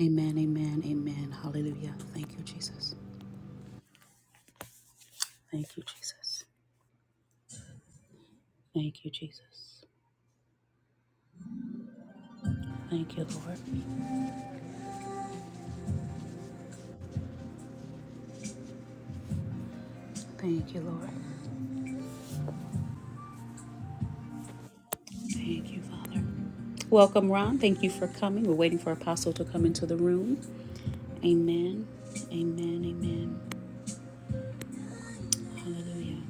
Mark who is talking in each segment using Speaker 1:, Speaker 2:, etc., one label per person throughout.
Speaker 1: Amen, amen, amen. Hallelujah. Thank you, Jesus. Thank you, Jesus. Thank you, Jesus. Thank you, Lord. Thank you, Lord. Thank you, Father. Welcome, Ron. Thank you for coming. We're waiting for Apostle to come into the room. Amen. Amen. Amen. Hallelujah.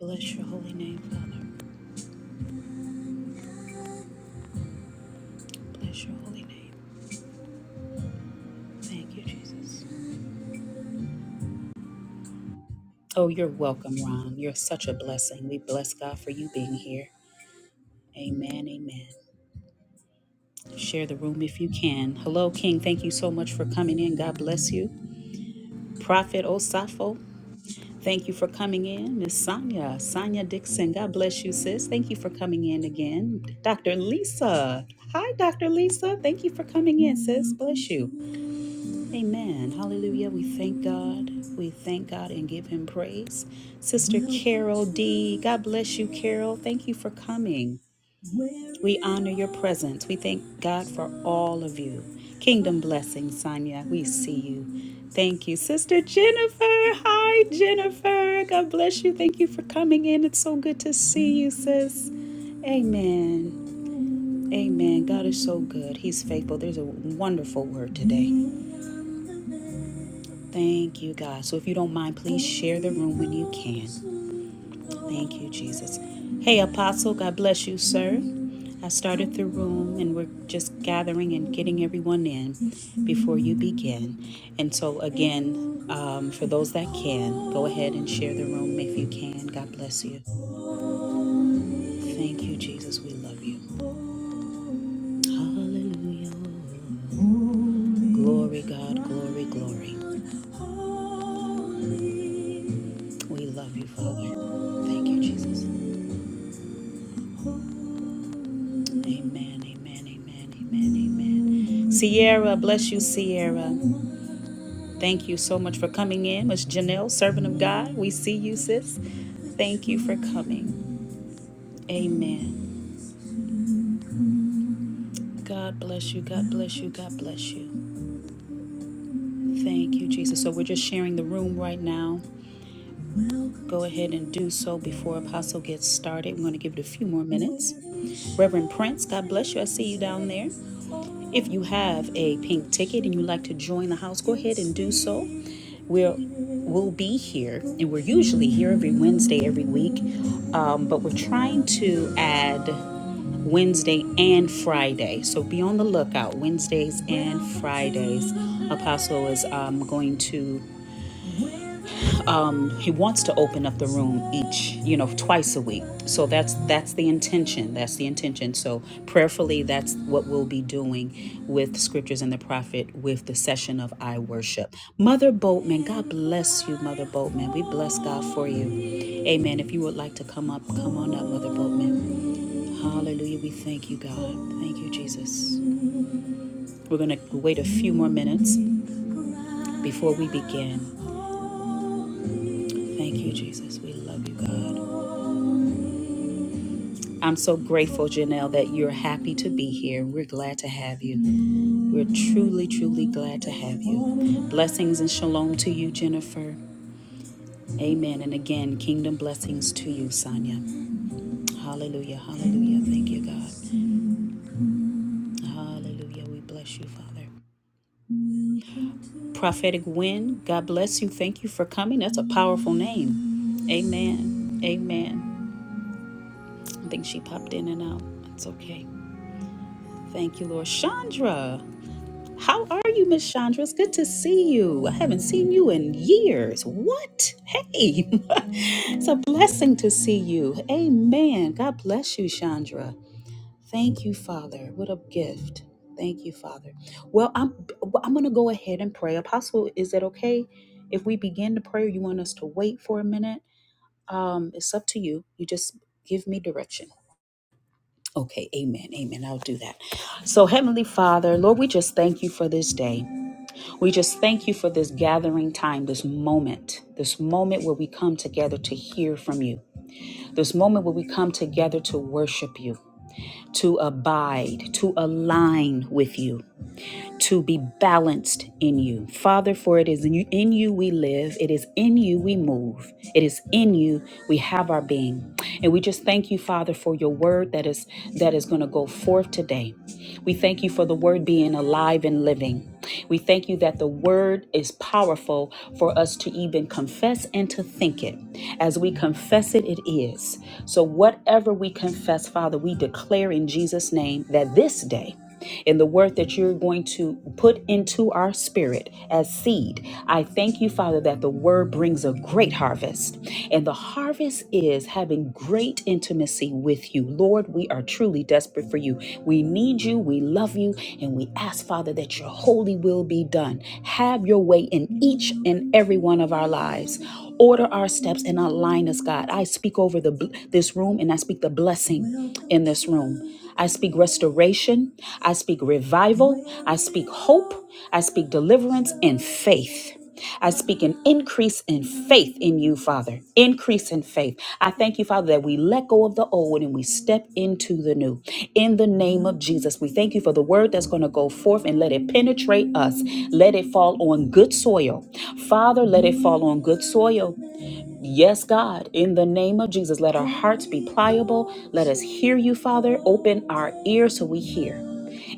Speaker 1: Bless your holy name, Father. Bless your holy name. Thank you, Jesus. Oh, you're welcome, Ron. You're such a blessing. We bless God for you being here. Amen. Amen. Share the room if you can. Hello, King. Thank you so much for coming in. God bless you. Prophet Osafo, thank you for coming in. Miss Sonia, Sonia Dixon, God bless you, sis. Thank you for coming in again. Dr. Lisa, hi, Dr. Lisa. Thank you for coming in, sis. Bless you. Amen. Hallelujah. We thank God. We thank God and give Him praise. Sister Carol D, God bless you, Carol. Thank you for coming. We honor your presence. We thank God for all of you. Kingdom blessings, Sonia. We see you. Thank you, Sister Jennifer. Hi, Jennifer. God bless you. Thank you for coming in. It's so good to see you, sis. Amen. Amen. God is so good. He's faithful. There's a wonderful word today. Thank you, God. So if you don't mind, please share the room when you can. Thank you, Jesus. Hey, Apostle. God bless you, sir. I started the room and we're just gathering and getting everyone in before you begin. And so, again, um, for those that can, go ahead and share the room if you can. God bless you. Thank you, Jesus. We love you. Hallelujah. Glory, God. Glory, glory. We love you, Father. Thank you, Jesus. Amen, amen, amen, amen, amen. Sierra, bless you, Sierra. Thank you so much for coming in, Miss Janelle, servant of God. We see you, sis. Thank you for coming. Amen. God bless you. God bless you. God bless you. Thank you, Jesus. So we're just sharing the room right now. Go ahead and do so before Apostle gets started. We're going to give it a few more minutes. Reverend Prince, God bless you. I see you down there. If you have a pink ticket and you'd like to join the house, go ahead and do so. we're we'll be here and we're usually here every wednesday every week um, but we're trying to add wednesday and friday so be on the lookout wednesdays and fridays apostle is um, going to he wants to open up the room each you know twice a week so that's that's the intention that's the intention so prayerfully that's what we'll be doing with scriptures and the prophet with the session of i worship mother boatman god bless you mother boatman we bless god for you amen if you would like to come up come on up mother boatman hallelujah we thank you god thank you jesus we're going to wait a few more minutes before we begin thank you jesus we love you god I'm so grateful, Janelle, that you're happy to be here. We're glad to have you. We're truly, truly glad to have you. Blessings and shalom to you, Jennifer. Amen. And again, kingdom blessings to you, Sonia. Hallelujah. Hallelujah. Thank you, God. Hallelujah. We bless you, Father. Prophetic Wind, God bless you. Thank you for coming. That's a powerful name. Amen. Amen. I think she popped in and out. It's okay. Thank you, Lord. Chandra. How are you, Miss Chandra? It's good to see you. I haven't seen you in years. What? Hey, it's a blessing to see you. Amen. God bless you, Chandra. Thank you, Father. What a gift. Thank you, Father. Well, I'm well, I'm gonna go ahead and pray. Apostle, is that okay? If we begin the prayer, you want us to wait for a minute? Um, it's up to you. You just give me direction. Okay, amen, amen. I'll do that. So, Heavenly Father, Lord, we just thank you for this day. We just thank you for this gathering time, this moment, this moment where we come together to hear from you, this moment where we come together to worship you, to abide, to align with you to be balanced in you. Father, for it is in you, in you we live, it is in you we move, it is in you we have our being. And we just thank you, Father, for your word that is that is going to go forth today. We thank you for the word being alive and living. We thank you that the word is powerful for us to even confess and to think it. As we confess it, it is. So, whatever we confess, Father, we declare in Jesus' name that this day and the word that you're going to put into our spirit as seed. I thank you, Father, that the word brings a great harvest. And the harvest is having great intimacy with you. Lord, we are truly desperate for you. We need you, we love you, and we ask, Father, that your holy will be done. Have your way in each and every one of our lives. Order our steps and align us, God. I speak over the bl- this room and I speak the blessing in this room. I speak restoration. I speak revival. I speak hope. I speak deliverance and faith. I speak an increase in faith in you, Father. Increase in faith. I thank you, Father, that we let go of the old and we step into the new. In the name of Jesus, we thank you for the word that's going to go forth and let it penetrate us. Let it fall on good soil. Father, let it fall on good soil. Yes, God, in the name of Jesus, let our hearts be pliable. Let us hear you, Father. Open our ears so we hear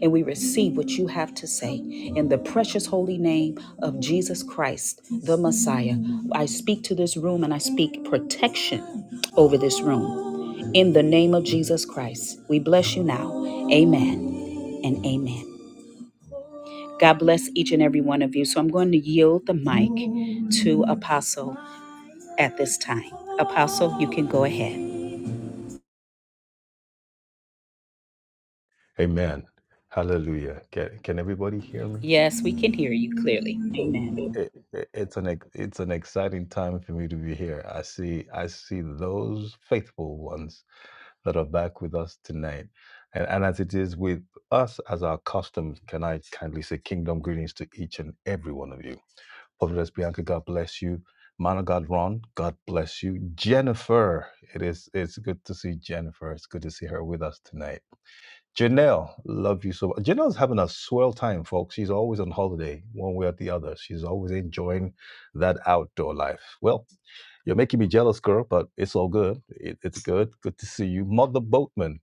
Speaker 1: and we receive what you have to say. In the precious holy name of Jesus Christ, the Messiah, I speak to this room and I speak protection over this room. In the name of Jesus Christ, we bless you now. Amen and amen. God bless each and every one of you. So I'm going to yield the mic to Apostle at this time. Apostle, you can go ahead.
Speaker 2: Amen. Hallelujah. Can, can everybody hear me?
Speaker 1: Yes, we can hear you clearly. Amen.
Speaker 2: It, it- it's an ex- it's an exciting time for me to be here. I see I see those faithful ones that are back with us tonight. And, and as it is with us as our custom, can I kindly say kingdom greetings to each and every one of you. Prophetess Bianca, God bless you. Man of God Ron, God bless you. Jennifer, it is it's good to see Jennifer. It's good to see her with us tonight. Janelle, love you so much. Janelle's having a swell time, folks. She's always on holiday, one way or the other. She's always enjoying that outdoor life. Well, you're making me jealous, girl, but it's all good. It, it's good. Good to see you, Mother Boatman.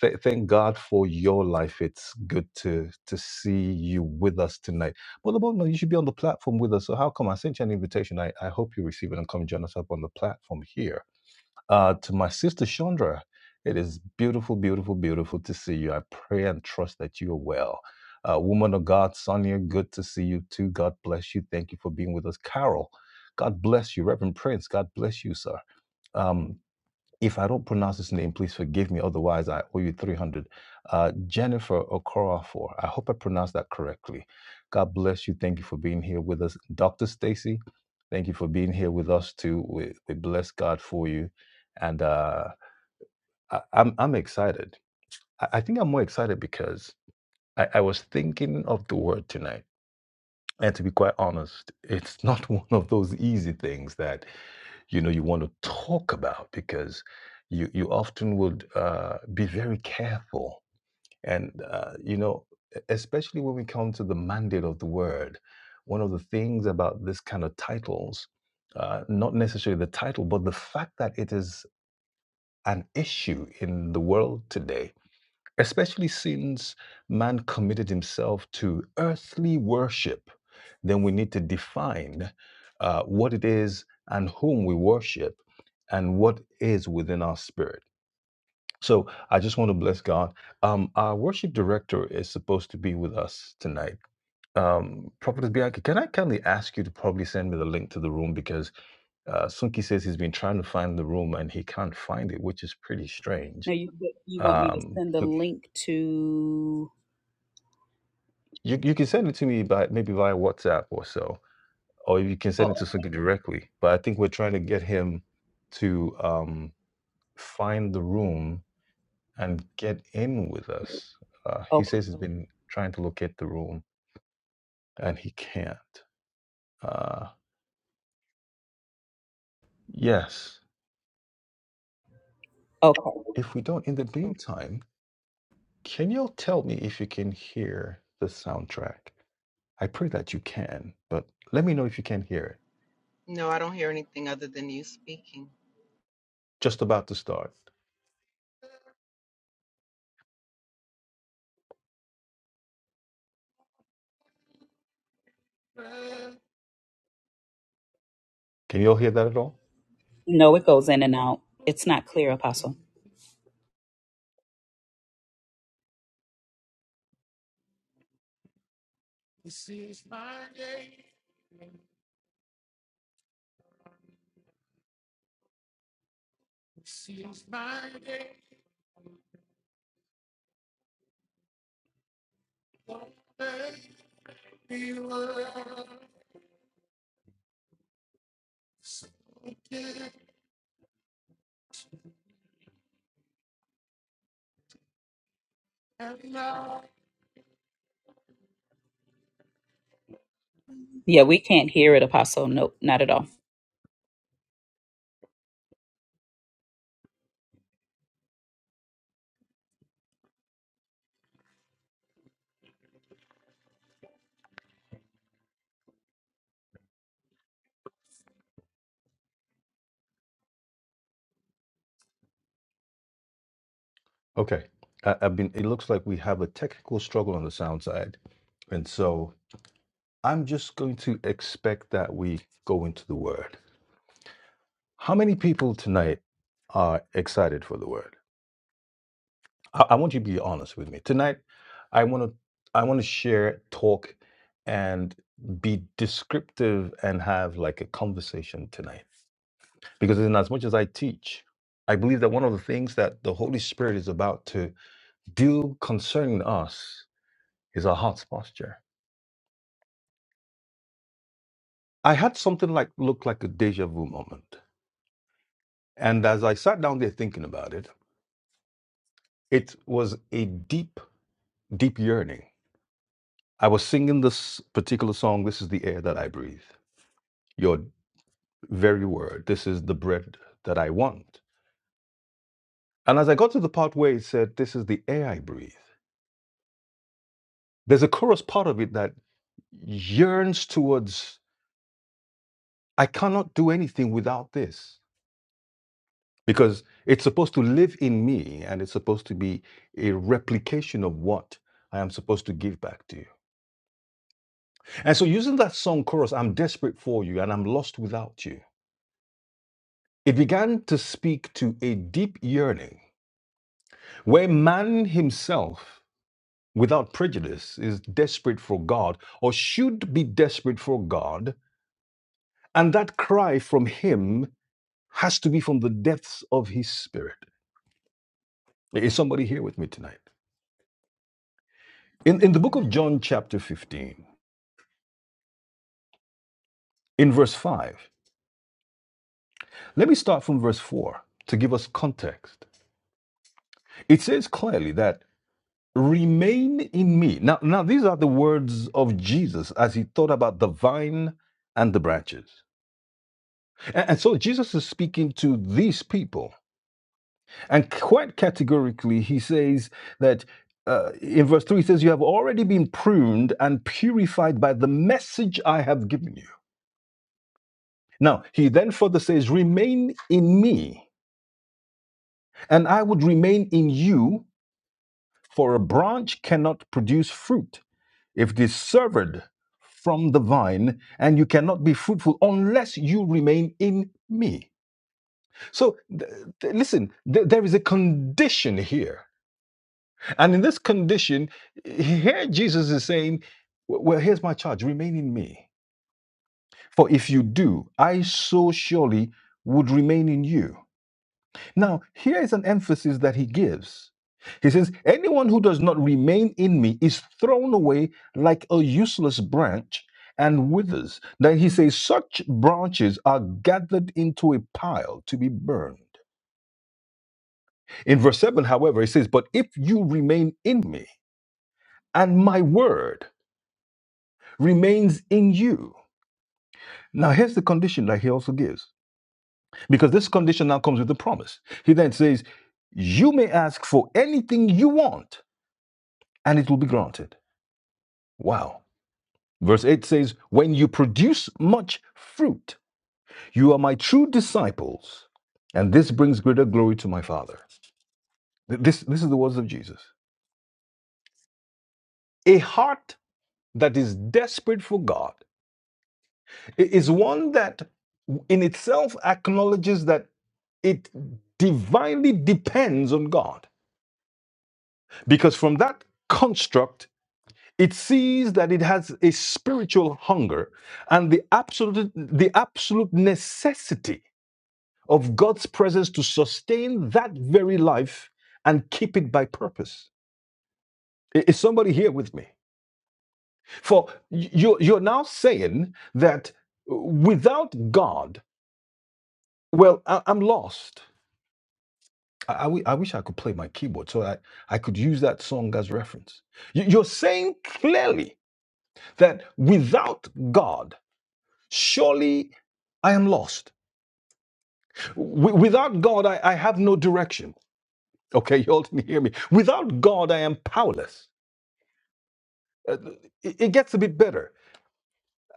Speaker 2: Th- thank God for your life. It's good to to see you with us tonight, Mother Boatman. You should be on the platform with us. So how come I sent you an invitation? I, I hope you receive it and come join us up on the platform here uh, to my sister Chandra, it is beautiful, beautiful, beautiful to see you. I pray and trust that you are well. Uh, woman of God, Sonia, good to see you too. God bless you. Thank you for being with us. Carol, God bless you. Reverend Prince, God bless you, sir. Um, if I don't pronounce this name, please forgive me. Otherwise, I owe you 300. Uh, Jennifer Okorafor. I hope I pronounced that correctly. God bless you. Thank you for being here with us. Dr. Stacy, thank you for being here with us too. We, we bless God for you. And uh, I, I'm, I'm excited. I, I think I'm more excited because I, I was thinking of the word tonight and to be quite honest, it's not one of those easy things that you know you want to talk about because you you often would uh, be very careful and uh, you know e- especially when we come to the mandate of the word one of the things about this kind of titles uh, not necessarily the title but the fact that it is an issue in the world today especially since man committed himself to earthly worship, then we need to define uh, what it is and whom we worship and what is within our spirit. So I just want to bless God. Um, our worship director is supposed to be with us tonight. Um, Prophetess Bianca, can I kindly ask you to probably send me the link to the room because uh, Sunki says he's been trying to find the room and he can't find it, which is pretty
Speaker 1: Now
Speaker 2: strange.
Speaker 1: you you want me to
Speaker 2: Um,
Speaker 1: send the
Speaker 2: he,
Speaker 1: link to?
Speaker 2: You you can send it to me by maybe via WhatsApp or so, or you can send it
Speaker 1: Oh,
Speaker 2: to Sugi directly. But I think we're trying to get him to um, find the room and get in with us. Uh, he
Speaker 1: okay,
Speaker 2: says he's Mm. been trying to locate the room and he can't. Uh, yes,
Speaker 1: okay.
Speaker 2: if we don't in the meantime, can you tell me if you can hear the soundtrack? I pray that you can, but let me know if you can hear it.
Speaker 3: No, I don't hear anything other than you speaking.
Speaker 2: Just about to start. Can you all hear that at all?
Speaker 1: No, it goes in and out. It's not clear, Apostle. Yeah, we can't hear it, Apostle. Nope, not at all.
Speaker 2: Okay. I, I've been, it looks like we have a technical struggle on the sound side. And so I'm just going to expect that we go into the word. How many people tonight are excited for the word? I, I want you to be honest with me. Tonight, I want to, I want to share, talk, and be descriptive and have like a conversation tonight. Because in as much as I teach, I believe that one of the things that the Holy Spirit is about to Deal concerning us is our heart's posture. I had something like looked like a deja vu moment. And as I sat down there thinking about it, it was a deep, deep yearning. I was singing this particular song, This is the Air That I Breathe. Your very word, this is the bread that I want. And as I got to the part where it said, This is the air I breathe, there's a chorus part of it that yearns towards, I cannot do anything without this. because it's supposed to live in me and it's supposed to be a replication of what I am supposed to give back to you. And so, using that song chorus, I'm desperate for you and I'm lost without you, it began to speak to a deep yearning where man himself, without prejudice, is desperate for God or should be desperate for God. And that cry from him has to be from the depths of his spirit. Is somebody here with me tonight? In, in the book
Speaker 3: Amen.
Speaker 2: of John, chapter 15, in verse 5. Let me start from verse 4 to give us context. It says clearly that remain in me. Now, now these are the words of Jesus as he thought about the vine and the branches. And, and so Jesus is speaking to these people. And quite categorically, he says that. Uh, in verse 3, he says, You have already been pruned and purified by the message I have given you. Now, he then further says, Remain in me, and I would remain in you For a branch cannot produce fruit if it is severed from the vine, and you cannot be fruitful unless you remain in me. So, th- th- listen, th- there is a condition here. And in this condition, here Jesus is saying, Well, here's my charge remain in me. For if you do, I so surely would remain in you. Now, here is an emphasis that he gives. He says, Anyone who does not remain in me is thrown away like a useless branch and withers. Then he says, Such branches are gathered into a pile to be burned. In verse 7, however, he says, But if you remain in me and my word remains in you. Now, here's the condition that he also gives, because this condition now comes with a promise. He then says, You may ask for anything you want and it will be granted. Wow. Verse 8 says, When you produce much fruit, you are my true disciples, and this brings greater glory to my Father. This, this is the words of Jesus. A heart that is desperate for God is one that in itself acknowledges that it divinely depends on God, because from that construct, It sees that it has a spiritual hunger and the absolute, the absolute necessity of God's presence to sustain that very life and keep it by purpose. I- Is somebody here with me? For y- you, you're now saying that uh, without God, well, I, I'm lost. I, I wi- I wish I could play my keyboard so I, I could use that song as reference. You- You're saying clearly that without God, Surely I am lost. W- without God, I, I have no direction. Okay, you all didn't hear me. Without God, I am powerless. Uh, it it gets a bit better.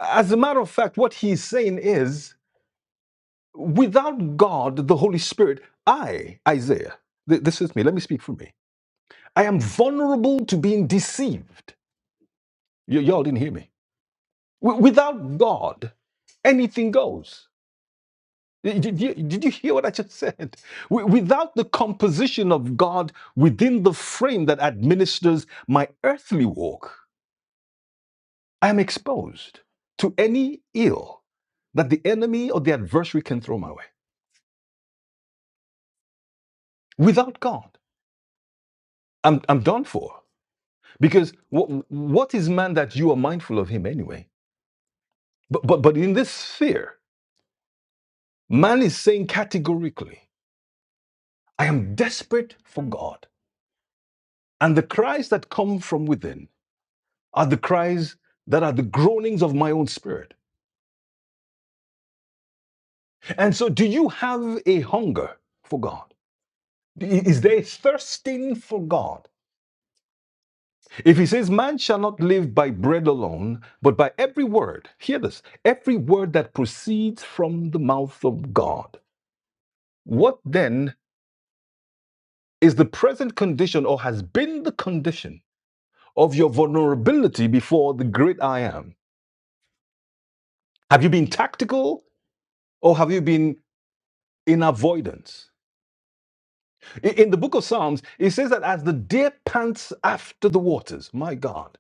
Speaker 2: As a matter of fact, what he's saying is without God, the Holy Spirit, I, Isaiah, th- this is me, let me speak for me. I am vulnerable to being deceived. You, you all didn't hear me. W- without God, anything goes. Did you, did you hear what I just said? Wi- Without the composition of God within the frame that administers my earthly walk, I am exposed to any ill that the enemy or the adversary can throw my way. Without God, I'm, I'm done for. Because what, what is man that you are mindful of him anyway? But, but, but in this sphere, man is saying categorically, I am desperate for God. And the cries that come from within are the cries that are the groanings of my own spirit. And so, do you have a hunger for God? Is there a thirsting for God? If he says, Man shall not live by bread alone, but by every word, hear this, every word that proceeds from the mouth of God. What then is the present condition or has been the condition of your vulnerability before the great I am? Have you been tactical or have you been in avoidance? In the book of Psalms, it says that as the deer pants after the waters, my God,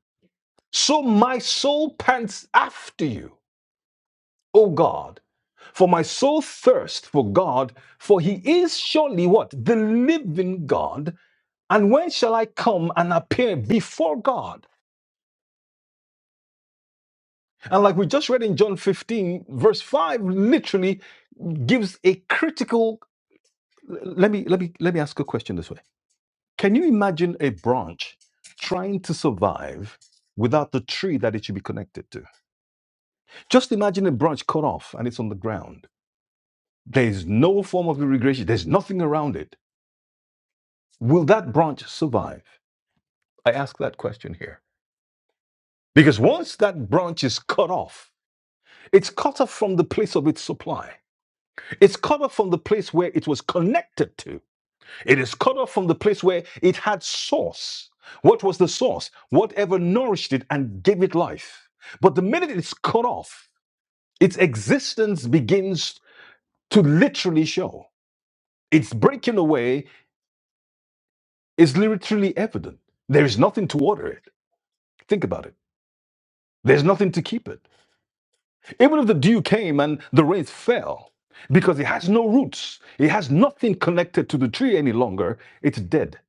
Speaker 2: so my soul pants after you, O God. For my soul thirsts for God, for he is surely what? The living God. And when shall I come and appear before God? And like we just read in John 15, verse 5, literally gives a critical. Let me let me let me ask a question this way Can you imagine a branch trying to survive without the tree that it should be connected to? Just imagine a branch cut off and it's on the ground. There's no form of irrigation, there's nothing around it. Will that branch survive? I ask that question here. Because once that branch is cut off, it's cut off from the place of its supply. It's cut off from the place where it was connected to It is cut off from the place where it had source. What was the source? Whatever nourished it and gave it life. But the minute it's cut off, its existence begins to literally show. Its breaking away is literally evident. There is nothing to water it. Think about it. There's nothing to keep it. Even if the dew came and the rain fell, because it has no roots, it has nothing connected to the tree any longer, it's dead.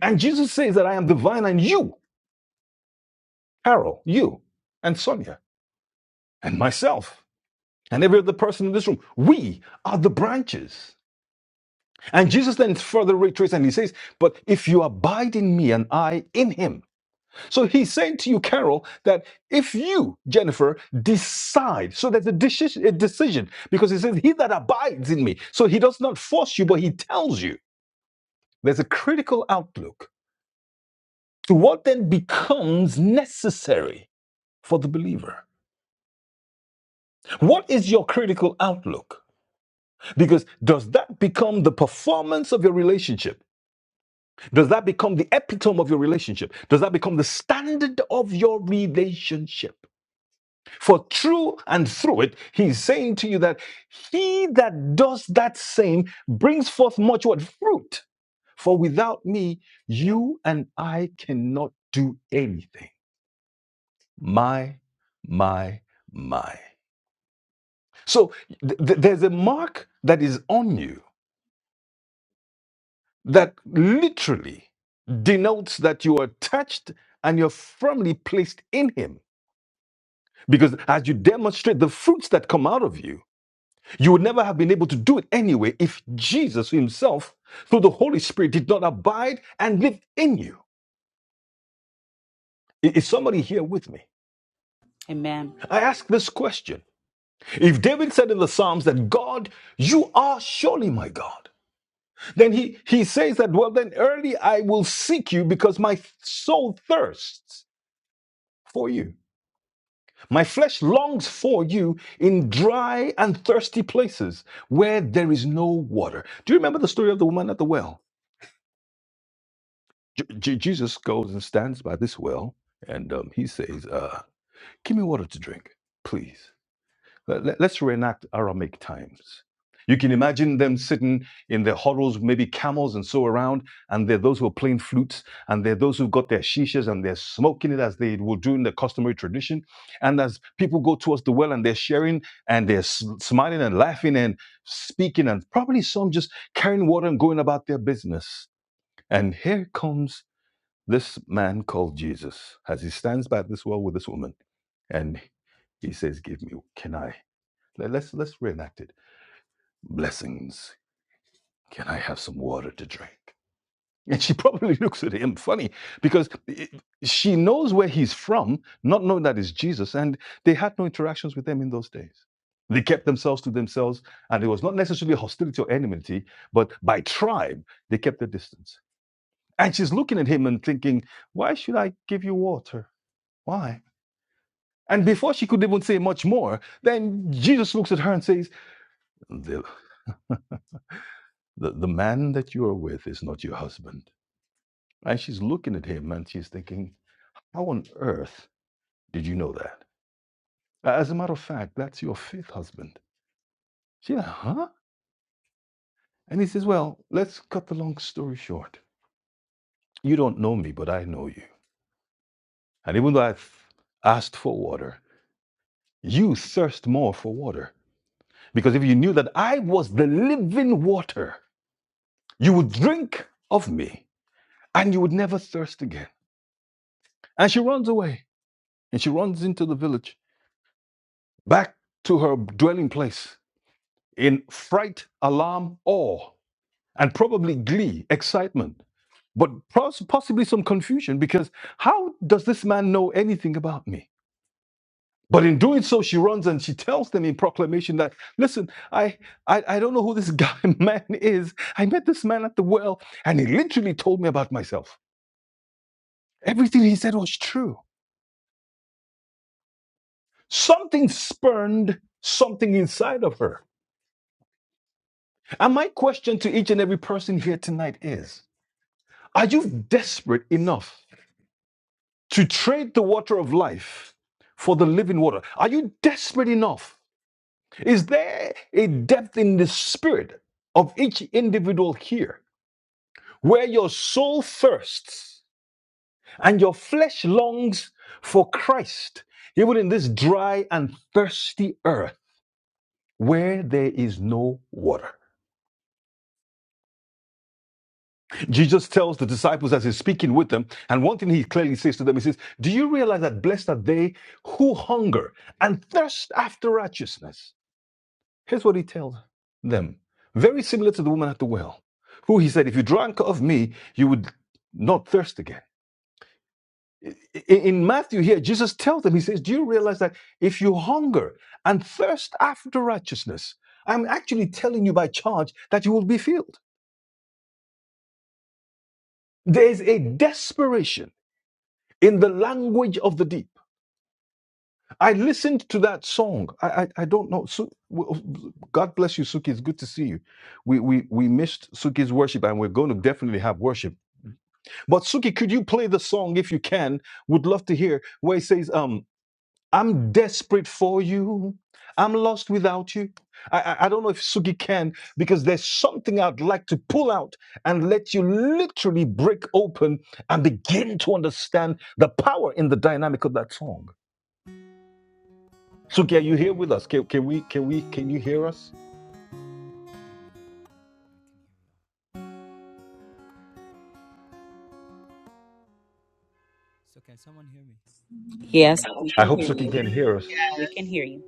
Speaker 2: And Jesus says that I am the vine and you Carol, you, and Sonia, and myself, and every other person in this room. We are the branches. And Jesus then further reiterates and he says, But if you abide in me and I in him. So he's saying to you, Carol, that if you, Jennifer, decide, so there's a, deci- a decision, because he says, He that abides in me. So he does not force you, but he tells you. There's a critical outlook to what then becomes necessary for the believer. What is your critical outlook? Because does that become the performance of your relationship? Does that become the epitome of your relationship? Does that become the standard of your relationship? For through and through it, he's saying to you that he that does that same brings forth much what? Fruit. For without me, you and I cannot do anything. My, my, my. So th- th- there's a mark that is on you that literally denotes that you are touched and you're firmly placed in Him. Because as you demonstrate the fruits that come out of you, you would never have been able to do it anyway if Jesus Himself, through the Holy Spirit, did not abide and live in you. I- Is somebody here with me?
Speaker 1: Amen.
Speaker 2: I ask this question. If David said in the Psalms that God, you are surely my God, then he, he says that, well, then early I will seek you because my soul thirsts for you. My flesh longs for you in dry and thirsty places where there is no water. Do you remember the story of the woman at the well? J- J- Jesus goes and stands by this well and um, he says, uh, Give me water to drink, please. Let- let- us reenact Aramaic times. You can imagine them sitting in their huddles, maybe camels and so around, and there are those who are playing flutes, and there are those who've got their shishas and they're smoking it as they would do in the customary tradition. And as people go towards the well and they're sharing and they're s- smiling and laughing and speaking, and probably some just carrying water and going about their business. And here comes this man called Jesus as he stands by this well with this woman and he says, Give me, can I? Let's let's reenact it. Blessings. Can I have some water to drink? And she probably looks at him funny because i- she knows where he's from, not knowing that it's Jesus. And they had no interactions with them in those days. They kept themselves to themselves, and it was not necessarily hostility or enmity, but by tribe, they kept their distance. And she's looking at him and thinking, Why should I give you water? Why? And before she could even say much more, then Jesus looks at her and says, The, the man that you are with is not your husband. And she's looking at him and she's thinking, How on earth did you know that? As a matter of fact, that's your fifth husband. She, like, huh? And he says, Well, let's cut the long story short. You don't know me, but I know you. And even though i asked for water, you thirst more for water. Because if you knew that I was the living water, you would drink of me and you would never thirst again. And she runs away and she runs into the village back to her dwelling place in fright, alarm, awe, and probably glee, excitement, but possibly some confusion because how does this man know anything about me? But in doing so, she runs and she tells them in proclamation that, listen, I, I, I don't know who this guy man is. I met this man at the well, and he literally told me about myself. Everything he said was true. Something spurned something inside of her And my question to each and every person here tonight is Are you desperate enough to trade the water of life for the living water? Are you desperate enough? Is there a depth in the spirit of each individual here where your soul thirsts and your flesh longs for Christ, even in this dry and thirsty earth where there is no water? Jesus tells the disciples as he's speaking with them, and one thing he clearly says to them, he says, Do you realize that blessed are they who hunger and thirst after righteousness? Here's what he tells them, very similar to the woman at the well, who he said, If you drank of me, you would not thirst again. I- In Matthew here, Jesus tells them, He says, Do you realize that if you hunger and thirst after righteousness, I'm actually telling you by charge that you will be filled? There's a desperation in the language of the deep. I listened to that song. I I, I don't know. Su- God bless you, Suki. It's good to see you. We we we missed Suki's worship, and we're going to definitely have worship. But Suki, could you play the song if you can? Would love to hear where it says, "Um, I'm desperate for you. I'm lost without you." I I, I don't know if Suki can because there's something I'd like to pull out and let you literally break open and begin to understand the power in the dynamic of that song. Suki, are you here with us? Can, can we can we can you hear us?
Speaker 4: So can someone hear me?
Speaker 1: Yes, we
Speaker 2: I
Speaker 1: can
Speaker 2: hope
Speaker 1: hear
Speaker 2: Suki
Speaker 1: you.
Speaker 2: can hear us.
Speaker 3: Yes.
Speaker 1: We can hear you,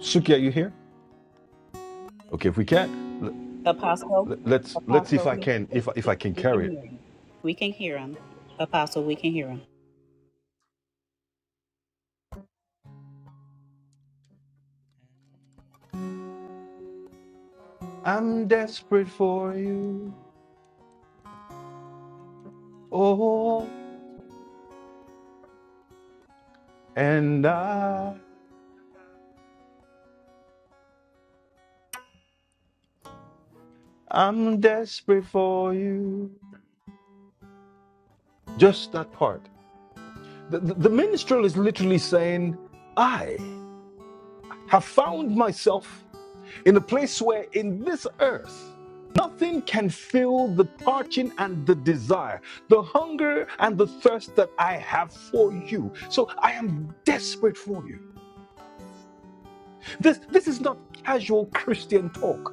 Speaker 2: Suki, are you here?
Speaker 4: I'm
Speaker 2: Okay, if we
Speaker 4: desperate.
Speaker 2: can, l-
Speaker 1: Apostle.
Speaker 2: l- let's let's see if I
Speaker 1: Apostle,
Speaker 2: can
Speaker 1: we
Speaker 2: if I- if
Speaker 1: can
Speaker 2: I can
Speaker 1: we can
Speaker 2: carry it.
Speaker 1: hear you. We can hear him, Apostle. We can hear him.
Speaker 2: I'm desperate for you, oh, and I I'm desperate for you. Just that part. The the, the minstrel is literally saying, I have found myself. in a place where in this earth nothing can fill the parching and the desire, the hunger and the thirst that I have for you. So I am desperate for you. This this is not casual Christian talk.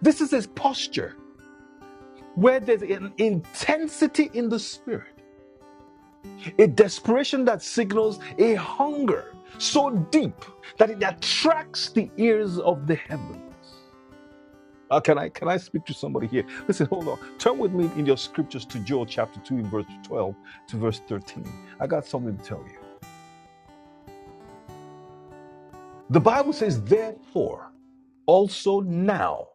Speaker 2: This is his posture where there's an intensity in the spirit, a desperation that signals a hunger so deep that it attracts the ears of the heaven. Uh, can I can I speak to somebody here? Listen, hold on. Turn with me in your scriptures to Joel chapter two and verse twelve to verse thirteen. I got something to tell you. The Bible says, "Therefore also now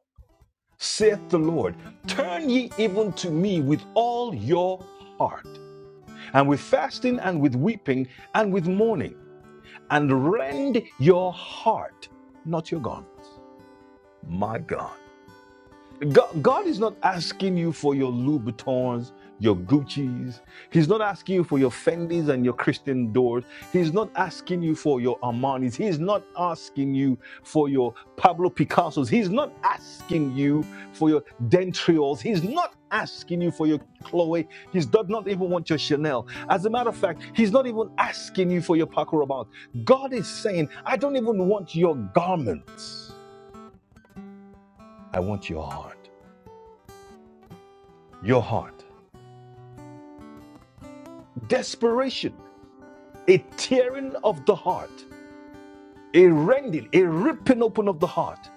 Speaker 2: saith the Lord, turn ye even to me with all your heart, and with fasting and with weeping and with mourning, and rend your heart, not your garment." My God. God, God is not asking you for your Louis Vuittons, your Gucci's. He's not asking you for your Fendi's and your Christian Dior's. He's not asking you for your Armani's. He's not asking you for your Pablo Picasso's. He's not asking you for your Dentrioles. He's not asking you for your Chloe. He's does not even want your Chanel. As a matter of fact, he's not even asking you for your Paco Rabanne. God is saying, I don't even want your garments. I want your heart. Your heart. desperation, a tearing of the heart, a rending, a ripping open of the heart,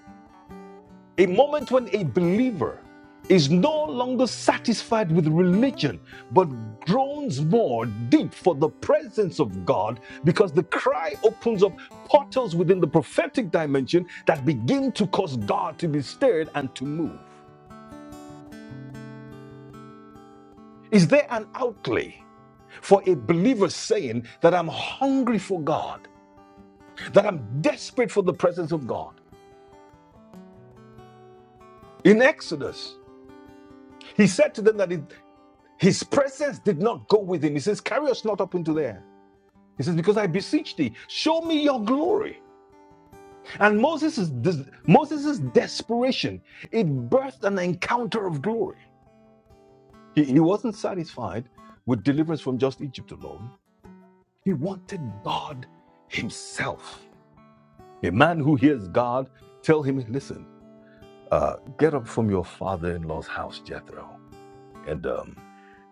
Speaker 2: a moment when a believer is no longer satisfied with religion, but groans more deep for the presence of God because the cry opens up portals within the prophetic dimension that begin to cause God to be stirred and to move. Is there an outlay for a believer saying that I'm hungry for God, that I'm desperate for the presence of God? In Exodus, he said to them that it- his presence did not go with him. He says, Carry us not up into there. He says, Because I beseech thee, show me your glory. And Moses' Moses's desperation, it birthed an encounter of glory. He, he wasn't satisfied with deliverance from just Egypt alone. He wanted God himself. A man who hears God tell him, Listen, uh, get up from your father in law's house, Jethro. and um.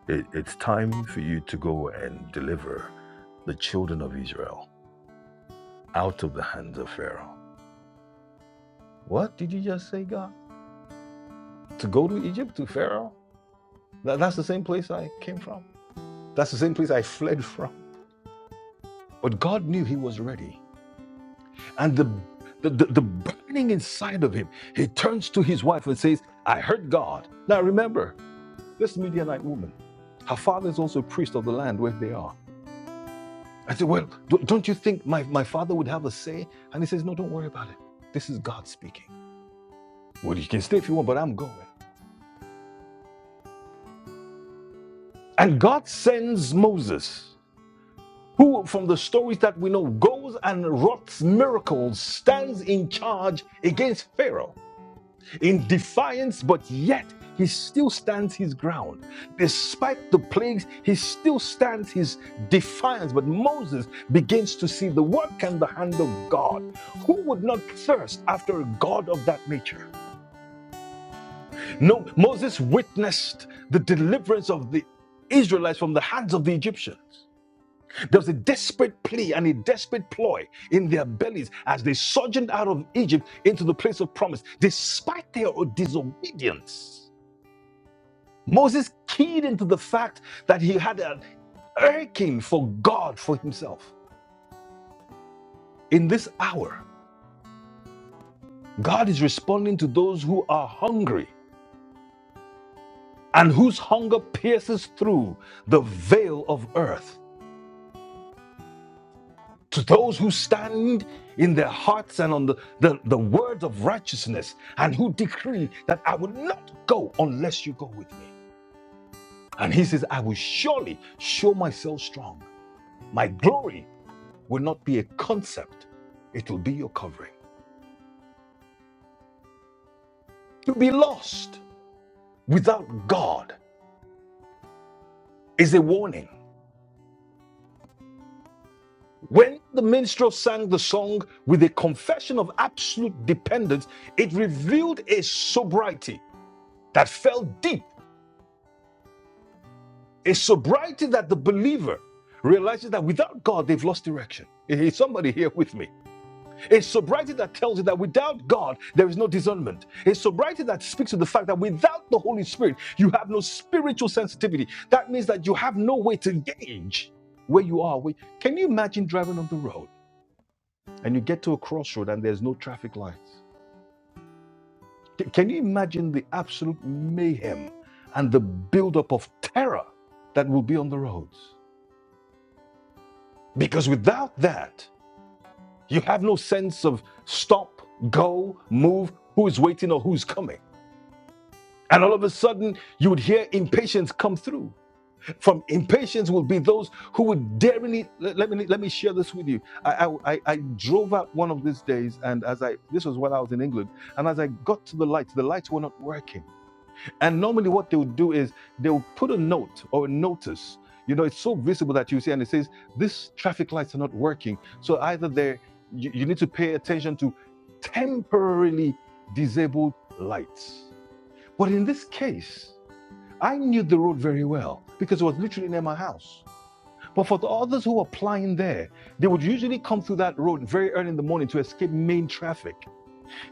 Speaker 2: It, it's time for you to go and deliver the children of Israel out of the hands of Pharaoh. What did you just say, God? To go to Egypt, to Pharaoh? That, that's the same place I came from. That's the same place I fled from. But God knew he was ready. And the, the, the, the burning inside of him, he turns to his wife and says, I heard God. Now remember, this Midianite woman, her father is also a priest of the land where they are. I said, Well, do- not you think my, my father would have a say? And he says, No, don't worry about it. This is God speaking. Well, you can stay if you want, but I'm going. And God sends Moses, who, from the stories that we know, goes and wrought miracles, stands in charge against Pharaoh. in defiance, but yet he still stands his ground. Despite the plagues, he still stands his defiance. But Moses begins to see the work and the hand of God. Who would not thirst after a God of that nature? No, Moses witnessed the deliverance of the Israelites from the hands of the Egyptians. There was a desperate plea and a desperate ploy in their bellies as they sojourned out of Egypt into the place of promise, despite their disobedience. Moses keyed into the fact that he had an aching for God for himself. In this hour, God is responding to those who are hungry and whose hunger pierces through the veil of earth. To those who stand in their hearts and on the, the, the words of righteousness and who decree that I will not go unless you go with me. And he says, I will surely show myself strong. My glory will not be a concept, it will be your covering. to be lost without God is a warning. When the minstrel sang the song with a confession of absolute dependence, it revealed a sobriety that fell deep, a sobriety that the believer realizes that without God, they've lost direction. Is somebody here with me? It's sobriety that tells you that without God, there is no discernment. It's sobriety that speaks to the fact that without the Holy Spirit, you have no spiritual sensitivity. That means that you have no way to gauge where you are. Where- Can you imagine driving on the road and you get to a crossroad and there's no traffic lights? C- Can you imagine the absolute mayhem and the buildup of terror that will be on the roads? Because without that, you have no sense of stop, go, move, who is waiting or who's coming And all of a sudden, you would hear impatience come through. From impatience would be those who would daringly. Let, let me let me share this with you. I, I I I drove out one of these days, and as I this was while I was in England, and as I got to the lights, the lights were not working. And normally, what they would do is they would put a note or a notice. You know, it's so visible that you see, and it says "These traffic lights are not working. So either they you, you need to pay attention to temporarily disabled lights. But in this case. I knew the road very well because it was literally near my house. But for the others who were applying there, they would usually come through that road very early in the morning to escape main traffic.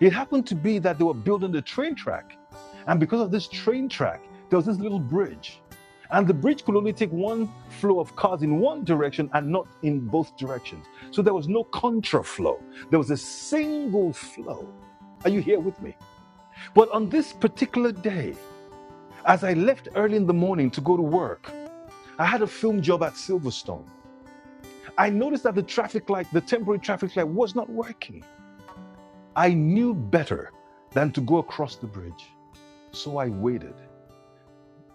Speaker 2: It happened to be that they were building the train track. And because of this train track, there was this little bridge. And the bridge could only take one flow of cars in one direction and not in both directions. So there was no contraflow. There was a single flow. Are you here with me? But on this particular day, as I left early in the morning to go to work, I had a film job at Silverstone. I noticed that the traffic light, the temporary traffic light, was not working. I knew better than to go across the bridge. So I waited.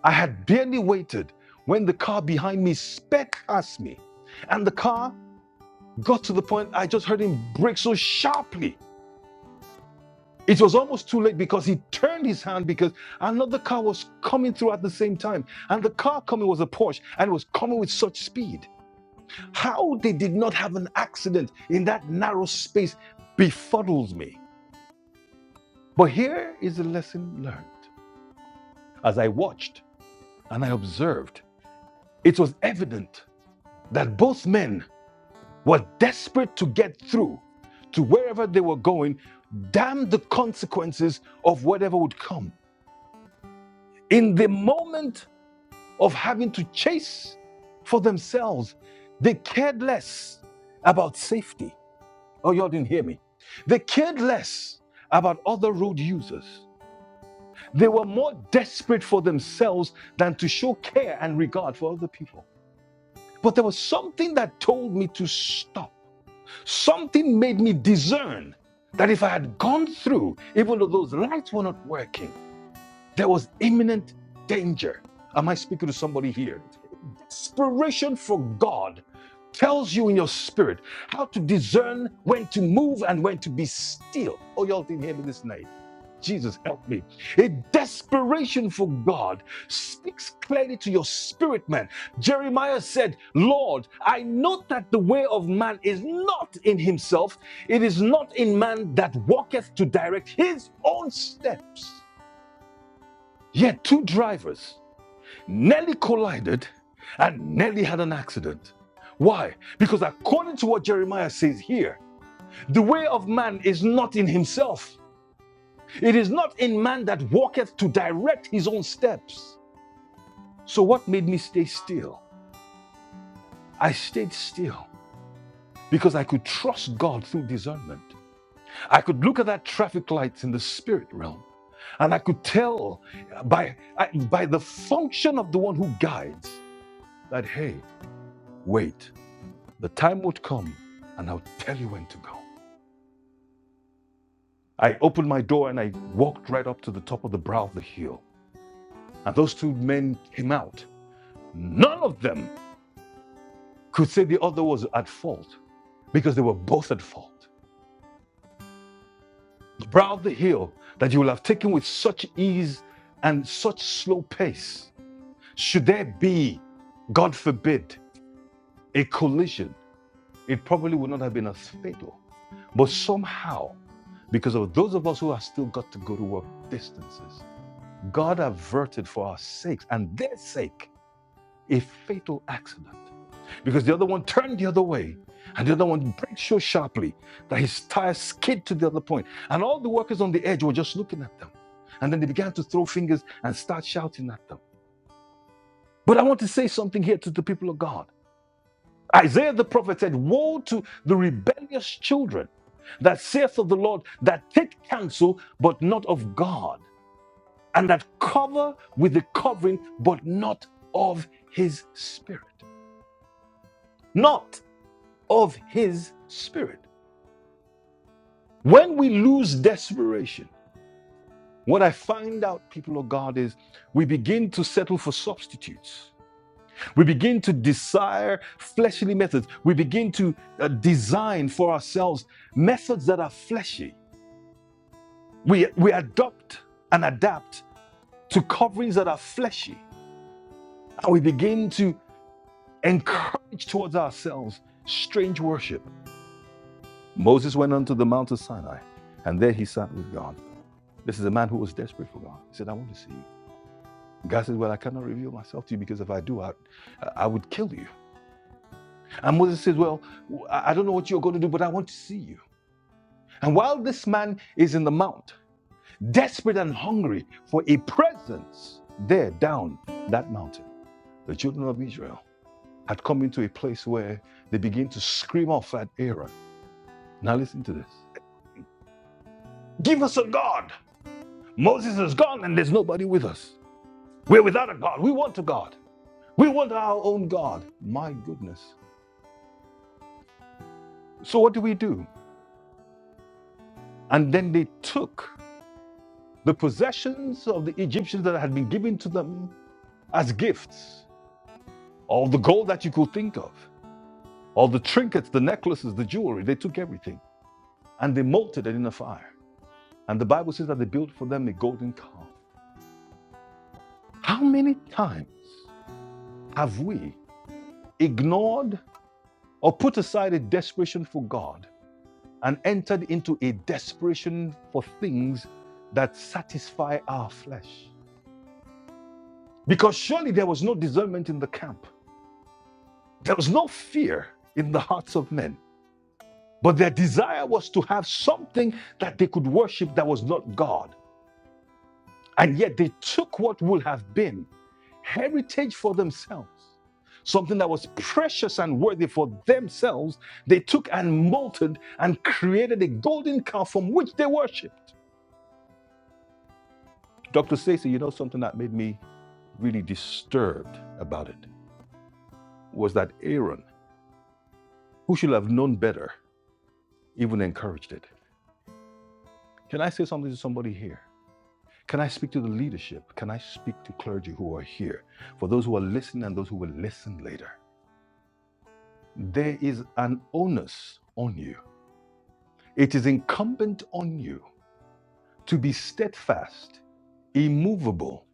Speaker 2: I had barely waited when the car behind me sped past me. And the car got to the point I just heard him brake so sharply. It was almost too late because he turned his hand because another car was coming through at the same time. And the car coming was a Porsche and was coming with such speed. How they did not have an accident in that narrow space befuddles me. But here is a lesson learned. As I watched and I observed, it was evident that both men were desperate to get through to wherever they were going, damn the consequences of whatever would come. In the moment of having to chase for themselves, they cared less about safety Oh, y'all didn't hear me. They cared less about other road users. They were more desperate for themselves than to show care and regard for other people. But there was something that told me to stop. Something made me discern that if I had gone through, even though those lights were not working, there was imminent danger. Am I speaking to somebody here? Inspiration from God tells you in your spirit how to discern when to move and when to be still. Oh, y'all didn't hear me this night. Jesus, help me. A desperation for God speaks clearly to your spirit, man. Jeremiah said, Lord, I know that the way of man is not in himself, it is not in man that walketh to direct his own steps. Yet, two drivers. Nelly collided and Nelly had an accident. Why? Because according to what Jeremiah says here, the way of man is not in himself. It is not in man that walketh to direct his own steps. So, what made me stay still? I stayed still because I could trust God through discernment. I could look at that traffic light in the spirit realm and I could tell by, by the function of the one who guides that, hey, wait The time would come and I'll tell you when to go. I opened my door and I walked right up to the top of the brow of the hill. And those two men came out. None of them could say the other was at fault because they were both at fault. The brow of the hill that you will have taken with such ease and such slow pace. Should there be, God forbid, a collision, it probably would not have been as fatal. But somehow, because of those of us who have still got to go to work distances, God averted for our sakes and their sake a fatal accident because the other one turned the other way and the other one brake so sharply that his tire skid to the other point. And all the workers on the edge were just looking at them. And then they began to throw fingers and start shouting at them. But I want to say something here to the people of God. Isaiah the prophet said, Woe to the rebellious children that saith of the Lord, that take counsel, but not of God and that cover with the covering, but not of his spirit. Not of his spirit. When we lose desperation, what I find out, people of God, is we begin to settle for substitutes. We begin to desire fleshly methods. We begin to uh, design for ourselves methods that are fleshy. We, we adopt and adapt to coverings that are fleshy. And we begin to and towards ourselves. Strange worship. Moses went unto the Mount of Sinai, and there he sat with God. This is a man who was desperate for God. He said, I want to see you. God says, Well, I cannot reveal myself to you because if I do, I, I would kill you. And Moses says, Well, I I I don't know what you're going to do, but I want to see you. And while this man is in the mount, desperate and hungry for a presence there down that mountain, the children of Israel had come into a place where they begin to scream off at Aaron. Now, listen to this. Give us a God. Moses is gone and there's nobody with us. We're without a God. We want a God. We want our own God. My goodness. So what do we do? And then they took the possessions of the Egyptians that had been given to them as gifts, all the gold that you could think of, all the trinkets, the necklaces, the jewelry. They took everything and they melted it in a fire. And the Bible says that they built for them a golden calf. How many times have we ignored or put aside a desperation for God and entered into a desperation for things that satisfy our flesh. Because surely there was no discernment in the camp, there was no fear in the hearts of men, but their desire was to have something that they could worship that was not God. And yet they took what would have been heritage for themselves. Something that was precious and worthy for themselves, they took and molted and created a golden calf from which they worshipped. Dr. Stacy, you know something that made me really disturbed about it was that Aaron, who should have known better, even encouraged it. Can I say something to somebody here? Can I speak to the leadership? Can I speak to clergy who are here? For those who are listening and those who will listen later, there is an onus on you It is incumbent on you to be steadfast, immovable,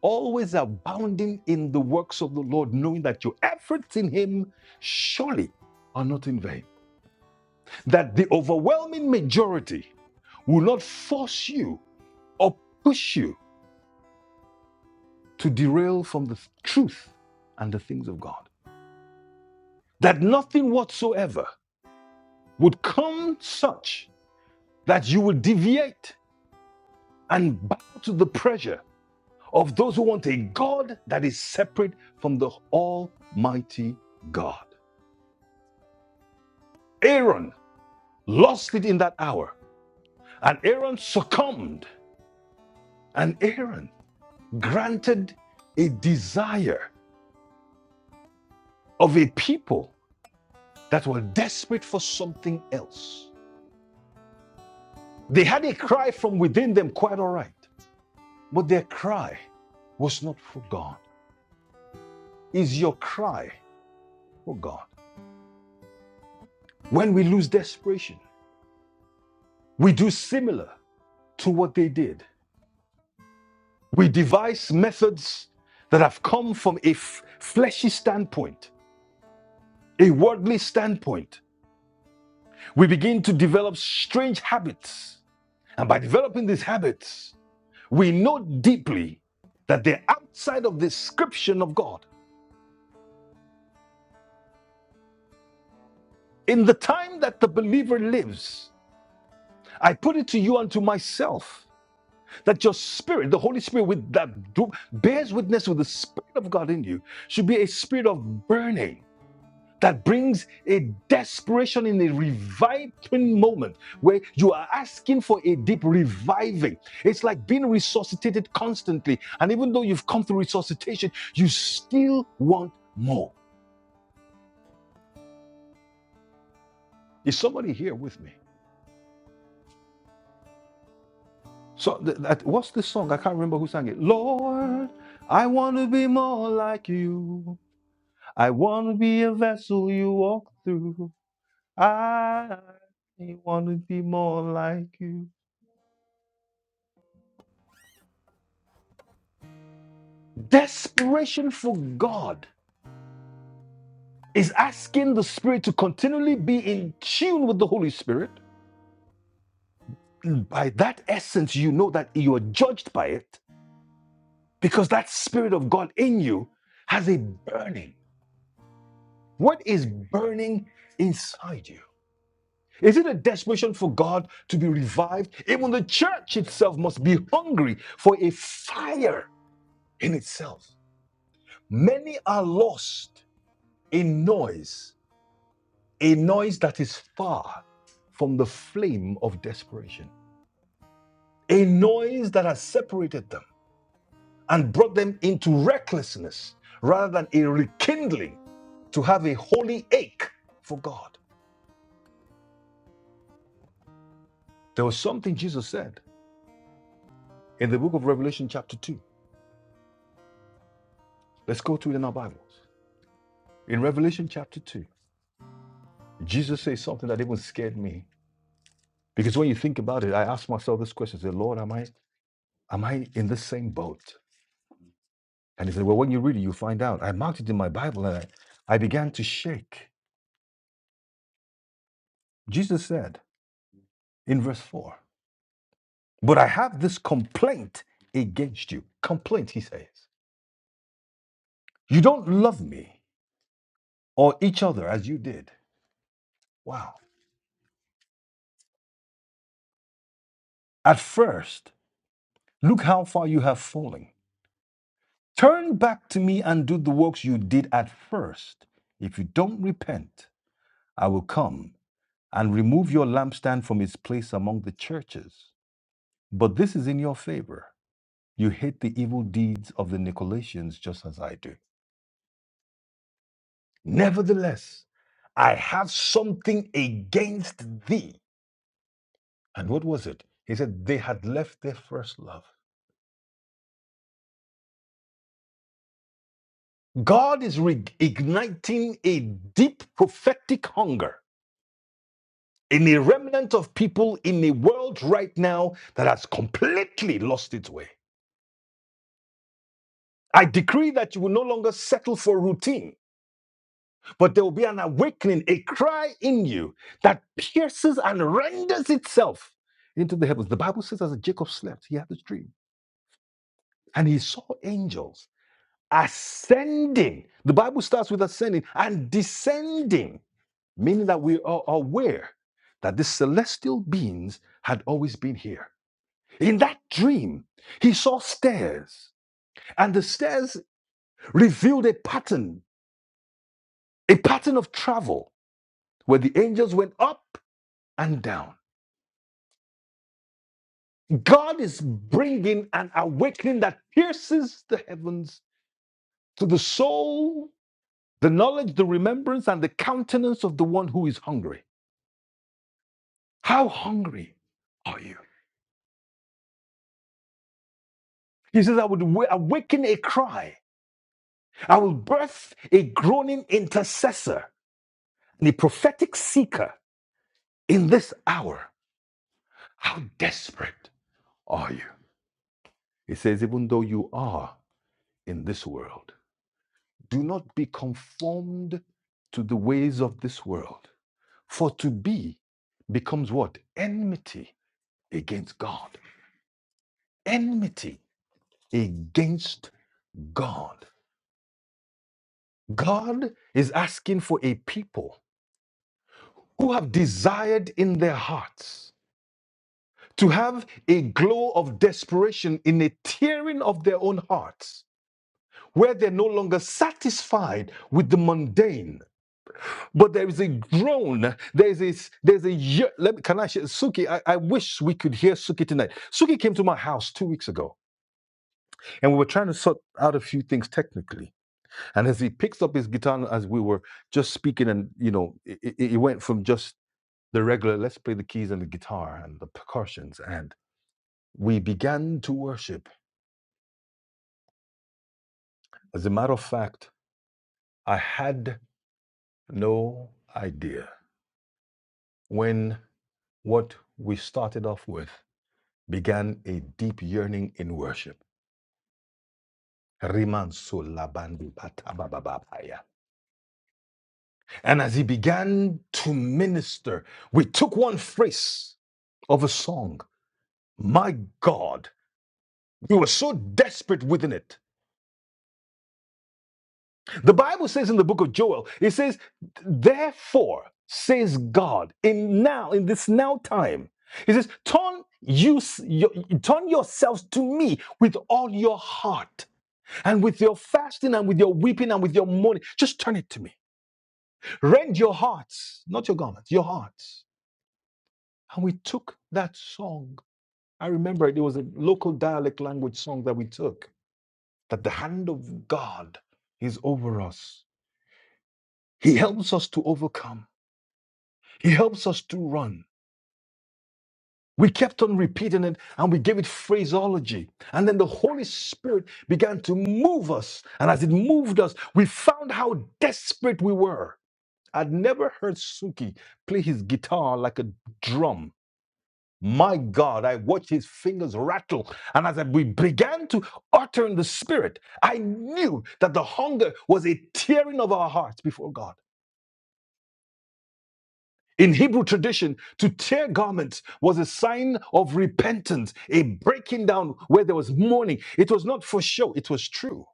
Speaker 2: always abounding in the works of the Lord, knowing that your efforts in Him surely are not in vain. That the overwhelming majority will not force you or push you to derail from the truth and the things of God. That nothing whatsoever would come such that you would deviate and bow to the pressure of those who want a God that is separate from the Almighty God. Aaron lost it in that hour, and Aaron succumbed, and Aaron granted a desire of a people that were desperate for something else. They had a cry from within them, quite all right, but their cry was not for God. Is your cry for God? When we lose desperation, we do similar to what they did We devise methods that have come from a f- fleshy standpoint, a worldly standpoint. We begin to develop strange habits. And by developing these habits, we know deeply that they're outside of the description of God. In the time that the believer lives, I put it to you and to myself that your spirit, the Holy Spirit with that do- bears witness with the Spirit of God in you, should be a spirit of burning that brings a desperation in a reviving moment where you are asking for a deep reviving. It's like being resuscitated constantly. And even though you've come through resuscitation, you still want more. Is somebody here with me? So, th- that, what's this song? I can't remember who sang it. Lord, I want to be more like you. I want to be a vessel you walk through. I want to be more like you. Desperation for God is asking the Spirit to continually be in tune with the Holy Spirit. By that essence, you know that you are judged by it because that Spirit of God in you has a burning. What is burning inside you? Is it a desperation for God to be revived? Even the church itself must be hungry for a fire in itself. Many are lost in noise a noise that is far from the flame of desperation, a noise that has separated them and brought them into recklessness rather than a rekindling to have a holy ache for God. There was something Jesus said in the book of Revelation, chapter 2. Let's go to it in our Bibles. In Revelation, chapter 2, Jesus says something that even scared me because when you think about it, I ask myself this question: Say, Lord, am I am I in the same boat? And he said, Well, when you read it, you'll find out. I marked it in my Bible and I, I began to shake. Jesus said in verse 4, But I have this complaint against you. Complaint, he says. You don't love me or each other as you did. Wow. At first, look how far you have fallen. Turn back to me and do the works you did at first. If you don't repent, I will come and remove your lampstand from its place among the churches. But this is in your favor. You hate the evil deeds of the Nicolaitans just as I do. Nevertheless, I have something against thee. And what was it? He said, They had left their first love. God is reigniting a deep prophetic hunger in a remnant of people in a world right now that has completely lost its way. I decree that you will no longer settle for routine But there will be an awakening, a cry in you that pierces and renders itself into the heavens. The Bible says, as Jacob slept, he had this dream and he saw angels ascending. The Bible starts with ascending and descending, meaning that we are aware that the celestial beings had always been here. In that dream, he saw stairs, and the stairs revealed a pattern, a pattern of travel where the angels went up and down. God is bringing an awakening that pierces the heavens to the soul, the knowledge, the remembrance, and the countenance of the one who is hungry. How hungry are you? He says, I would awaken a cry. I will birth a groaning intercessor and a prophetic seeker in this hour. How desperate are you? He says, even though you are in this world, do not be conformed to the ways of this world For to be becomes what? Enmity against God. Enmity against God. God is asking for a people who have desired in their hearts to have a glow of desperation in a tearing of their own hearts, where they're no longer satisfied with the mundane, but there is a groan. There is a there's a ye- let me, can I share Suki? I, I wish we could hear Suki tonight. Suki came to my house two weeks ago And we were trying to sort out a few things technically. And as he picks up his guitar, and as we were just speaking, and you know, it, it went from just the regular, let's play the keys and the guitar and the percussions. And we began to worship. As a matter of fact, I had no idea when what we started off with began a deep yearning in worship. And as he began to minister, we took one phrase of a song. My God, we were so desperate within it. The Bible says in the book of Joel, it says, Therefore, says God, in now, in this now time, He says, Turn you your, turn yourselves to me with all your heart and with your fasting and with your weeping and with your mourning. Just turn it to me. Rend your hearts, not your garments, your hearts. And we took that song. I remember it, it was a local dialect language song that we took that the hand of God is over us. He helps us to overcome, He helps us to run. We kept on repeating it and we gave it phraseology. And then the Holy Spirit began to move us. And as it moved us, we found how desperate we were. I'd never heard Suki play his guitar like a drum. My God, I watched his fingers rattle. And as I- we began to utter in the spirit, I knew that the hunger was a tearing of our hearts before God. In Hebrew tradition, to tear garments was a sign of repentance, a breaking down where there was mourning. It was not for show, it was true.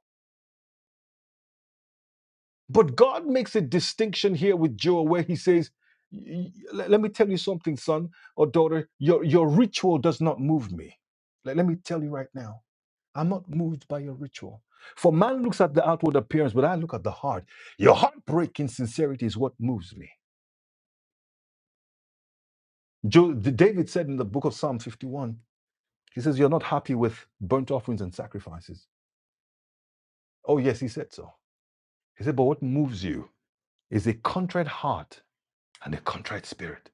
Speaker 2: But God makes a distinction here with Joel where he says, "Y- y- Let me tell you something, son or daughter, your, your ritual does not move me. let let me tell you right now. I'm not moved by your ritual. For man looks at the outward appearance, but I look at the heart. Your heartbreaking sincerity is what moves me. Jo- D- David said in the book of Psalm 51, he says, You're not happy with burnt offerings and sacrifices. Oh, yes, he said so. He said, But what moves you is a contrite heart and a contrite spirit.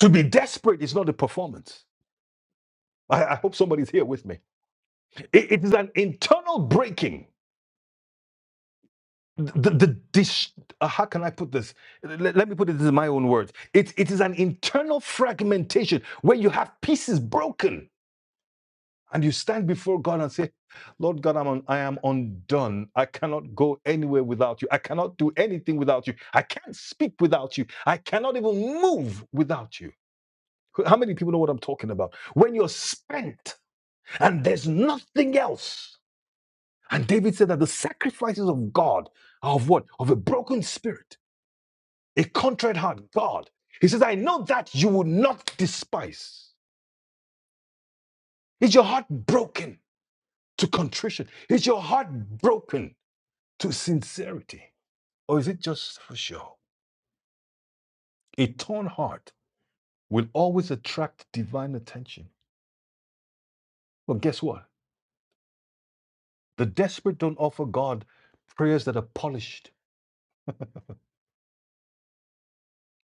Speaker 2: To be desperate is not a performance. I, I hope somebody's here with me. It, it is an internal breaking. the, the dis- uh, how can I put this? Let, let me put it in my own words. It, it is an internal fragmentation where you have pieces broken and you stand before God and say, Lord God, I'm un- I am undone. I cannot go anywhere without you. I cannot do anything without you. I can't speak without you. I cannot even move without you. How many people know what I'm talking about? When you're spent and there's nothing else. And David said that the sacrifices of God are of what? Of a broken spirit A contrite heart, God. He says, I know that you will not despise. Is your heart broken to contrition? Is your heart broken to sincerity? Or is it just for show? A torn heart will always attract divine attention. Well, guess what? The desperate don't offer God prayers that are polished,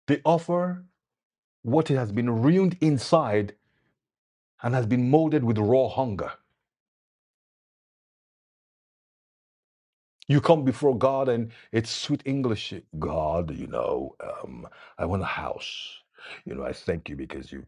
Speaker 2: they offer what has been ruined inside and has been molded with raw hunger. You come before God and it's sweet English. God, you know, um, I want a house. You know, I thank you because you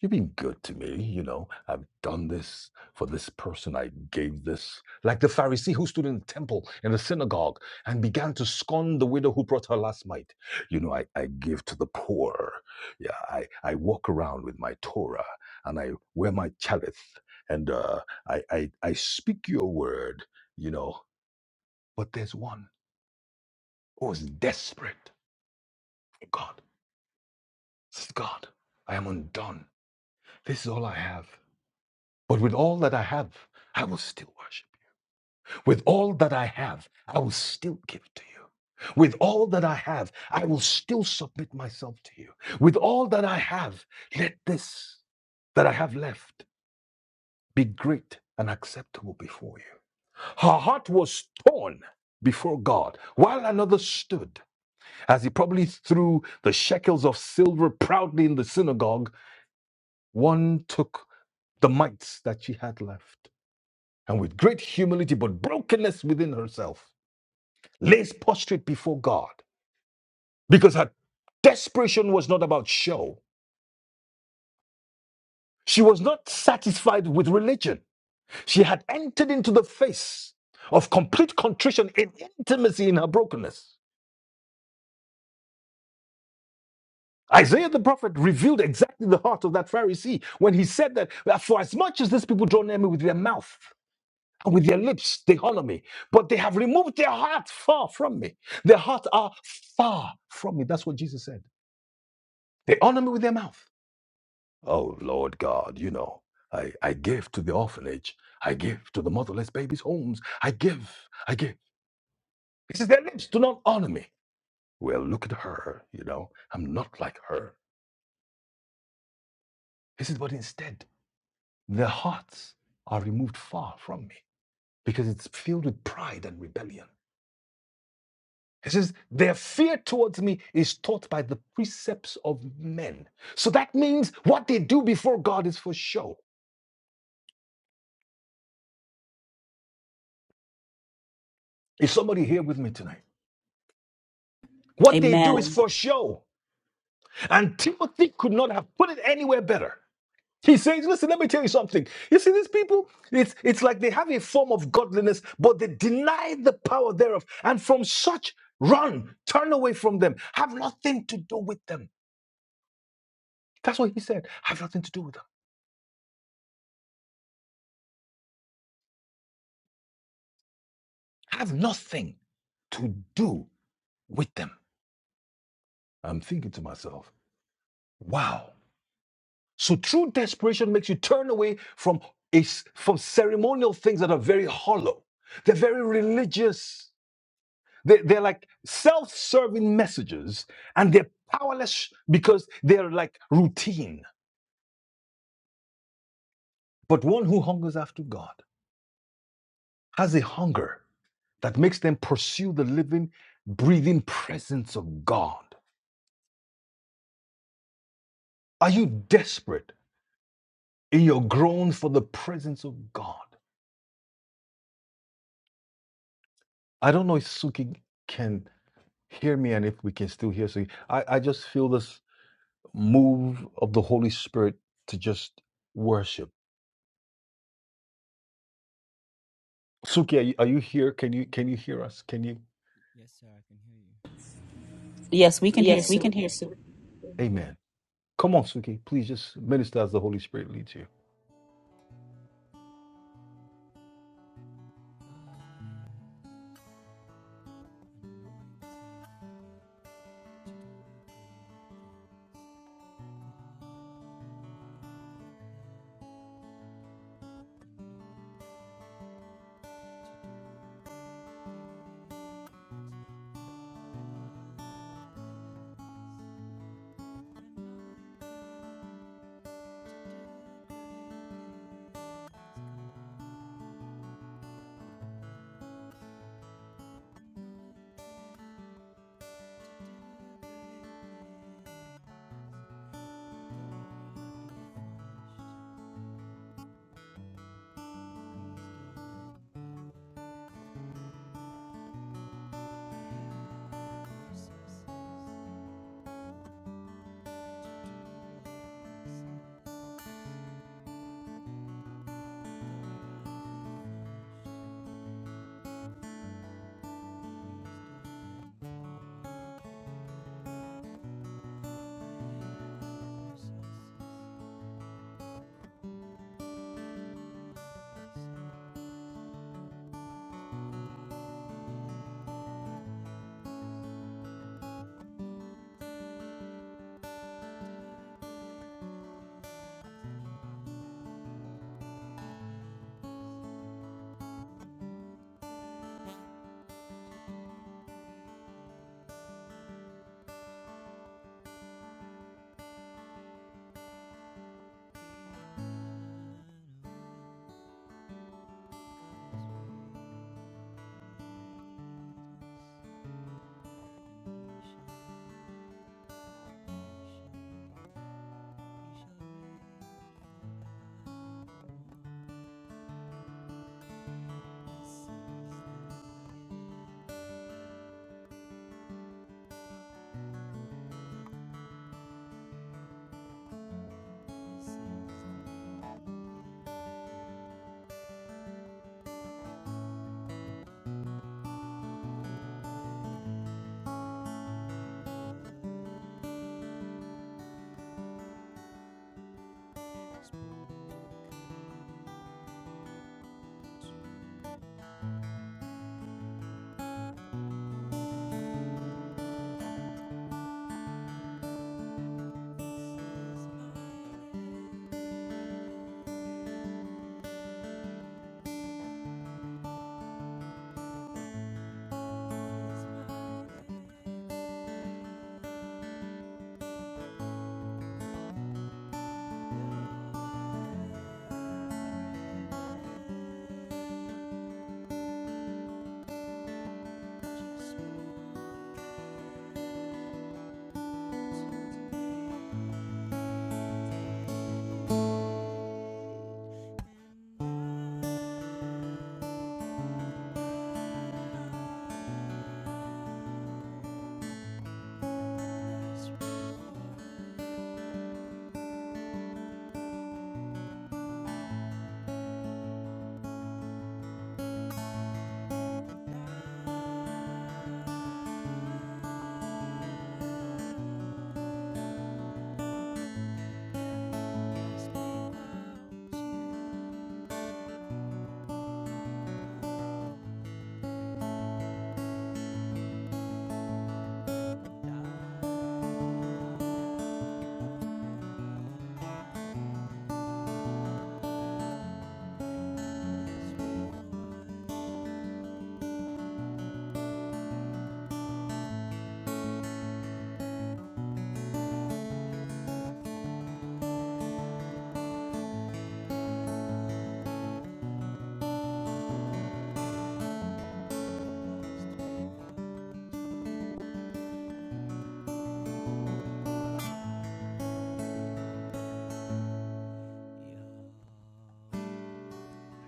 Speaker 2: you've been good to me. You know, I've done this for this person. I gave this. Like the Pharisee who stood in the temple in the synagogue and began to scorn the widow who brought her last mite. You know, I, I give to the poor. Yeah, I, I walk around with my Torah and I wear my chalith and uh, I, I I speak your word, you know, but there's one who was desperate for God. This is God. I am undone. This is all I have. But with all that I have, I will still worship. With all that I have, I will still give to you. With all that I have, I will still submit myself to you. With all that I have, let this that I have left be great and acceptable before you. Her heart was torn before God while another stood. As he probably threw the shekels of silver proudly in the synagogue, one took the mites that she had left, and with great humility but brokenness within herself, lays prostrate before God, because her desperation was not about show. She was not satisfied with religion. She had entered into the face of complete contrition in intimacy in her brokenness. Isaiah the prophet revealed exactly the heart of that Pharisee when he said that for as much as these people draw near me with their mouth and with their lips, they honor me, but they have removed their heart far from me. Their hearts are far from me. That's what Jesus said. They honor me with their mouth. Oh, Lord God, you know, I, I give to the orphanage, I give to the motherless babies' homes, I give, I give. He says, Their lips do not honor me. Well, look at her, you know, I'm not like her. He says, But instead, Their hearts are removed far from me because it's filled with pride and rebellion. It says, Their fear towards me is taught by the precepts of men. So that means what they do before God is for show. Is somebody here with me tonight? What they do is
Speaker 1: Amen.
Speaker 2: for show. And Timothy could not have put it anywhere better. He says, listen, let me tell you something. You see, these people, it's it's like they have a form of godliness, but they deny the power thereof. And from such run, turn away from them. Have nothing to do with them. That's what he said. Have nothing to do with them. Have nothing to do with them. I'm thinking to myself, wow. So true desperation makes you turn away from is from ceremonial things that are very hollow. They're very religious. They, they're like self serving messages and they're powerless because they're like routine. But one who hungers after God has a hunger that makes them pursue the living, breathing presence of God. Are you desperate in your groan for the presence of God? I don't know if Suki can hear me and if we can still hear Suki. I, I just feel this move of the Holy Spirit to just worship. Suki, are you, are you here? Can you can you hear us? Can you?
Speaker 4: Yes, sir, I can hear you.
Speaker 1: Yes, we can
Speaker 4: Uh,
Speaker 1: hear.
Speaker 4: c-
Speaker 1: Su-
Speaker 4: can you hear me?
Speaker 2: Amen. Come on, Suki. Please just minister as the Holy Spirit leads you.
Speaker 4: What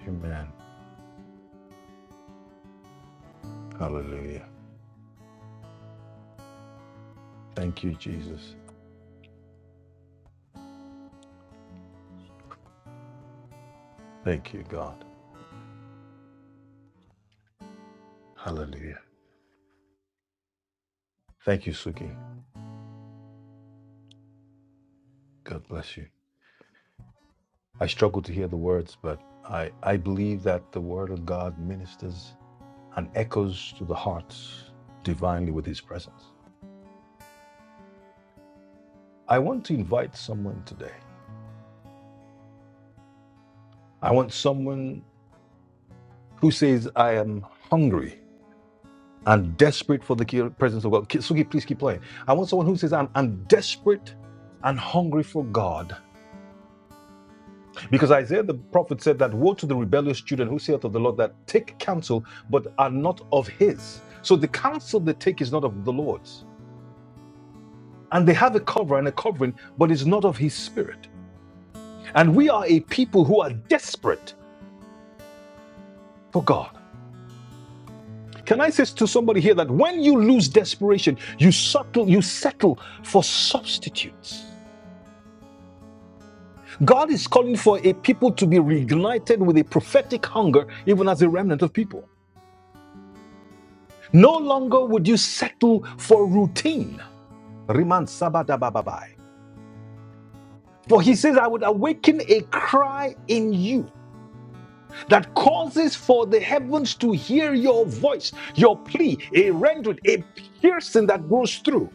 Speaker 2: Amen. Hallelujah. Thank you, Jesus. Thank you, God. Hallelujah. Thank you, Suki. God bless you. I struggle to hear the words, but I, I believe that the word of God ministers and echoes to the hearts divinely with his presence. I want to invite someone today. I want someone who says, I am hungry. and desperate for the ki- presence of God. Ki- Sugi, please keep playing. I want someone who says, I'm, I'm desperate and hungry for God. Because Isaiah the prophet said that, Woe to the rebellious children who say of the Lord that take counsel but are not of his. So the counsel they take is not of the Lord's. And they have a cover and a covering, but it's not of his spirit. And we are a people who are desperate for God. Can I say to somebody here that when you lose desperation, you settle, you settle for substitutes. God is calling for a people to be reignited with a prophetic hunger, even as a remnant of people. No longer would you settle for routine. Riman sabadababai. For he says, I would awaken a cry in you that causes for the heavens to hear your voice, your plea, a rendering, a piercing that goes through.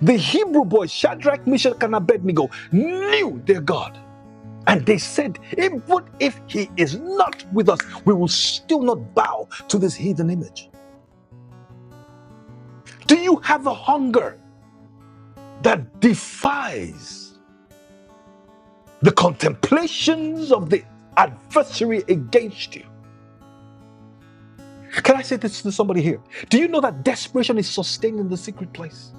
Speaker 2: The Hebrew boys, Shadrach, Meshach, and Abednego, knew their God. And they said, even if he is not with us, we will still not bow to this heathen image. Do you have a hunger that defies the contemplations of the adversary against you? Can I say this to somebody here? Do you know that desperation is sustained in the secret place?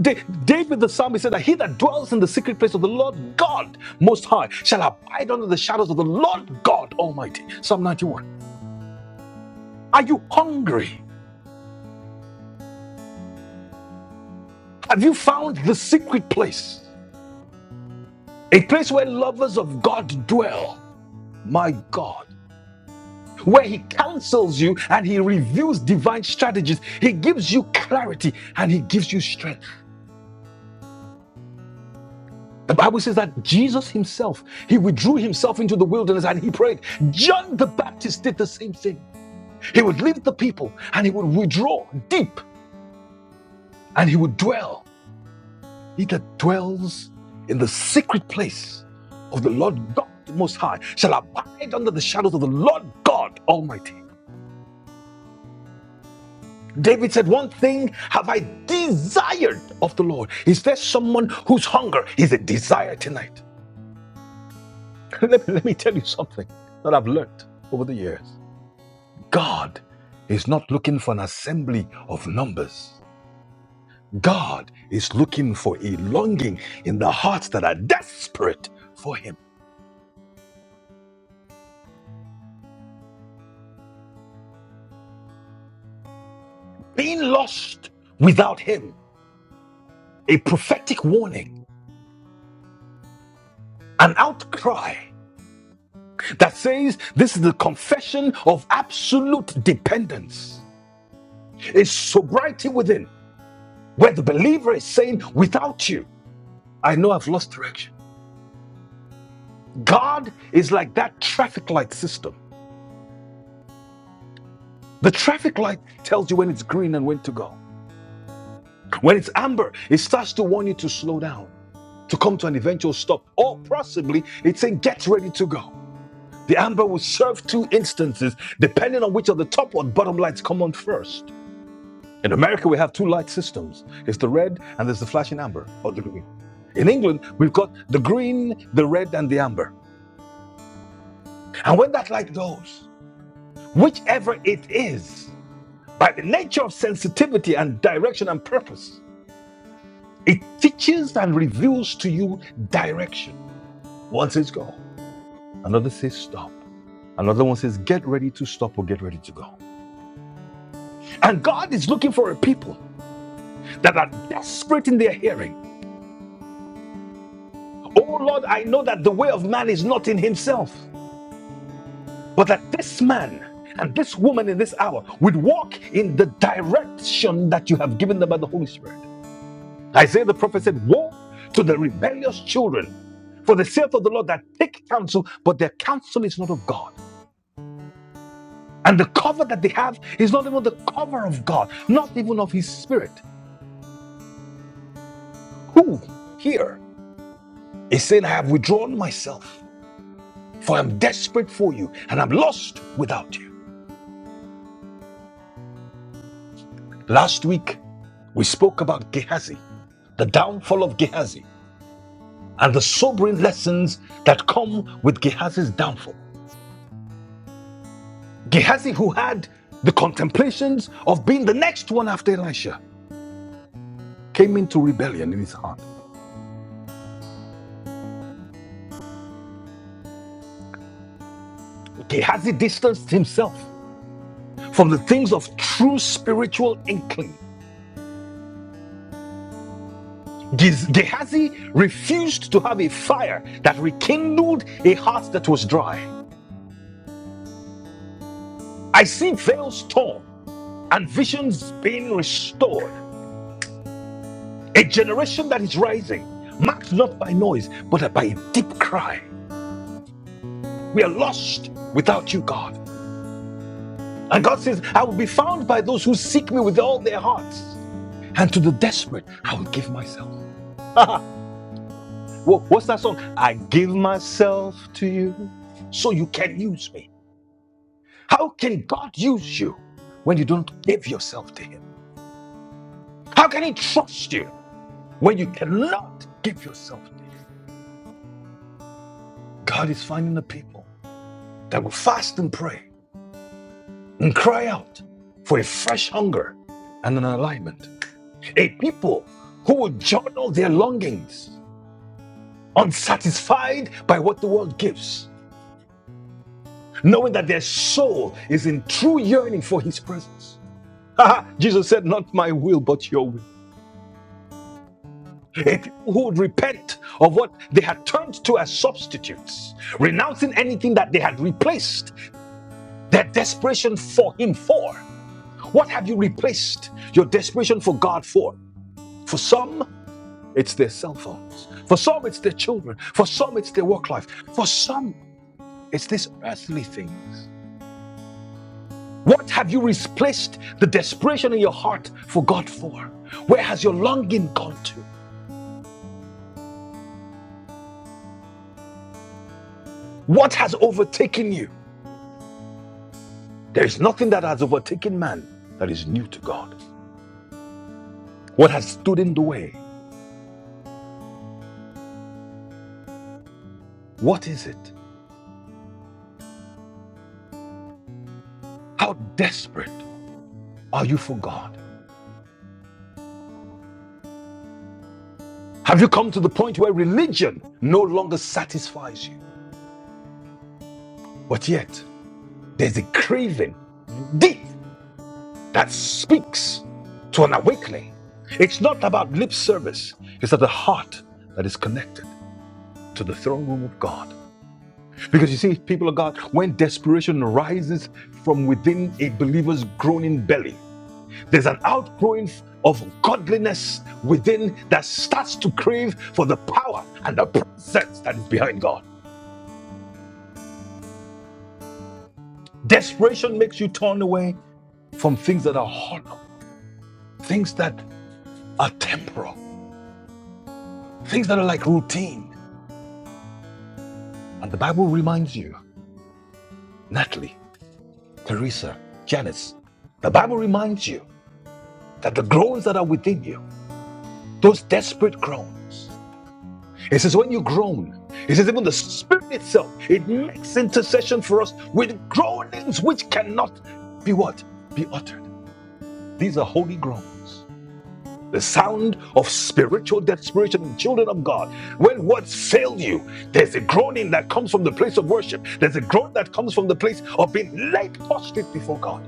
Speaker 2: Da- David the psalmist said that he that dwells in the secret place of the Lord God Most High shall abide under the shadows of the Lord God Almighty. Psalm 91. Are you hungry? Have you found the secret place? A place where lovers of God dwell. My God. Where he counsels you and he reveals divine strategies. He gives you clarity and he gives you strength. The Bible says that Jesus himself, he withdrew himself into the wilderness and he prayed. John the Baptist did the same thing. He would leave the people and he would withdraw deep and he would dwell He that dwells in the secret place of the Lord God the Most High shall abide under the shadows of the Lord God Almighty. David said, One thing have I desired of the Lord. Is there someone whose hunger is a desire tonight? let, me, let me tell you something that I've learned over the years. God is not looking for an assembly of numbers. God is looking for a longing in the hearts that are desperate for Him. being lost without him, a prophetic warning, an outcry that says this is the confession of absolute dependence, a sobriety within, where the believer is saying, without you, I know I've lost direction. God is like that traffic light system. The traffic light tells you when it's green and when to go. When it's amber, it starts to warn you to slow down, to come to an eventual stop, or possibly it's saying, get ready to go. The amber will serve two instances depending on which of the top or bottom lights come on first. In America, we have two light systems. It's the red and there's the flashing amber or the green. In England, we've got the green, the red, and the amber. And when that light goes, whichever it is, by the nature of sensitivity and direction and purpose, it teaches and reveals to you direction. One says go, another says stop, another one says get ready to stop or get ready to go. And God is looking for a people that are desperate in their hearing. Oh Lord, I know that the way of man is not in himself, but that this man and this woman in this hour would walk in the direction that you have given them by the Holy Spirit. Isaiah the prophet said, Woe to the rebellious children, for the sake of the Lord that take counsel, but their counsel is not of God. And the cover that they have is not even the cover of God, not even of his spirit. Who here is saying, I have withdrawn myself? for I'm desperate for you and I'm lost without you. Last week, we spoke about Gehazi, the downfall of Gehazi, and the sobering lessons that come with Gehazi's downfall. Gehazi, who had the contemplations of being the next one after Elisha, came into rebellion in his heart. Gehazi distanced himself from the things of true spiritual inkling. Gez- Gehazi refused to have a fire that rekindled a heart that was dry. I see veils torn and visions being restored. A generation that is rising, marked not by noise, but by a deep cry. We are lost without you, God. And God says, I will be found by those who seek me with all their hearts. And to the desperate, I will give myself. Wha- What's that song? I give myself to you so you can use me. How can God use you when you don't give yourself to Him? How can He trust you when you cannot give yourself? God is finding a people that will fast and pray and cry out for a fresh hunger and an alignment. A people who will journal their longings, unsatisfied by what the world gives, knowing that their soul is in true yearning for his presence. Jesus said, Not my will, but your will. A people who would repent of what they had turned to as substitutes, renouncing anything that they had replaced their desperation for him for. What have you replaced your desperation for God for? For some, it's their cell phones. For some, it's their children. For some, it's their work life. For some, it's these earthly things. What have you replaced the desperation in your heart for God for? Where has your longing gone to? What has overtaken you? There is nothing that has overtaken man that is new to God. What has stood in the way? What is it? How desperate are you for God? Have you come to the point where religion no longer satisfies you? But yet, there's a craving deep that speaks to an awakening. It's not about lip service, it's at the heart that is connected to the throne room of God. Because you see, people of God, when desperation rises from within a believer's groaning belly, there's an outgrowing of godliness within that starts to crave for the power and the presence that is behind God. Desperation makes you turn away from things that are hollow, things that are temporal, things that are like routine. And the Bible reminds you, Natalie, Teresa, Janice, the Bible reminds you that the groans that are within you, those desperate groans, it says when you groan, it says even the Spirit itself, it makes intercession for us with groanings which cannot be what? Be uttered. These are holy groans. the sound of spiritual desperation in children of God. When words fail you, there's a groaning that comes from the place of worship. There's a groan that comes from the place of being laid prostrate before God.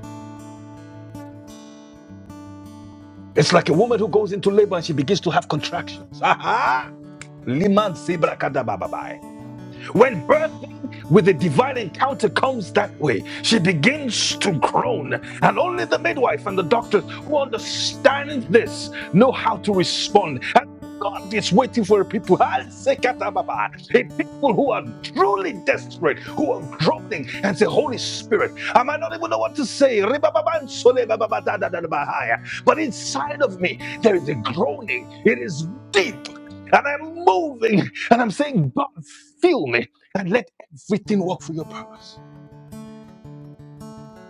Speaker 2: It's like a woman who goes into labor and she begins to have contractions. Aha! Liman sebrakadabababai. When birthing with a divine encounter comes that way, she begins to groan. And only the midwife and the doctors who understand this know how to respond. And God is waiting for a people, I'll say katababa, a people who are truly desperate, who are groaning and say, Holy Spirit, I might not even know what to say. But inside of me, there is a groaning. It is deep. And I'm moving and I'm saying, God. Fill me and let everything work for your purpose.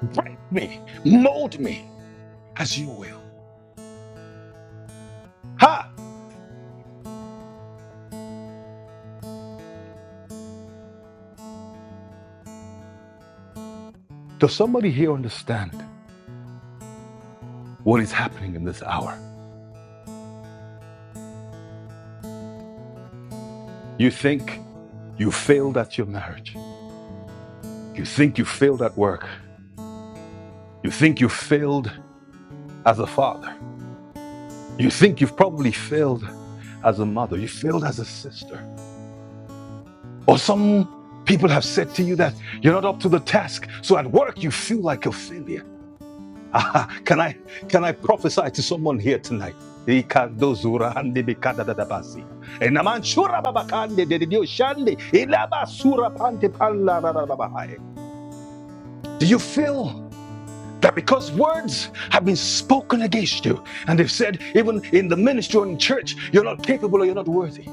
Speaker 2: Break me, mold me as you will. Ha! Does somebody here understand what is happening in this hour? You think you failed at your marriage. You think you failed at work. You think you failed as a father. You think you've probably failed as a mother. You failed as a sister. Or some people have said to you that you're not up to the task. So at work, you feel like a failure. can I can I prophesy to someone here tonight? Do you feel that because words have been spoken against you, and they've said, even in the ministry or in church, you're not capable or you're not worthy.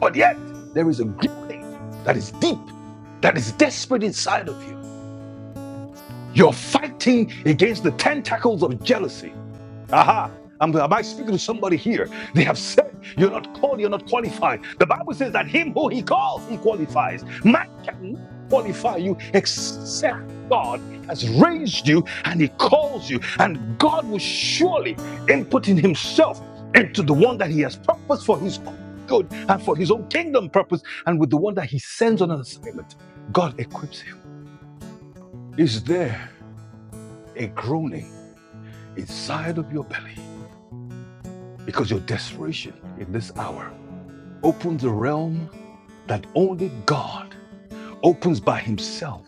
Speaker 2: But yet, there is a groaning that is deep, that is desperate inside of you. You're fighting against the tentacles of jealousy. Aha. I'm, am I speaking to somebody here? They have said you're not called, you're not qualified. The Bible says that him who he calls, he qualifies. Man cannot qualify you except God has raised you and he calls you. And God will surely input in himself into the one that he has purposed for his own good and for his own kingdom purpose and with the one that he sends on an assignment. God equips him. Is there a groaning inside of your belly? because your desperation in this hour opens a realm that only God opens by Himself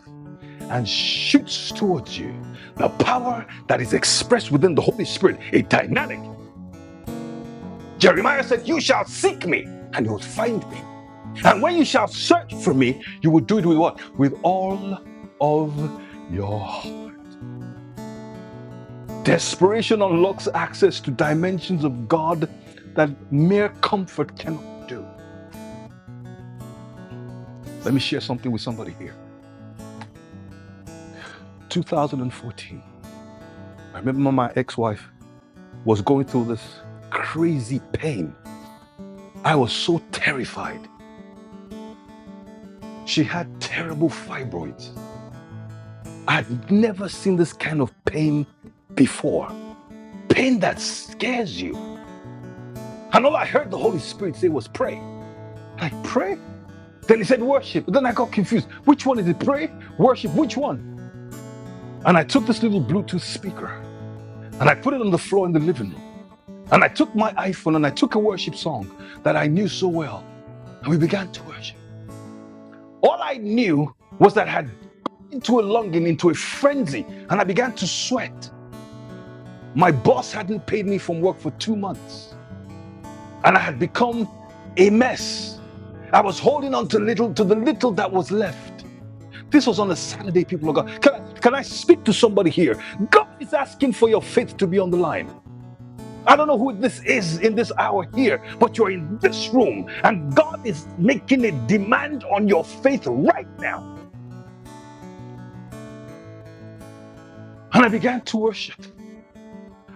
Speaker 2: and shoots towards you the power that is expressed within the Holy Spirit, a dynamic. Jeremiah said, You shall seek me and you'll find me. And when you shall search for me, you will do it with what? With all of your heart." desperation unlocks access to dimensions of God that mere comfort cannot do. Let me share something with somebody here 2014. I remember my ex wife was going through this crazy pain. I was so terrified. She had terrible fibroids. I had never seen this kind of pain before. Pain that scares you. And all I heard the Holy Spirit say was pray. I pray. Then he said worship. Then I got confused. Which one is it? Pray, worship, which one? And I took this little Bluetooth speaker and I put it on the floor in the living room. And I took my iPhone and I took a worship song that I knew so well And we began to worship. All I knew was that I had into a longing, into a frenzy, and I began to sweat. My boss hadn't paid me from work for two months, and I had become a mess. I was holding on to little to the little that was left. This was on a Saturday, people of God. Can I, can I speak to somebody here? God is asking for your faith to be on the line. I don't know who this is in this hour here, but you're in this room, and God is making a demand on your faith right now. And I began to worship.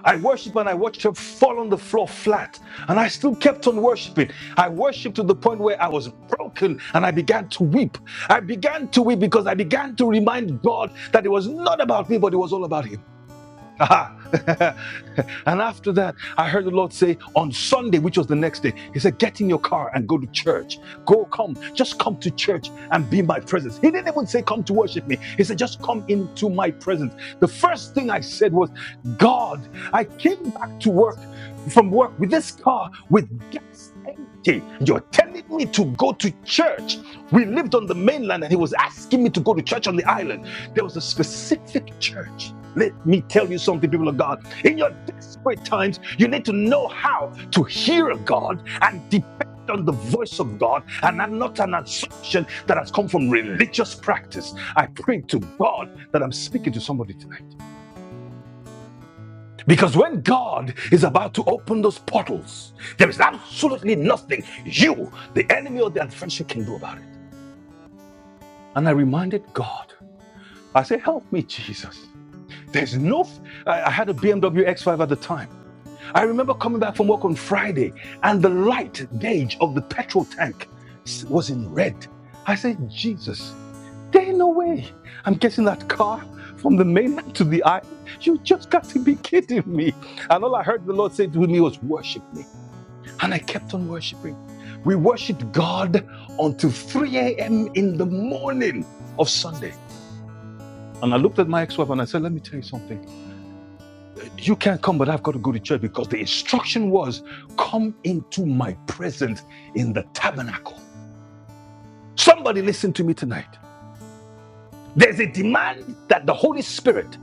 Speaker 2: I worshiped and I watched her fall on the floor flat. And I still kept on worshiping. I worshiped to the point where I was broken and I began to weep. I began to weep because I began to remind God that it was not about me, but it was all about Him. Aha. And after that, I heard the Lord say on Sunday, which was the next day, He said, Get in your car and go to church. Go, come, just come to church and be in my presence. He didn't even say, Come to worship me. He said, Just come into my presence. The first thing I said was, God, I came back to work from work with this car with gas empty. You're telling me to go to church. We lived on the mainland and he was asking me to go to church on the island. There was a specific church. Let me tell you something, people of God. In your desperate times, you need to know how to hear God and depend on the voice of God and not not an assumption that has come from religious practice. I pray to God that I'm speaking to somebody tonight. Because when God is about to open those portals, there is absolutely nothing you, the enemy or the adversary, can do about it. And I reminded God, I said, Help me, Jesus. There's no, I I had a BMW X5 at the time. I remember coming back from work on Friday and the light gauge of the petrol tank was in red. I said, Jesus, there ain't no way I'm getting that car from the mainland to the island. You just got to be kidding me. And all I heard the Lord say to me was, Worship me. And I kept on worshiping. We worshiped God until 3 a.m. in the morning of Sunday.
Speaker 4: a
Speaker 2: And I looked at my ex wife and I said, Let me tell you something. You can't come, but I've got to go to church because the instruction was come into my presence in the tabernacle. Somebody listen to me tonight. There's a demand that the Holy Spirit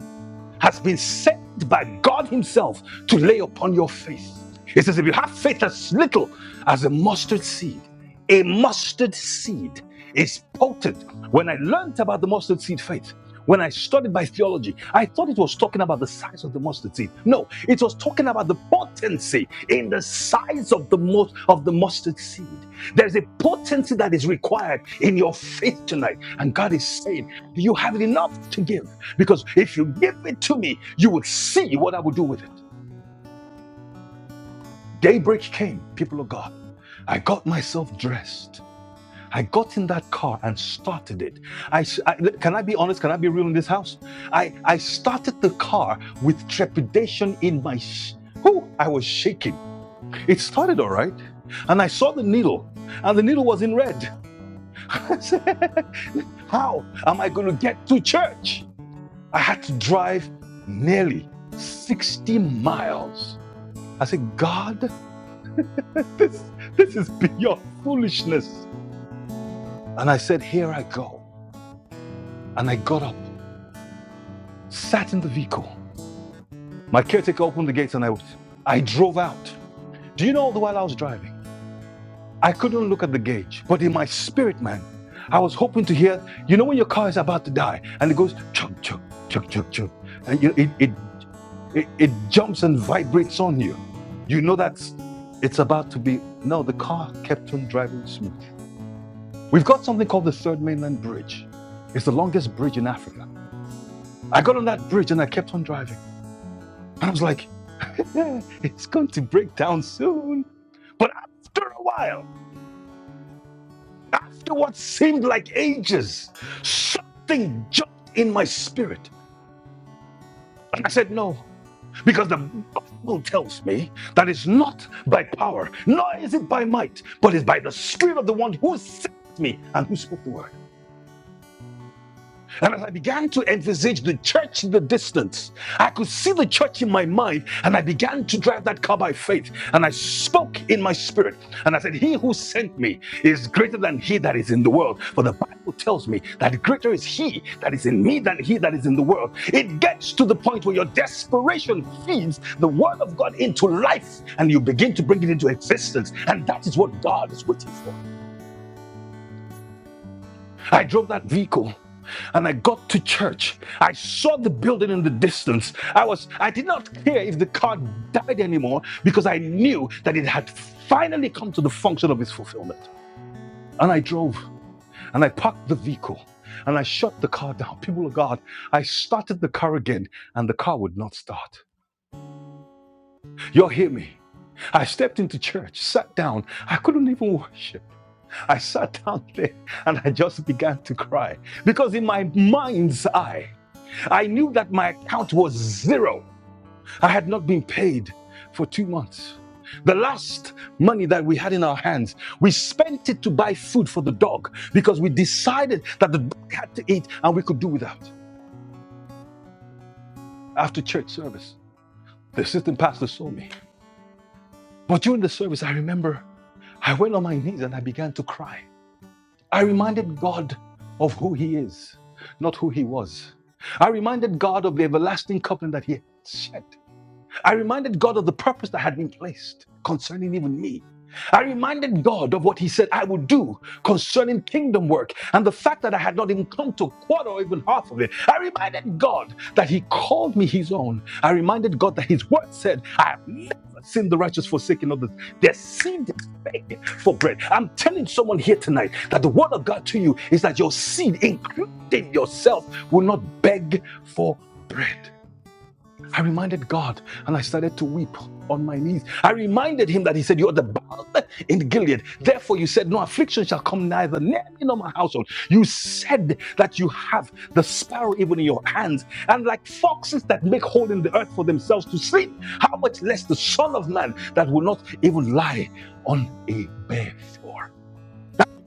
Speaker 2: has been sent by God Himself to lay upon your faith. It says, if you have faith as little as a mustard seed, a mustard seed is potent. When I learned about the mustard seed faith, when I studied my theology, I thought it was talking about the size of the mustard seed. No, it was talking about the potency in the size of the most of the mustard seed. There's a potency that is required in your faith tonight. And God is saying, Do you have it enough to give? Because if you give it to me, you will see what I will do with it. Daybreak came, people of God. I got myself dressed. I got in that car and started it. I, s- I- l- can I be honest? Can I be real in this house? I I started the car with trepidation in my. Sh- Whew, I was shaking. It started all right, and I saw the needle, and the needle was in red. I said, How am I going to get to church? I had to drive nearly sixty miles I said, God, this, this is beyond foolishness. And I said, Here I go. And I got up, sat in the vehicle. My caretaker opened the gates and I, I drove out. Do you know all the while I was driving? I couldn't look at the gauge, but in my spirit, man, I was hoping to hear, you know, when your car is about to die and it goes chug, chug, chug, chug, chug, and you, it, it, it, it jumps and vibrates on you. You know that's it's about to be. No, the car kept on driving smooth. We've got something called the Third Mainland Bridge. It's the longest bridge in Africa. I got on that bridge and I kept on driving. And I was like, it's going to break down soon. But after a while, after what seemed like ages, something jumped in my spirit. And I said, no, because the Bible tells me that it's not by power, nor is it by might, but it's by the Spirit of the one who sent me and who spoke the word. And as I began to envisage the church in the distance, I could see the church in my mind, and I began to drive that car by faith. And I spoke in my spirit, and I said, He who sent me is greater than he that is in the world. For the Bible tells me that greater is he that is in me than he that is in the world. It gets to the point where your desperation feeds the word of God into life, and you begin to bring it into existence. And that is what God is waiting for. I drove that vehicle and I got to church. I saw the building in the distance. I was I did not care if the car died anymore because I knew that it had finally come to the function of its fulfillment. And I drove and I parked the vehicle and I shut the car down. People of God, I started the car again and the car would not start. You'll hear me. I stepped into church, sat down. I couldn't even worship. I sat down there and I just began to cry because in my mind's eye I knew that my account was zero. I had not been paid for two months. The last money that we had in our hands, we spent it to buy food for the dog because we decided that the dog had to eat and we could do without. After church service, the assistant pastor saw me. But during the service, I remember I went on my knees and I began to cry. I reminded God of who He is, not who He was. I reminded God of the everlasting covenant that He had shed. I reminded God of the purpose that had been placed concerning even me. I reminded God of what He said I would do concerning kingdom work and the fact that I had not even come to a quarter or even half of it. I reminded God that He called me His own. I reminded God that His word said, I have never seen the righteous forsaken of the their seed beg for bread. I'm telling someone here tonight that the word of God to you is that your seed, including yourself, will not beg for bread. I reminded God and I started to weep on my knees. I reminded him that he said, You're the balm in Gilead. Therefore, you said, No affliction shall come neither near me nor my household. You said that you have the sparrow even in your hands, and like foxes that make hole in the earth for themselves to sleep, how much less the Son of Man that will not even lie on a bare floor.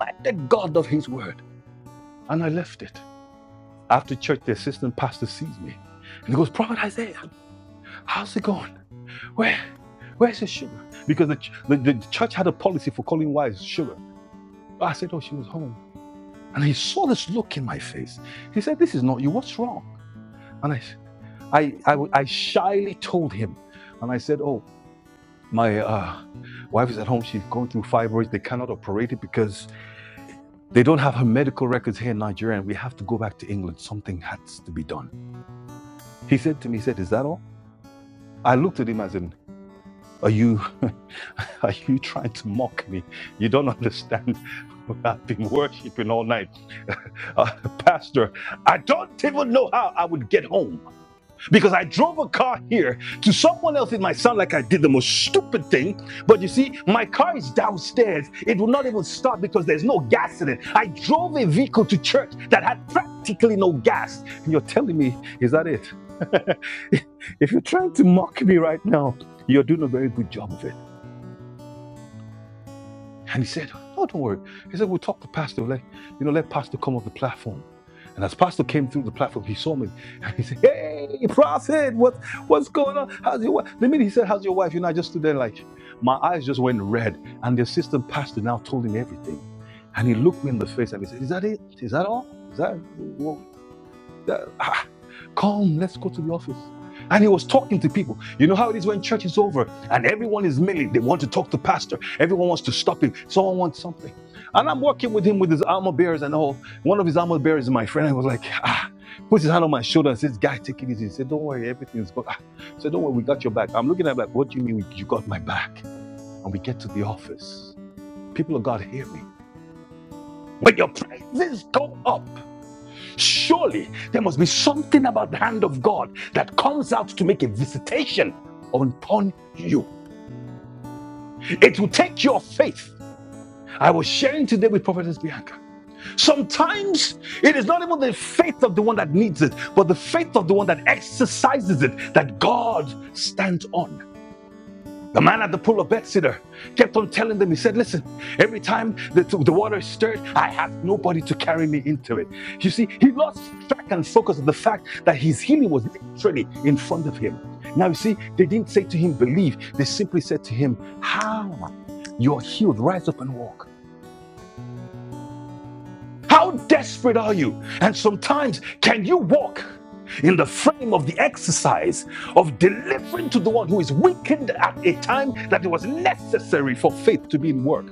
Speaker 2: I Reminded God of his word. And I left it. After church, the assistant pastor sees me. And he goes, Prophet Isaiah, how's it going? Where, where's the sugar? Because the, the, the church had a policy for calling wives sugar. I said, oh, she was home. And he saw this look in my face. He said, this is not you. What's wrong? And I, I, I I shyly told him. And I said, oh, my uh, wife is at home. She's going through fibroids. They cannot operate it because they don't have her medical records here in Nigeria. And we have to go back to England. Something has to be done. He said to me, he said, is that all? I looked at him as in. Are you are you trying to mock me? You don't understand. I've been worshiping all night. Uh, Pastor, I don't even know how I would get home because I drove a car here to someone else. It might sound like I did the most stupid thing, but you see, my car is downstairs. It will not even start because there's no gas in it. I drove a vehicle to church that had practically no gas. And you're telling me, is that it? if you're trying to mock me right now, you're doing a very good job of it. And he said, No, don't worry. He said, We'll talk to Pastor. Let you know, let Pastor come off the platform. And as Pastor came through the platform, he saw me and he said, Hey, Prophet, what, what's going on? How's your wife? The minute he said, How's your wife? You know, I just stood there like my eyes just went red. And the assistant pastor now told him everything. And he looked me in the face and he said, Is that it? Is that all? Is that what? ah, Come, let's go to the office. And he was talking to people. You know how it is when church is over and everyone is milling. They want to talk to pastor. Everyone wants to stop him. Someone wants something. And I'm working with him with his armor bearers and all. One of his armor bearers is my friend. I was like, ah, puts his hand on my shoulder and says, guy, take it easy. He said, don't worry, everything's good. Ah, I said, don't worry, we got your back. I'm looking at him like, what do you mean we, you got my back? And we get to the office. People of God hear me. When your praises go up. Surely there must be something about the hand of God that comes out to make a visitation upon you. It will take your faith. I was sharing today with Prophetess Bianca. Sometimes it is not even the faith of the one that needs it, but the faith of the one that exercises it that God stands on. The man at the pool of Bethesda kept on telling them, he said, Listen, every time the, the water is stirred, I have nobody to carry me into it. You see, he lost track and focus of the fact that his healing was literally in front of him. Now, you see, they didn't say to him, Believe. They simply said to him, Ha, ah, you're healed. Rise up and walk. How desperate are you? And sometimes, can you walk in the frame of the exercise of delivering to the one who is weakened at a time that it was necessary for faith to be in work?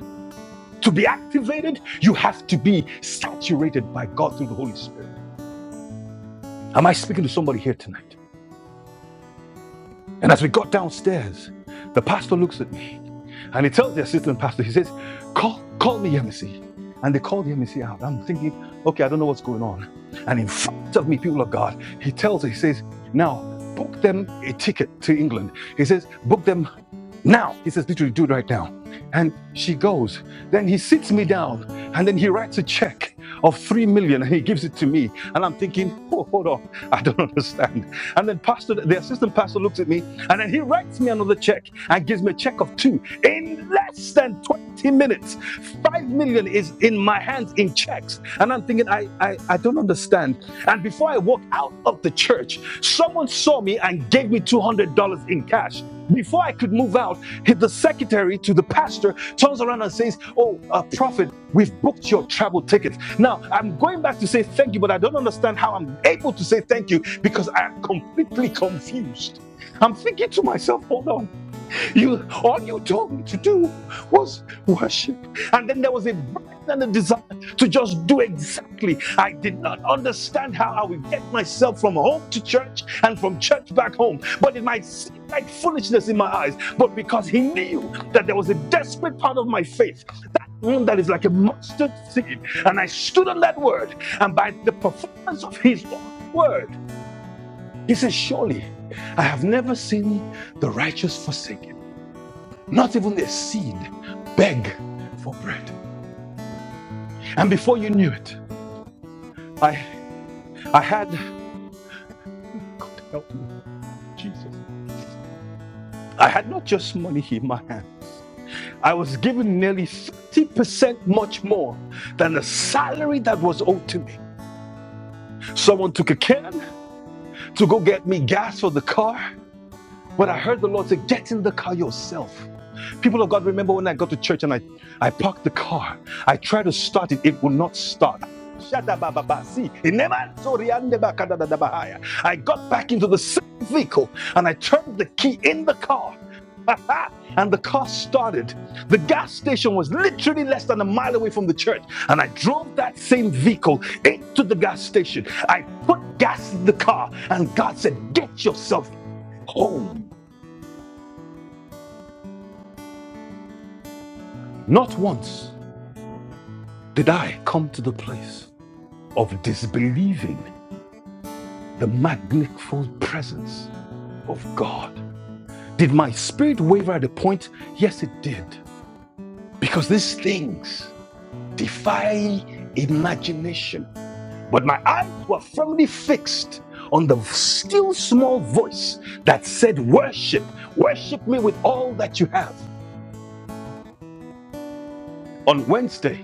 Speaker 2: To be activated, you have to be saturated by God through the Holy Spirit. Am I speaking to somebody here tonight? And as we got downstairs, the pastor looks at me And he tells the assistant pastor, he says, call, call me Yemisi. And they call the Yemisi out. I'm thinking, okay, I don't know what's going on. And in front of me, people of God, he tells, he says, now book them a ticket to England. He says, book them now he says literally do it right now and she goes then he sits me down and then he writes a check of three million and he gives it to me and i'm thinking oh hold on i don't understand and then pastor the assistant pastor looks at me and then he writes me another check and gives me a check of two in less than 20 minutes five million is in my hands in checks and i'm thinking i i, I don't understand and before i walk out of the church someone saw me and gave me $200 in cash before I could move out, the secretary to the pastor turns around and says, Oh, uh, prophet, we've booked your travel tickets. Now, I'm going back to say thank you, but I don't understand how I'm able to say thank you because I am completely confused. I'm thinking to myself, "Hold on." You all you told me to do was worship. And then there was a burden and a desire to just do exactly. I did not understand how I would get myself from home to church and from church back home. But it might seem like foolishness in my eyes. But because he knew that there was a desperate part of my faith mm, that is like a mustard seed. And I stood on that word. And by the performance of his own word, he says, Surely I have never seen the righteous forsaken not even the seed beg for bread. And before you knew it, I, I had, God help me, Jesus. I had not just money in my hand. I was given nearly 30% much more than the salary that was owed to me. Someone took a can to go get me gas for the car. But I heard the Lord say, get in the car yourself. People of God, remember when I got to church and I, I parked the car. I tried to start it. It will not start. Shatabababasi, inemansoriyandebakadadadabahaya. I got back into the same vehicle and I turned the key in the car. and the car started. The gas station was literally less than a mile away from the church. And I drove that same vehicle into the gas station. I put gas in the car, and God said, Get yourself home. Not once did I come to the place of disbelieving the magnificent presence of God. Did my spirit waver at a point? Yes, it did. Because these things defy imagination. But my eyes were firmly fixed on the still small voice that said, Worship, worship me with all that you have. On Wednesday,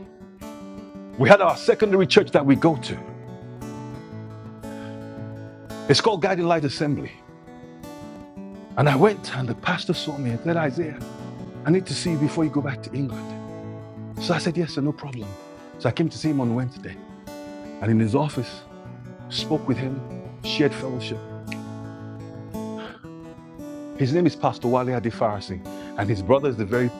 Speaker 2: we had our secondary church that we go to. It's called Guiding Light Assembly. And I went, and the pastor saw me and said, Isaiah, I need to see you before you go back to England. So I said, Yes, sir, no problem. So I came to see him on Wednesday, and in his office, spoke with him, shared fellowship. His name is Pastor Wale Adefarasi, and his brother is the very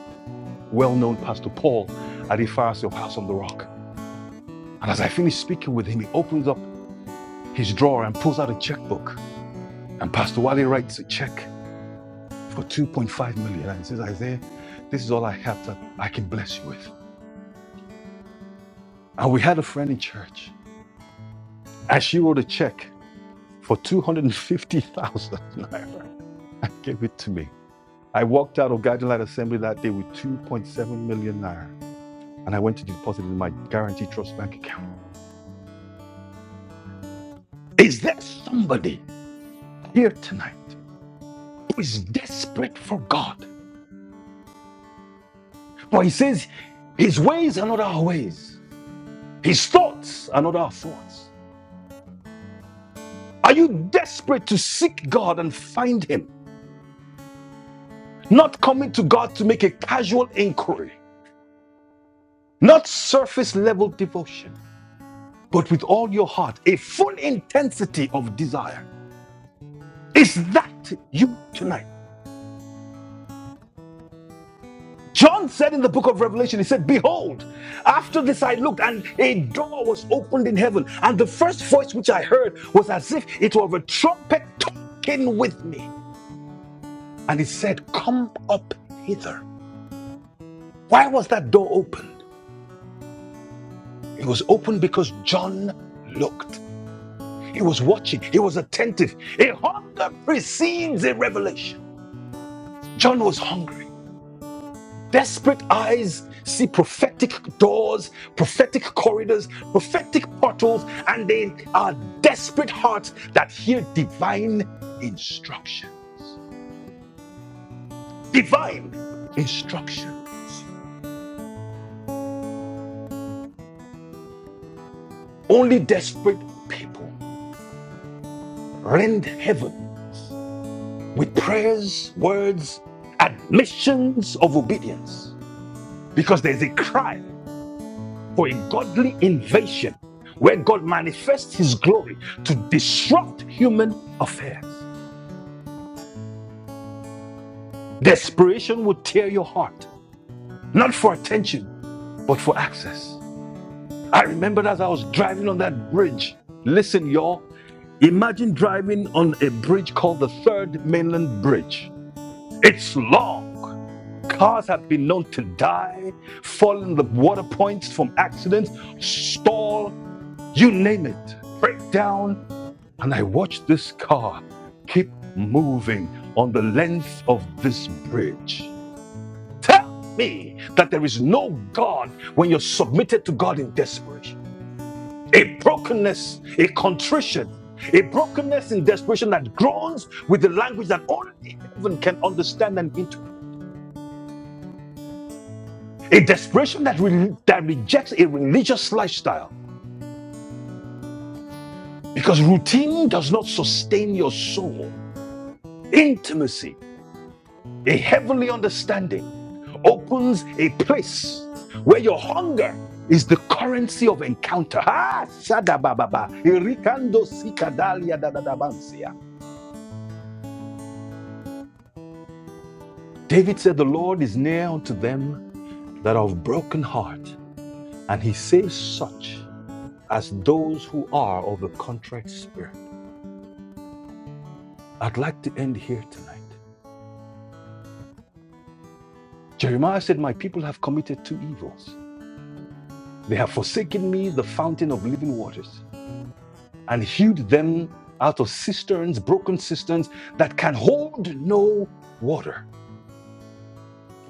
Speaker 2: well known Pastor Paul Adefarasi of House on the Rock. And as I finished speaking with him, he opens up his drawer and pulls out a checkbook. And Pastor Wale writes a check for 2.5 million and says, Isaiah, this is all I have that I can bless you with. And we had a friend in church And she wrote a check for 250,000 naira and gave it to me. I walked out of Guiding Light Assembly that day with 2.7 million naira and I went to deposit it in my Guarantee Trust bank account. Is there somebody here tonight who is desperate for God? For he says his ways are not our ways, his thoughts are not our thoughts. Are you desperate to seek God and find him? Not coming to God to make a casual inquiry, not surface level devotion but with all your heart, a full intensity of desire. Is that you tonight? John said in the book of Revelation, he said, Behold, after this I looked, and a door was opened in heaven. And the first voice which I heard was as if it were of a trumpet talking with me. And it said, 'Come up hither. Why was that door open? It was open because John looked. He was watching. He was attentive. A hunger precedes a revelation. John was hungry. Desperate eyes see prophetic doors, prophetic corridors, prophetic portals, and they are desperate hearts that hear divine instruction. Divine instruction. Only desperate people rend heaven with prayers, words, admissions of obedience, because there's a cry for a godly invasion where God manifests his glory to disrupt human affairs. Desperation would tear your heart, not for attention, but for access. I remembered as I was driving on that bridge. Listen, y'all, imagine driving on a bridge called the Third Mainland Bridge. It's long. Cars have been known to die, fall in the water points from accidents, stall, you name it, break down. And I watched this car keep moving on the length of this bridge. tell me that there is no God when you're submitted to God in desperation. A brokenness, a contrition, a brokenness in desperation that groans with the language that only heaven can understand and interpret. A desperation that, re- that rejects a religious lifestyle because routine does not sustain your soul. Intimacy A heavenly understanding opens a place where your hunger is the currency of encounter. Ah, shadabababa, irikando sikadalia dadadabansia. David said, The Lord is near unto them that are of broken heart, and he saves such as those who are of a contrite spirit. I'd like to end here tonight. Jeremiah said, My people have committed two evils. They have forsaken me, the fountain of living waters and hewed them out of cisterns, broken cisterns that can hold no water.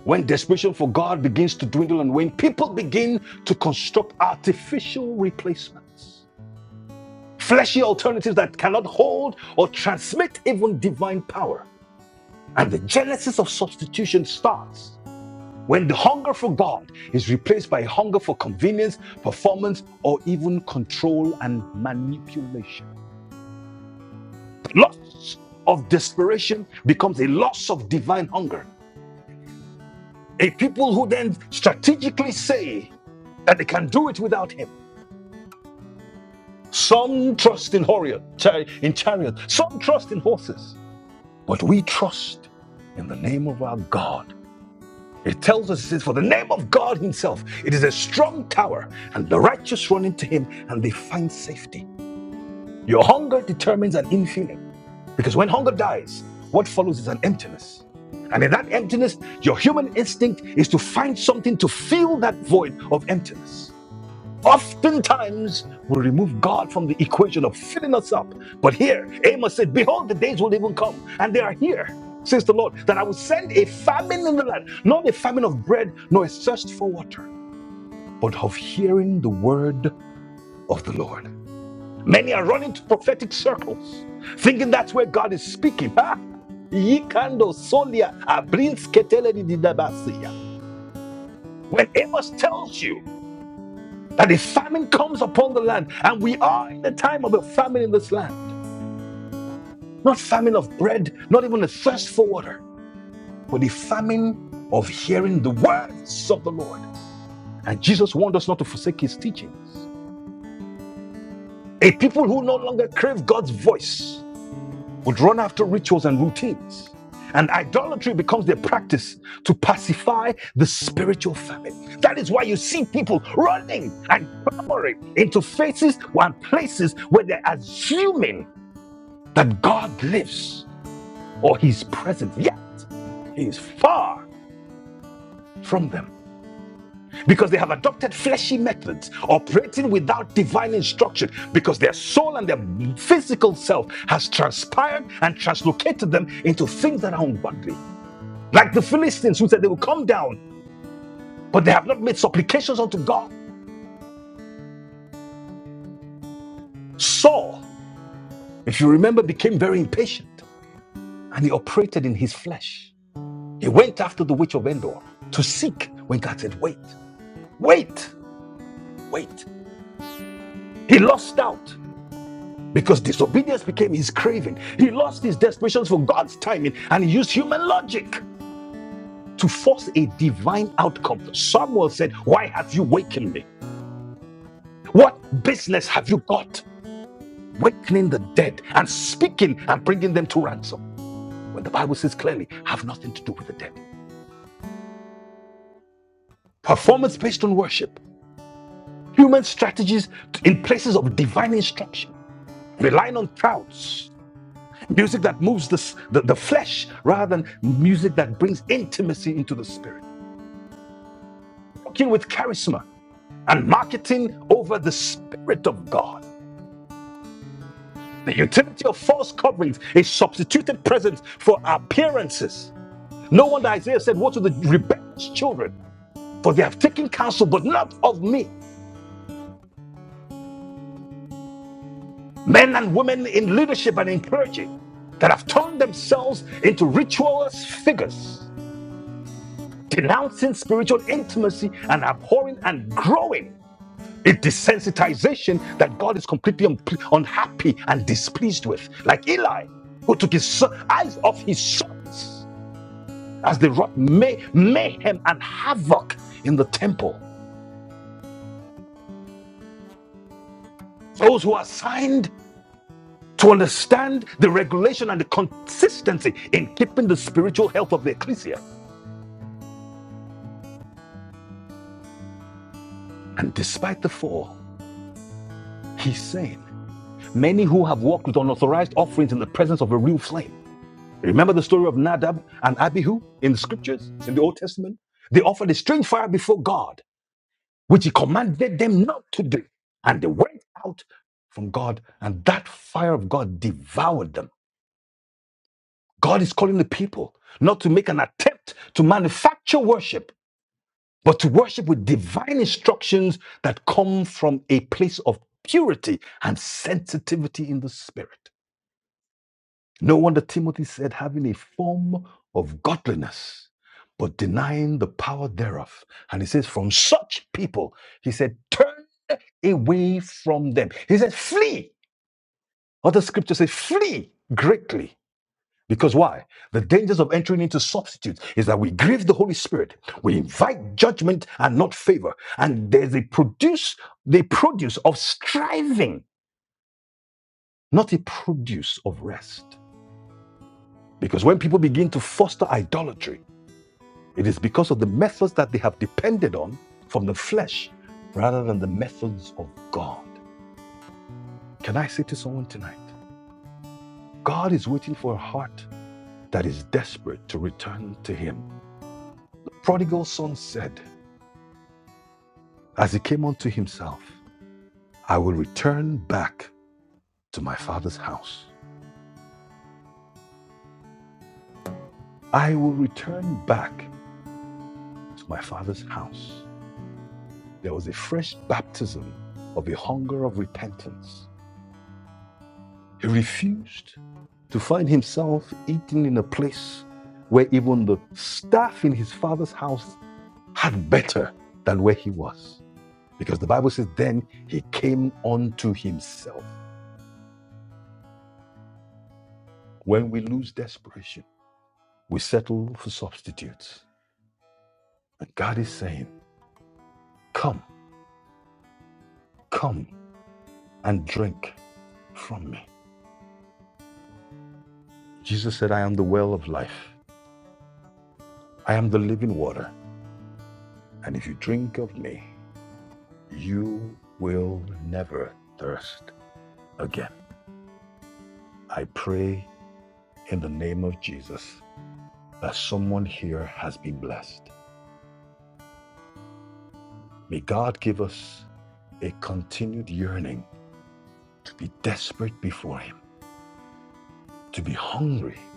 Speaker 2: When desperation for God begins to dwindle and wane, people begin to construct artificial replacements, fleshy alternatives that cannot hold or transmit even divine power. And the genesis of substitution starts when the hunger for God is replaced by a hunger for convenience, performance, or even control and manipulation. Loss of desperation becomes a loss of divine hunger. A people who then strategically say that they can do it without him. Some trust in chariot, in chariot, some trust in horses, but we trust in the name of our God. It tells us it says, for the name of God Himself, it is a strong tower, and the righteous run into Him and they find safety. Your hunger determines an infilling. Because when hunger dies, what follows is an emptiness. And in that emptiness, your human instinct is to find something to fill that void of emptiness. Oftentimes, we remove God from the equation of filling us up. But here, Amos said, Behold, the days will even come, and they are here, says the Lord, that I will send a famine in the land, not a famine of bread, nor a thirst for water, but of hearing the word of the Lord. Many are running to prophetic circles, thinking that's where God is speaking. Ha! Yikando solia abrinsketele didabasia. When Amos tells you that a famine comes upon the land, and we are in the time of a famine in this land, not famine of bread, not even a thirst for water, but the famine of hearing the words of the Lord. And Jesus warned us not to forsake his teachings. A people who no longer crave God's voice, would run after rituals and routines. And idolatry becomes their practice to pacify the spiritual famine. That is why you see people running and clamoring into faces and places where they're assuming that God lives or He's present, yet He is far from them because they have adopted fleshy methods, operating without divine instruction, because their soul and their physical self has transpired and translocated them into things that are ungodly. like the Philistines who said they will come down, but they have not made supplications unto God. Saul, if you remember, became very impatient and he operated in his flesh. He went after the witch of Endor to seek when God said, Wait, wait, wait. He lost out because disobedience became his craving. He lost his desperation for God's timing and he used human logic to force a divine outcome. Samuel said, Why have you wakened me? What business have you got? wakening the dead and speaking and bringing them to ransom. When the Bible says clearly, have nothing to do with the dead. Performance based on worship, human strategies in places of divine instruction, relying on crowds, music that moves the, the, the flesh rather than music that brings intimacy into the spirit, working with charisma and marketing over the spirit of God. The utility of false coverings is substituted presence for appearances. No wonder Isaiah said, Woe to the rebellious children For they have taken counsel, but not of me. Men and women in leadership and encouraging that have turned themselves into ritualist figures, denouncing spiritual intimacy and abhorring and growing a desensitization that God is completely un- unhappy and displeased with, like Eli, who took his son- eyes off his sons as they wrought may- mayhem and havoc in the temple. Those who are signed to understand the regulation and the consistency in keeping the spiritual health of the ecclesia. And despite the fall, he's saying, many who have walked with unauthorized offerings in the presence of a real flame. Remember the story of Nadab and Abihu in the scriptures, in the Old Testament? They offered a strange fire before God, which he commanded them not to do. And they went out from God, and that fire of God devoured them. God is calling the people not to make an attempt to manufacture worship but to worship with divine instructions that come from a place of purity and sensitivity in the spirit. No wonder Timothy said, having a form of godliness, but denying the power thereof. And he says, from such people, he said, turn away from them. He said, flee. Other scriptures say, flee greatly because why? The dangers of entering into substitutes is that we grieve the Holy Spirit, we invite judgment and not favor, and there's a produce, the produce of striving, not a produce of rest. Because when people begin to foster idolatry, it is because of the methods that they have depended on from the flesh rather than the methods of God. Can I say to someone tonight, God is waiting for a heart that is desperate to return to Him. The Prodigal son said, As he came unto himself, I will return back to my father's house. I will return back to my father's house. There was a fresh baptism of a hunger of repentance. He refused to find himself eating in a place where even the staff in his father's house had better than where he was. Because the Bible says, then he came unto himself. When we lose desperation, we settle for substitutes And God is saying, Come, come and drink from me. Jesus said, I am the well of life. I am the living water. And if you drink of me, you will never thirst again. I pray in the name of Jesus that someone here has been blessed. May God give us a continued yearning to be desperate before Him, to be hungry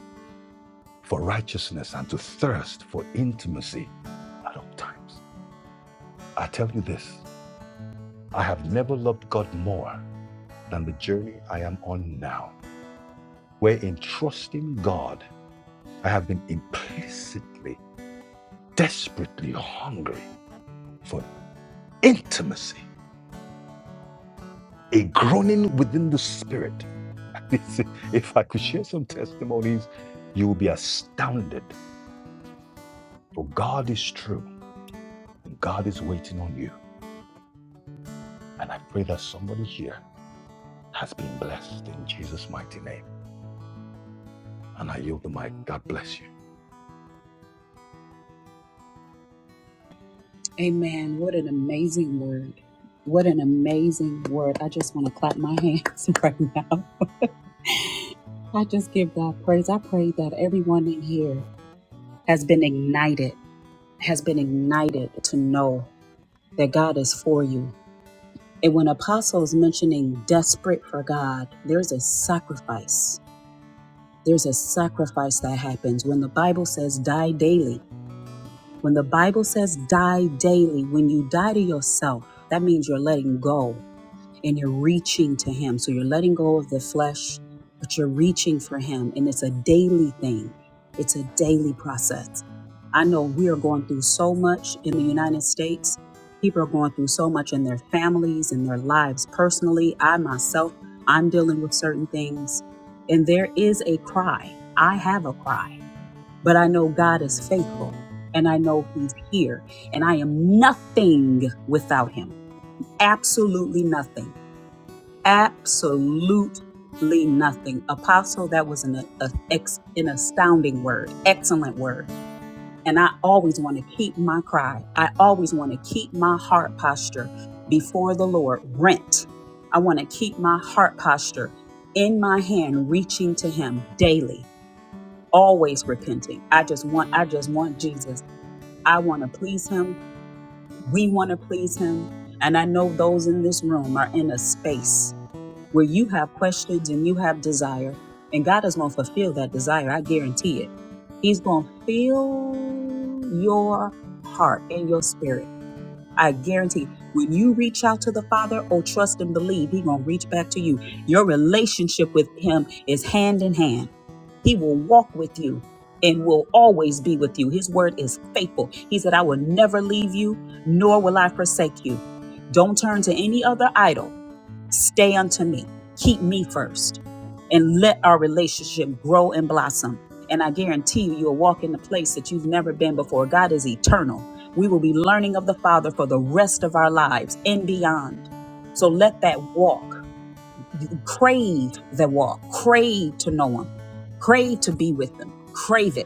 Speaker 2: for righteousness, and to thirst for intimacy at all times. I tell you this I have never loved God more than the journey I am on now, where in trusting God, I have been implicitly, desperately hungry for intimacy, a groaning within the spirit. if I could share some testimonies, you will be astounded. For God is true, and God is waiting on you. And I pray that somebody here has been blessed in Jesus' mighty name. And I yield the mic. God bless you.
Speaker 1: Amen. What an amazing word. What an amazing word. I just want to clap my hands right now. I just give God praise. I pray that everyone in here has been ignited, has been ignited to know that God is for you. And when apostles mentioning desperate for God, there's a sacrifice. There's a sacrifice that happens when the Bible says die daily. When the Bible says die daily, when you die to yourself, that means you're letting go and you're reaching to Him. So you're letting go of the flesh, but you're reaching for Him. And it's a daily thing, it's a daily process. I know we are going through so much in the United States. People are going through so much in their families and their lives personally. I myself, I'm dealing with certain things. And there is a cry. I have a cry, but I know God is faithful and I know He's here. And I am nothing without Him. Absolutely nothing. Absolutely nothing. Apostle, that was an, a, ex, an astounding word, excellent word. And I always want to keep my cry. I always want to keep my heart posture before the Lord rent. I want to keep my heart posture in my hand, reaching to Him daily, always repenting. I just want, I just want Jesus. I want to please Him. We want to please Him. And I know those in this room are in a space where you have questions and you have desire, and God is going to fulfill that desire. I guarantee it. He's going to fill your heart and your spirit. I guarantee. When you reach out to the Father, oh, trust and believe, He's going to reach back to you. Your relationship with Him is hand in hand. He will walk with you and will always be with you. His word is faithful. He said, I will never leave you, nor will I forsake you. Don't turn to any other idol Stay unto me. Keep me first. And let our relationship grow and blossom. And I guarantee you, you'll walk in a place that you've never been before. God is eternal. We will be learning of the Father for the rest of our lives and beyond. So let that walk, crave the walk, crave to know Him, crave to be with Him, crave it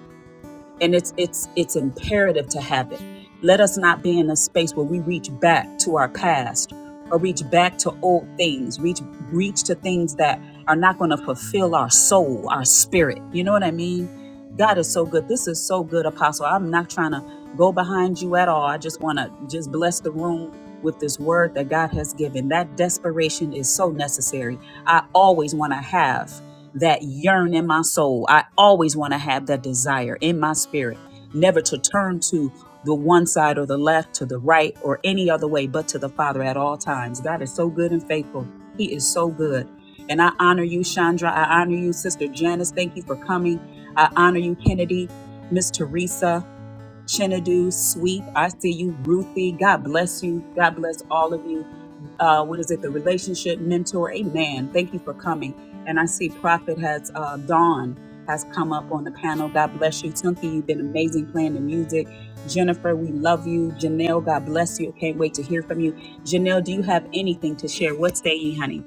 Speaker 1: and it's it's it's imperative to have it let us not be in a space where we reach back to our past or reach back to old things reach reach to things that are not going to fulfill our soul our spirit you know what i mean god is so good this is so good apostle i'm not trying to go behind you at all i just want to just bless the room with this word that god has given that desperation is so necessary i always want to have that yearn in my soul. I always want to have that desire in my spirit, never to turn to the one side or the left, to the right, or any other way, but to the Father at all times. God is so good and faithful. He is so good. And I honor you, Chandra. I honor you, Sister Janice. Thank you for coming. I honor you, Kennedy, Miss Teresa. Chinadu, Sweet. I see you, Ruthie. God bless you. God bless all of you. Uh, what is it? The relationship mentor. Amen. Thank you for coming. And I see Prophet has uh, Dawn has come up on the panel. God bless you, Tunky. You've been amazing playing the music. Jennifer, we love you. Janelle, God bless you. Can't wait to hear from you. Janelle, do you have anything to share? What say ye, honey?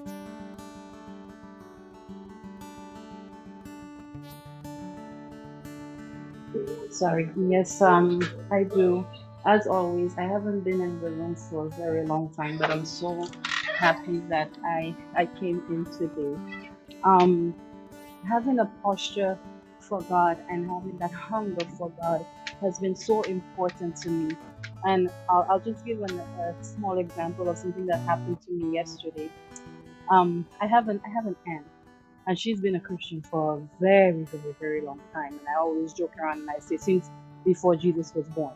Speaker 5: Sorry. Yes, um, I do. As always, I haven't been in the room for a very long time, but I'm so happy that I I came in today. Um, having a posture for God and having that hunger for God has been so important to me. And I'll, I'll just give an, a small example of something that happened to me yesterday. Um, I have an I have an aunt and she's been a Christian for a very, very, very long time. And I always joke around and I say, since before Jesus was born.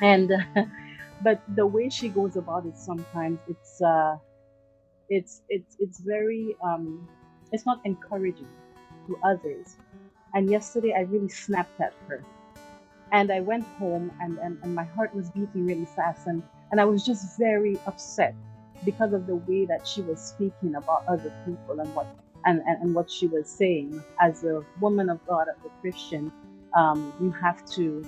Speaker 5: And but the way she goes about it sometimes it's uh it's it's it's very um it's not encouraging to others. And yesterday I really snapped at her and I went home and, and, and my heart was beating really fast and, and I was just very upset because of the way that she was speaking about other people and what and, and, and what she was saying as a woman of God as a Christian um, you have to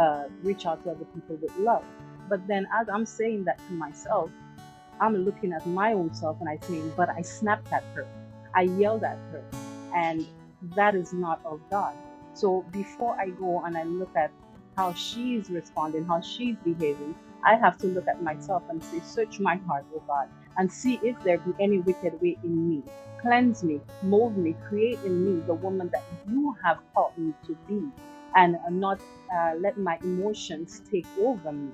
Speaker 5: uh, reach out to other people with love but then as I'm saying that to myself I'm looking at my own self and I think, but I snapped at her. I yelled at her. And that is not of God. So before I go and I look at how she's responding, how she's behaving, I have to look at myself and say, search my heart, O God, and see if there be any wicked way in me. Cleanse me, mold me, create in me the woman that you have called me to be, and uh, not uh, let my emotions take over me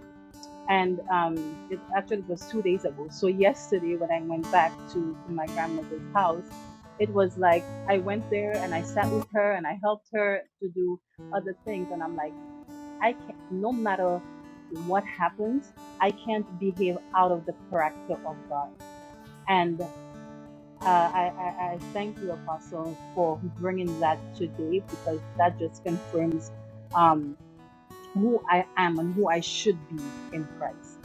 Speaker 5: and um, it actually was two days ago. So yesterday, when I went back to, to my grandmother's house, it was like I went there and I sat with her and I helped her to do other things, and I'm like, I can't. No matter what happens, I can't behave out of the character of God. And uh, I, I, I thank you, Apostle, for bringing that today because that just confirms. um, who I am and who I should be in Christ.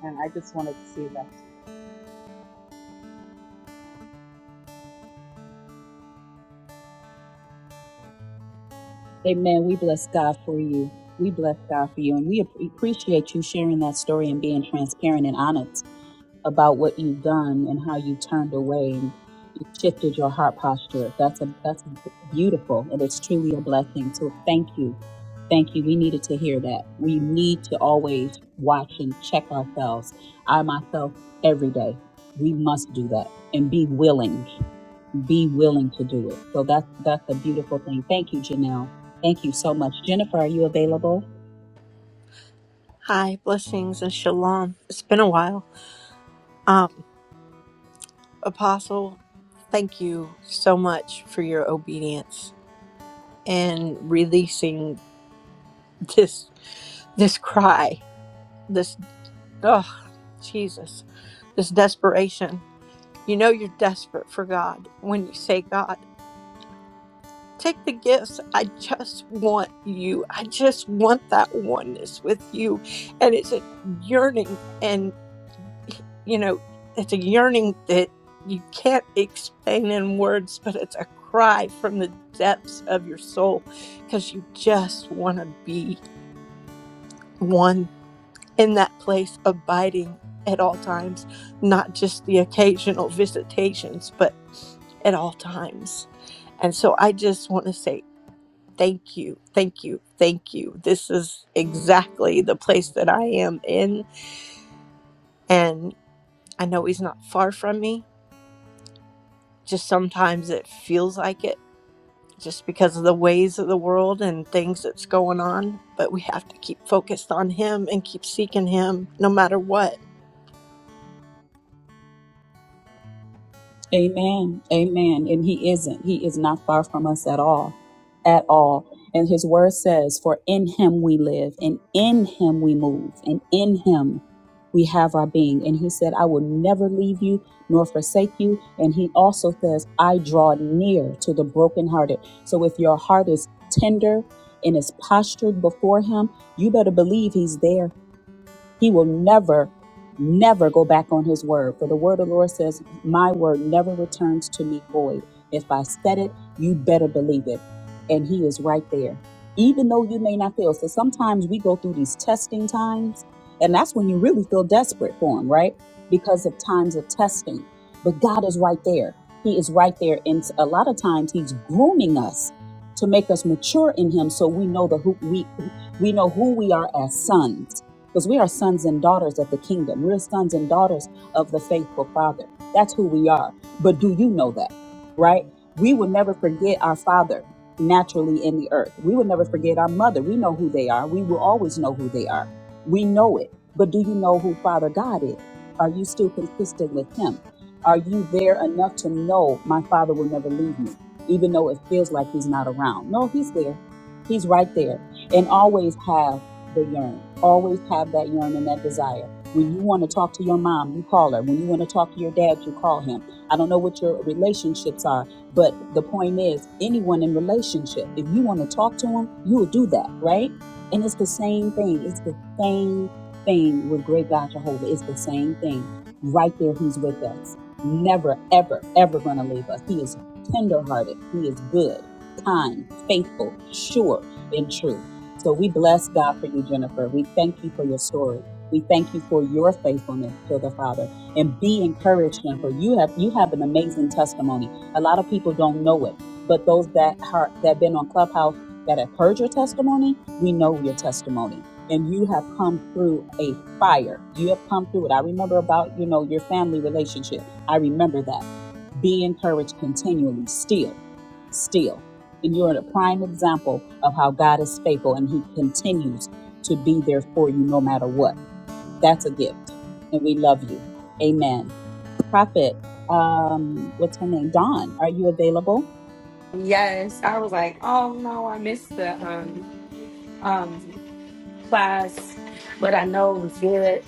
Speaker 5: And I just wanted to say that to you.
Speaker 1: Amen. We bless God for you. We bless God for you, and we ap- appreciate you sharing that story and being transparent and honest about what you've done and how you turned away and you shifted your heart posture. That's a that's beautiful and it's truly a blessing. So thank you. Thank you. We needed to hear that. We need to always watch and check ourselves. I myself every day. We must do that and be willing. Be willing to do it. So that's that's a beautiful thing. Thank you, Janelle. Thank you so much. Jennifer, are you available?
Speaker 6: Hi, blessings and shalom. It's been a while. Apostle, thank you so much for your obedience and releasing this this cry, this oh Jesus, this desperation. You know you're desperate for God when you say, God, take the gifts. I just want you. I just want that oneness with you. And it's a yearning and. you know, it's a yearning that you can't explain in words, but it's a cry from the depths of your soul because you just want to be one in that place, abiding at all times, not just the occasional visitations, but at all times. And so I just want to say thank you, thank you, thank you. This is exactly the place that I am in. And I know he's not far from me just sometimes it feels like it just because of the ways of the world and things that's going on but we have to keep focused on him and keep seeking him no matter what
Speaker 1: Amen. Amen. And he isn't. He is not far from us at all. At all. And his word says, For in him we live, and in him we move, and in him we have our being. And he said, I will never leave you nor forsake you. And he also says, I draw near to the brokenhearted. So if your heart is tender and is postured before him, you better believe he's there he will never, never go back on his word. For the word of the Lord says, My word never returns to me void. If I said it, you better believe it. And he is right there, even though you may not feel. So sometimes we go through these testing times, and that's when you really feel desperate for him, right? Because of times of testing. But God is right there. He is right there. And a lot of times he's grooming us to make us mature in him so we know the who we we know who we are as sons because we are sons and daughters of the kingdom. We're sons and daughters of the faithful Father. That's who we are. But do you know that, right? We will never forget our Father naturally in the earth. We will never forget our mother. We know who they are. We will always know who they are. We know it. But do you know who Father God is? Are you still consistent with Him? Are you there enough to know my Father will never leave me, even though it feels like He's not around? No, He's there. He's right there and always have the yearn. Always have that yearn and that desire. When you want to talk to your mom, you call her. When you want to talk to your dad, you call him. I don't know what your relationships are, but the point is, anyone in relationship, if you want to talk to him, you'll do that, right? And it's the same thing. It's the same thing with great God Jehovah. It's the same thing. Right there, he's with us. Never, ever, ever going to leave us. He is tenderhearted. He is good, kind, faithful, sure, and true. So we bless God for you, Jennifer. We thank you for your story. We thank you for your faithfulness to the Father. And be encouraged, Jennifer. You have you have an amazing testimony. A lot of people don't know it, but those that are that have been on Clubhouse that have heard your testimony, we know your testimony. And you have come through a fire. You have come through it. I remember about, you know, your family relationship. I remember that. Be encouraged continually, still, still. And you're a prime example of how God is faithful and He continues to be there for you no matter what. That's a gift. And we love you. Amen. Prophet, um, what's her name? Dawn, are you available?
Speaker 7: Yes, I was like, oh no, I missed the um um class, but I know it was good.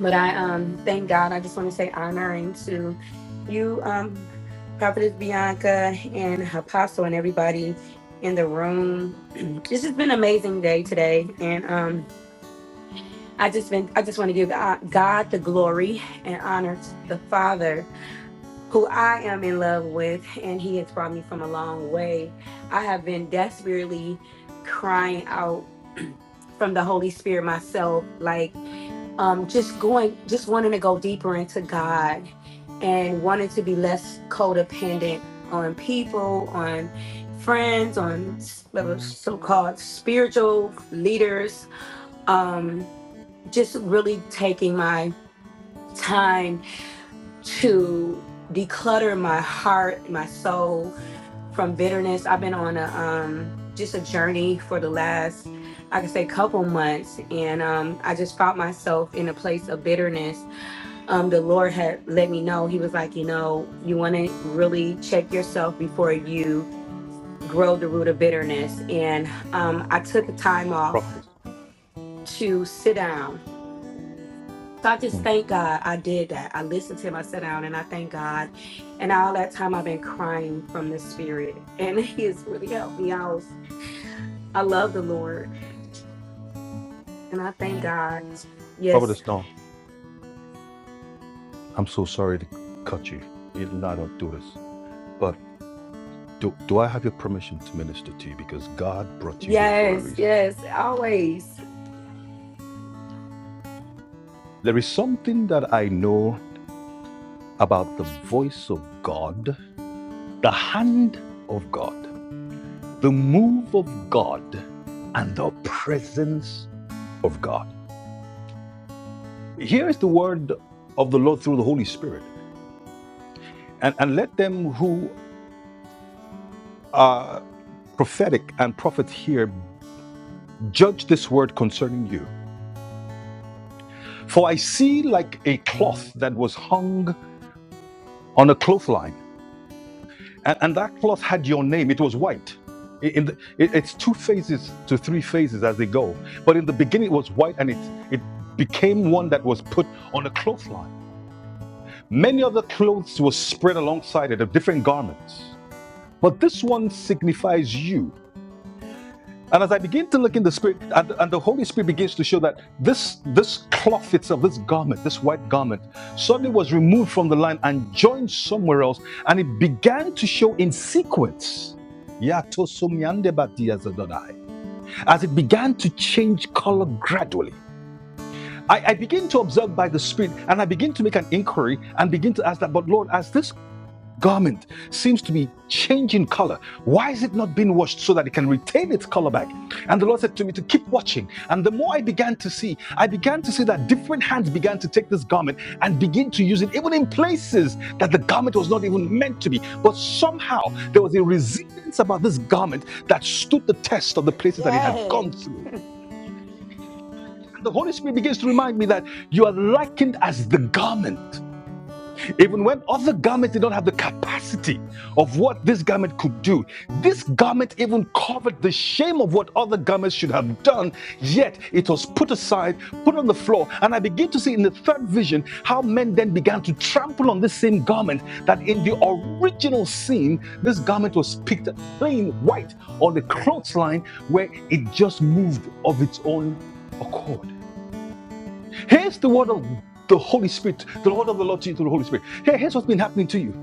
Speaker 7: But I um thank God. I just want to say honoring to you, um, Prophetess Bianca and Apostle and everybody in the room. it's just been an amazing day today, and um, I just been I just want to give uh, God the glory and honor to the Father who I am in love with, and he has brought me from a long way. I have been desperately crying out from the Holy Spirit myself, like um, just going, just wanting to go deeper into God and wanting to be less codependent on people, on friends, on so called spiritual leaders. Um, just really taking my time to declutter my heart, my soul, from bitterness. I've been on a um just a journey for the last I could say couple months and um I just found myself in a place of bitterness. Um the Lord had let me know. He was like, you know, you want to really check yourself before you grow the root of bitterness and um I took the time off
Speaker 2: Prophet.
Speaker 7: to sit down. So I just thank God I did that. I listened to him, I sat down and I thank God. And all that time I've been crying from the spirit and he has really helped me out I love the Lord and I thank God.
Speaker 2: Robert
Speaker 7: Yes.
Speaker 2: is no, I'm so sorry to cut you. You know I don't do this, but do, do I have your permission to minister to you? Because God brought you here for a
Speaker 7: Yes.
Speaker 2: reason.
Speaker 7: Yes. Always.
Speaker 2: There is something that I know about the voice of God, the hand of God, the move of God, and the presence of God. Here is the word of the Lord through the Holy Spirit. And, and let them who are prophetic and prophets here judge this word concerning you For I see like a cloth that was hung on a clothesline, and, and that cloth had your name. It was white. In the, it's two phases to three phases as they go. But in the beginning, it was white, and it it became one that was put on a clothesline. Many other clothes were spread alongside it of different garments, but this one signifies you. And as I begin to look in the spirit, and, and the Holy Spirit begins to show that this, this cloth itself, this garment, this white garment, suddenly was removed from the line and joined somewhere else, and it began to show in sequence. Yatosomiandebadiazadodai. As it began to change color gradually. I, I begin to observe by the Spirit and I begin to make an inquiry and begin to ask that, but Lord, as this garment seems to be changing color. Why is it not being washed so that it can retain its color back? And the Lord said to me to keep watching. And the more I began to see, I began to see that different hands began to take this garment and begin to use it, even in places that the garment was not even meant to be. But somehow there was a resilience about this garment that stood the test of the places that it had
Speaker 7: Yes.
Speaker 2: gone through. And the Holy Spirit begins to remind me that you are likened as the garment. Even when other garments did not have the capacity of what this garment could do, this garment even covered the shame of what other garments should have done, yet it was put aside, put on the floor. And I begin to see in the third vision how men then began to trample on this same garment that in the original scene, this garment was picked plain white on the clothesline where it just moved of its own accord. Here's the word of the Holy Spirit, the word of the Lord to you through the Holy Spirit. Here- Here's what's been happening to you.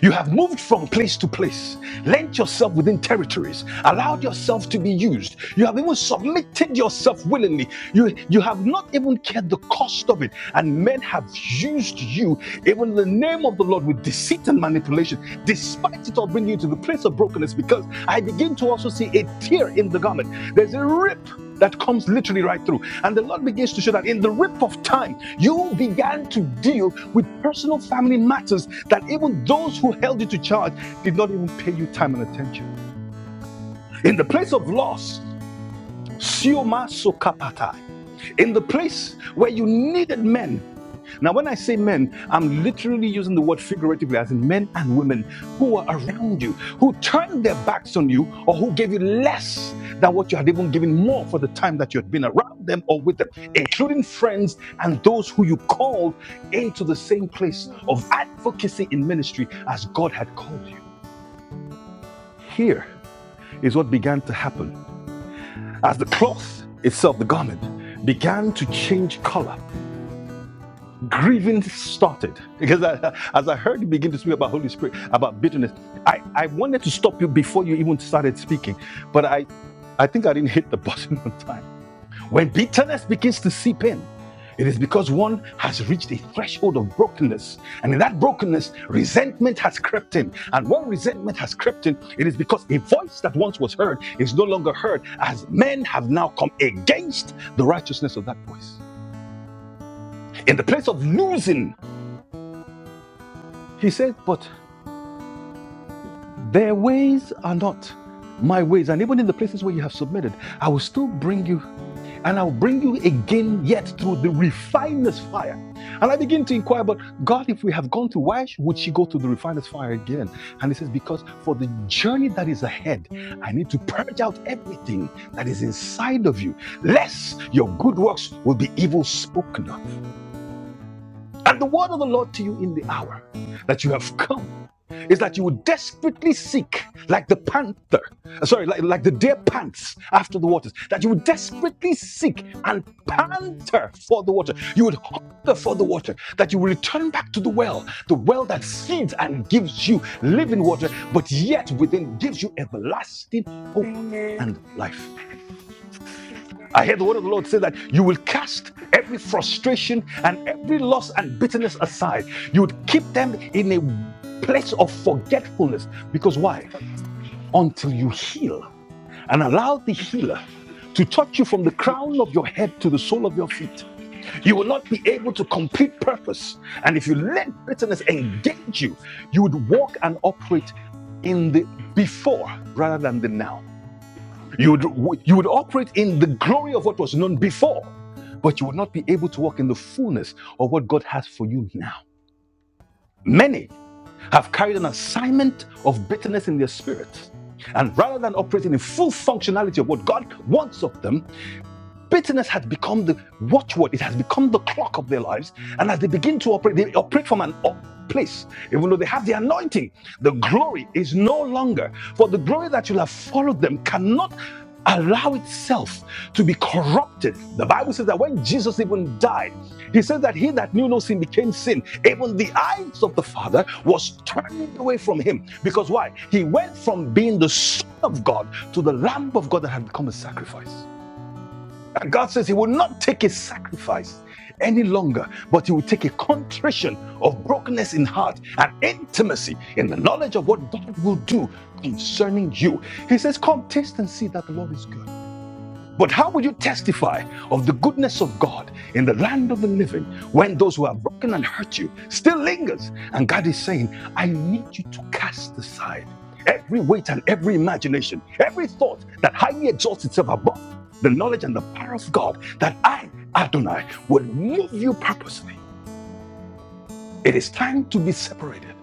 Speaker 2: You have moved from place to place, lent yourself within territories, allowed yourself to be used. You have even submitted yourself willingly. You, you have not even cared the cost of it. And men have used you, even in the name of the Lord, with deceit and manipulation, despite it all bringing you to the place of brokenness, because I begin to also see a tear in the garment. There's a rip that comes literally right through. And the Lord begins to show that in the rip of time, you began to deal with personal family matters that even those who held you to charge did not even pay you time and attention. In the place of loss, sioma sokapatai. in the place where you needed men now, when I say men, I'm literally using the word figuratively, as in men and women who were around you, who turned their backs on you, or who gave you less than what you had even given more for the time that you had been around them or with them, including friends and those who you called into the same place of advocacy in ministry as God had called you. Here is what began to happen as the cloth itself, the garment, began to change color grieving started because I, as I heard you begin to speak about Holy Spirit, about bitterness, I, I wanted to stop you before you even started speaking, but I, I think I didn't hit the button on time. When bitterness begins to seep in, it is because one has reached a threshold of brokenness. And in that brokenness, resentment has crept in. And when resentment has crept in, it is because a voice that once was heard is no longer heard, as men have now come against the righteousness of that voice. In the place of losing, he said, but Their ways are not my ways. And even in the places where you have submitted, I will still bring you, and I'll bring you again yet through the refiner's fire. And I begin to inquire, but God, if we have gone through, why would she go to the refiner's fire again? And he says, because for the journey that is ahead, I need to purge out everything that is inside of you, lest your good works will be evil spoken of. And the word of the Lord to you in the hour that you have come is that you would desperately seek, like the panther, uh, sorry, like, like the deer pants after the waters, that you would desperately seek and panter for the water. You would hunger for the water, that you would return back to the well, the well that feeds and gives you living water, but yet within gives you everlasting hope
Speaker 7: Amen.
Speaker 2: and life. I heard the word of the Lord say that you will cast every frustration and every loss and bitterness aside. You would keep them in a place of forgetfulness. Because why? Until you heal and allow the healer to touch you from the crown of your head to the sole of your feet. You will not be able to complete purpose. And if you let bitterness engage you, you would walk and operate in the before rather than the now. You would, you would operate in the glory of what was known before, but you would not be able to walk in the fullness of what God has for you now. Many have carried an assignment of bitterness in their spirits. And rather than operating in full functionality of what God wants of them, Bitterness has become the watchword, it has become the clock of their lives. And as they begin to operate, they operate from an open place, even though they have the anointing. The glory is no longer, for the glory that will have followed them cannot allow itself to be corrupted. The Bible says that when Jesus even died, he says that he that knew no sin became sin. Even the eyes of the Father was turned away from him. Because why? He went from being the Son of God to the Lamb of God that had become a sacrifice. And God says He will not take a sacrifice any longer, but He will take a contrition of brokenness in heart and intimacy in the knowledge of what God will do concerning you. He says, Come, taste and see that the Lord is good. But how will you testify of the goodness of God in the land of the living when those who have broken and hurt you still lingers? And God is saying, I need you to cast aside every weight and every imagination, every thought that highly exalts itself above the knowledge and the power of God, that I, Adonai, will move you purposely. It is time to be separated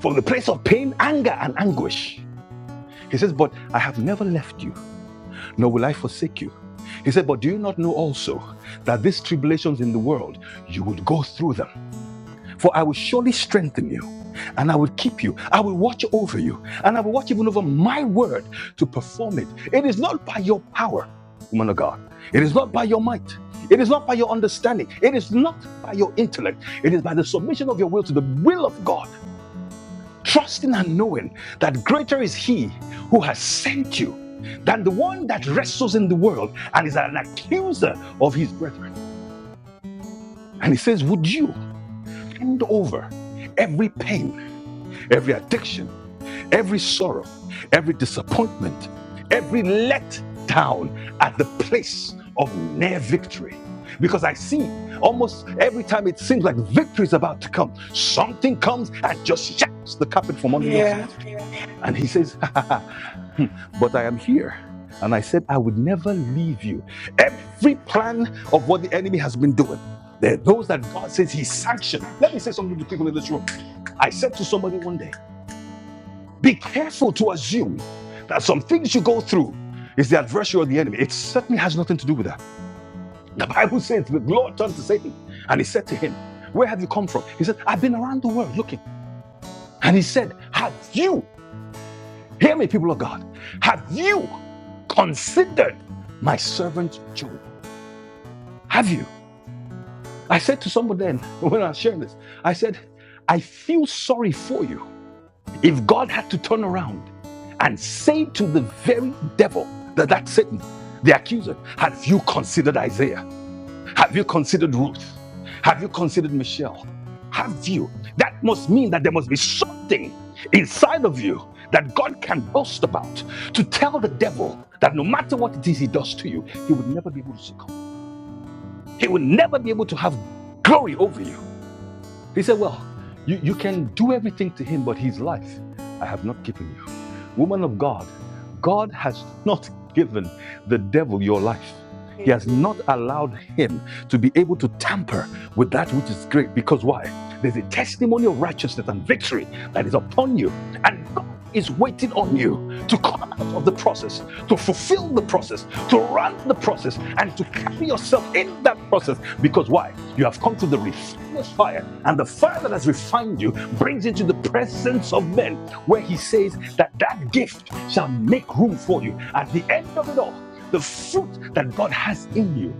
Speaker 2: from the place of pain, anger, and anguish. He says, But I have never left you, nor will I forsake you. He said, But do you not know also that these tribulations in the world, you would go through them? For I will surely strengthen you and I will keep you. I will watch over you and I will watch even over my word to perform it. It is not by your power, woman of God. It is not by your might. It is not by your understanding. It is not by your intellect. It is by the submission of your will to the will of God trusting and knowing that greater is he who has sent you than the one that wrestles in the world and is an accuser of his brethren. And he says, Would you hand over every pain, every addiction, every sorrow, every disappointment, every letdown at the place of near victory? Because I see almost every time it seems like victory is about to come, something comes and just shakes the carpet from under your feet.
Speaker 7: Yeah.
Speaker 2: And he says, "Ha ha." ha, Hmm. But I am here. And I said, I would never leave you. Every plan of what the enemy has been doing, there are those that God says he sanctioned. Let me say something to people in this room. I said to somebody one day, be careful to assume that some things you go through is the adversary or the enemy. It certainly has nothing to do with that. The Bible says the Lord turned to Satan and he said to him, Where have you come from? He said, I've been around the world looking. And he said, Have you, hear me, people of God, have you considered my servant Job. Have you? I said to someone then when I was sharing this, I said, I feel sorry for you. If God had to turn around and say to the very devil that that's Satan, the accuser, have you considered Isaiah? Have you considered Ruth? Have you considered Michelle? Have you? That must mean that there must be something inside of you that God can boast about to tell the devil that no matter what it is he does to you, he would never be able to He will never be able to have glory over you. He said, Well, you, you can do everything to him, but his life I have not given you. Woman of God, God has not given the devil your life. He has not
Speaker 7: Amen.
Speaker 2: allowed him to be able to tamper with that which is great. Because why? There's a testimony of righteousness and victory that is upon you. And God is waiting on you to come out of the process, to fulfill the process, to run the process, and to carry yourself in that process. Because why? You have come to the refiner's fire, and the fire that has refined you brings into the presence of men where he says that that gift shall make room for you. At the end of it all, the fruit that God has in you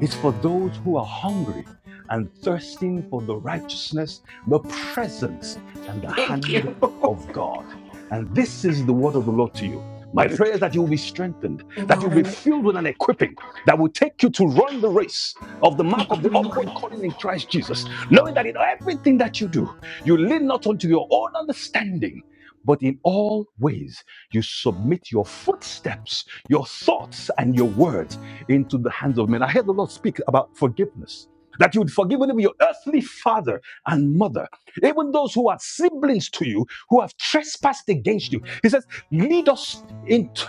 Speaker 2: it's for those who are hungry and thirsting for the righteousness, the presence, and the
Speaker 7: Thank
Speaker 2: hand
Speaker 7: you.
Speaker 2: of God. And this is the word of the Lord to you. My prayer is that you will be strengthened, that you'll be
Speaker 7: Amen.
Speaker 2: filled with an equipping that will take you to run the race of the mark of the upward calling in Christ Jesus, knowing that in everything that you do, you lean not unto your own understanding, but in all ways you submit your footsteps, your thoughts, and your words into the hands of men. I heard the Lord speak about forgiveness. That you would forgive even your earthly father and mother, even those who are siblings to you, who have trespassed against you. He says, Lead us into,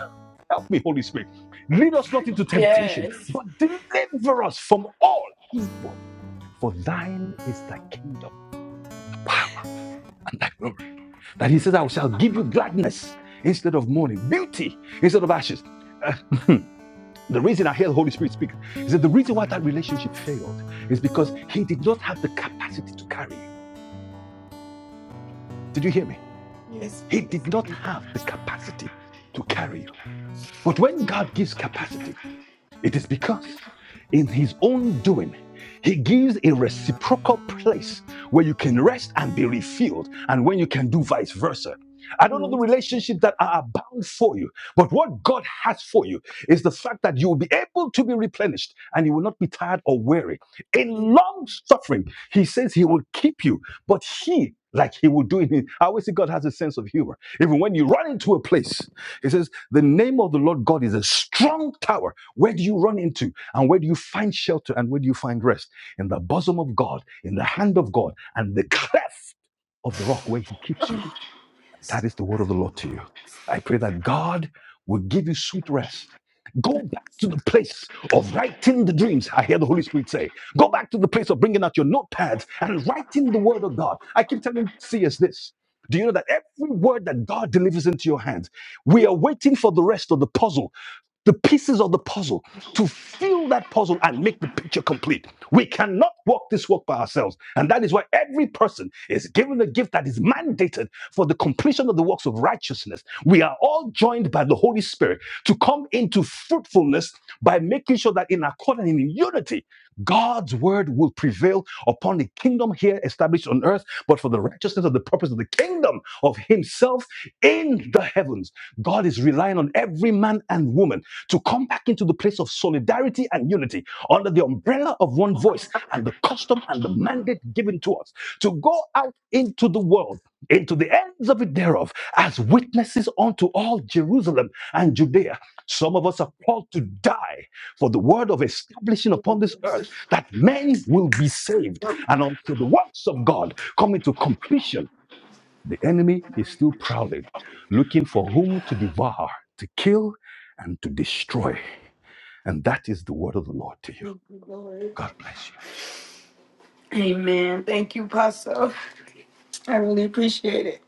Speaker 2: help me, Holy Spirit, lead us not into temptation,
Speaker 7: Yes.
Speaker 2: but deliver us from all evil. For thine is thy kingdom, the power, and thy glory. That he says, I shall give you gladness instead of mourning, beauty instead of ashes. Uh, The reason I hear the Holy Spirit speak is that the reason why that relationship failed is because he did not have the capacity to carry you. Did you hear me?
Speaker 7: yes.
Speaker 2: He did not have the capacity to carry you. But when God gives capacity, It is because in his own doing, he gives a reciprocal place where you can rest and be refilled, and when you can do vice versa. I don't know
Speaker 7: Yes.
Speaker 2: the relationships that are bound for you, but what God has for you is the fact that you will be able to be replenished and you will not be tired or weary. In long suffering, he says he will keep you, but he, like he will do it. I always say God has a sense of humor. Even when you run into a place, he says, The name of the Lord God is a strong tower where do you run into? And where do you find shelter? And where do you find rest? In the bosom of God, in the hand of God, and the cleft of the rock where He keeps you. And That is the word of the Lord to you. I pray that God will give you sweet rest. Go back to the place of writing the dreams. I hear the Holy Spirit say, Go back to the place of bringing out your notepads and writing the word of God. I keep telling CS this. Do you know that every word that God delivers into your hands, we are waiting for the rest of the puzzle the pieces of the puzzle to fill that puzzle and make the picture complete. We cannot walk this walk by ourselves. And that is why every person is given a gift that is mandated for the completion of the works of righteousness. We are all joined by the Holy Spirit to come into fruitfulness by making sure that in accord and in unity, God's word will prevail upon the kingdom here established on earth, but for the righteousness of the purpose of the kingdom of Himself in the heavens. God is relying on every man and woman to come back into the place of solidarity and unity under the umbrella of one voice and the custom and the mandate given to us to go out into the world, into the ends of it thereof, as witnesses unto all Jerusalem and Judea. Some of us are called to die for the word of establishing upon this earth that men will be saved and until the works of God come into completion. The enemy is still prowling, looking for whom to devour, to kill, and to destroy. And that is the word of the Lord to you.
Speaker 7: Thank you, Lord.
Speaker 2: God bless you.
Speaker 7: Amen. Thank you, Pastor. I really appreciate it.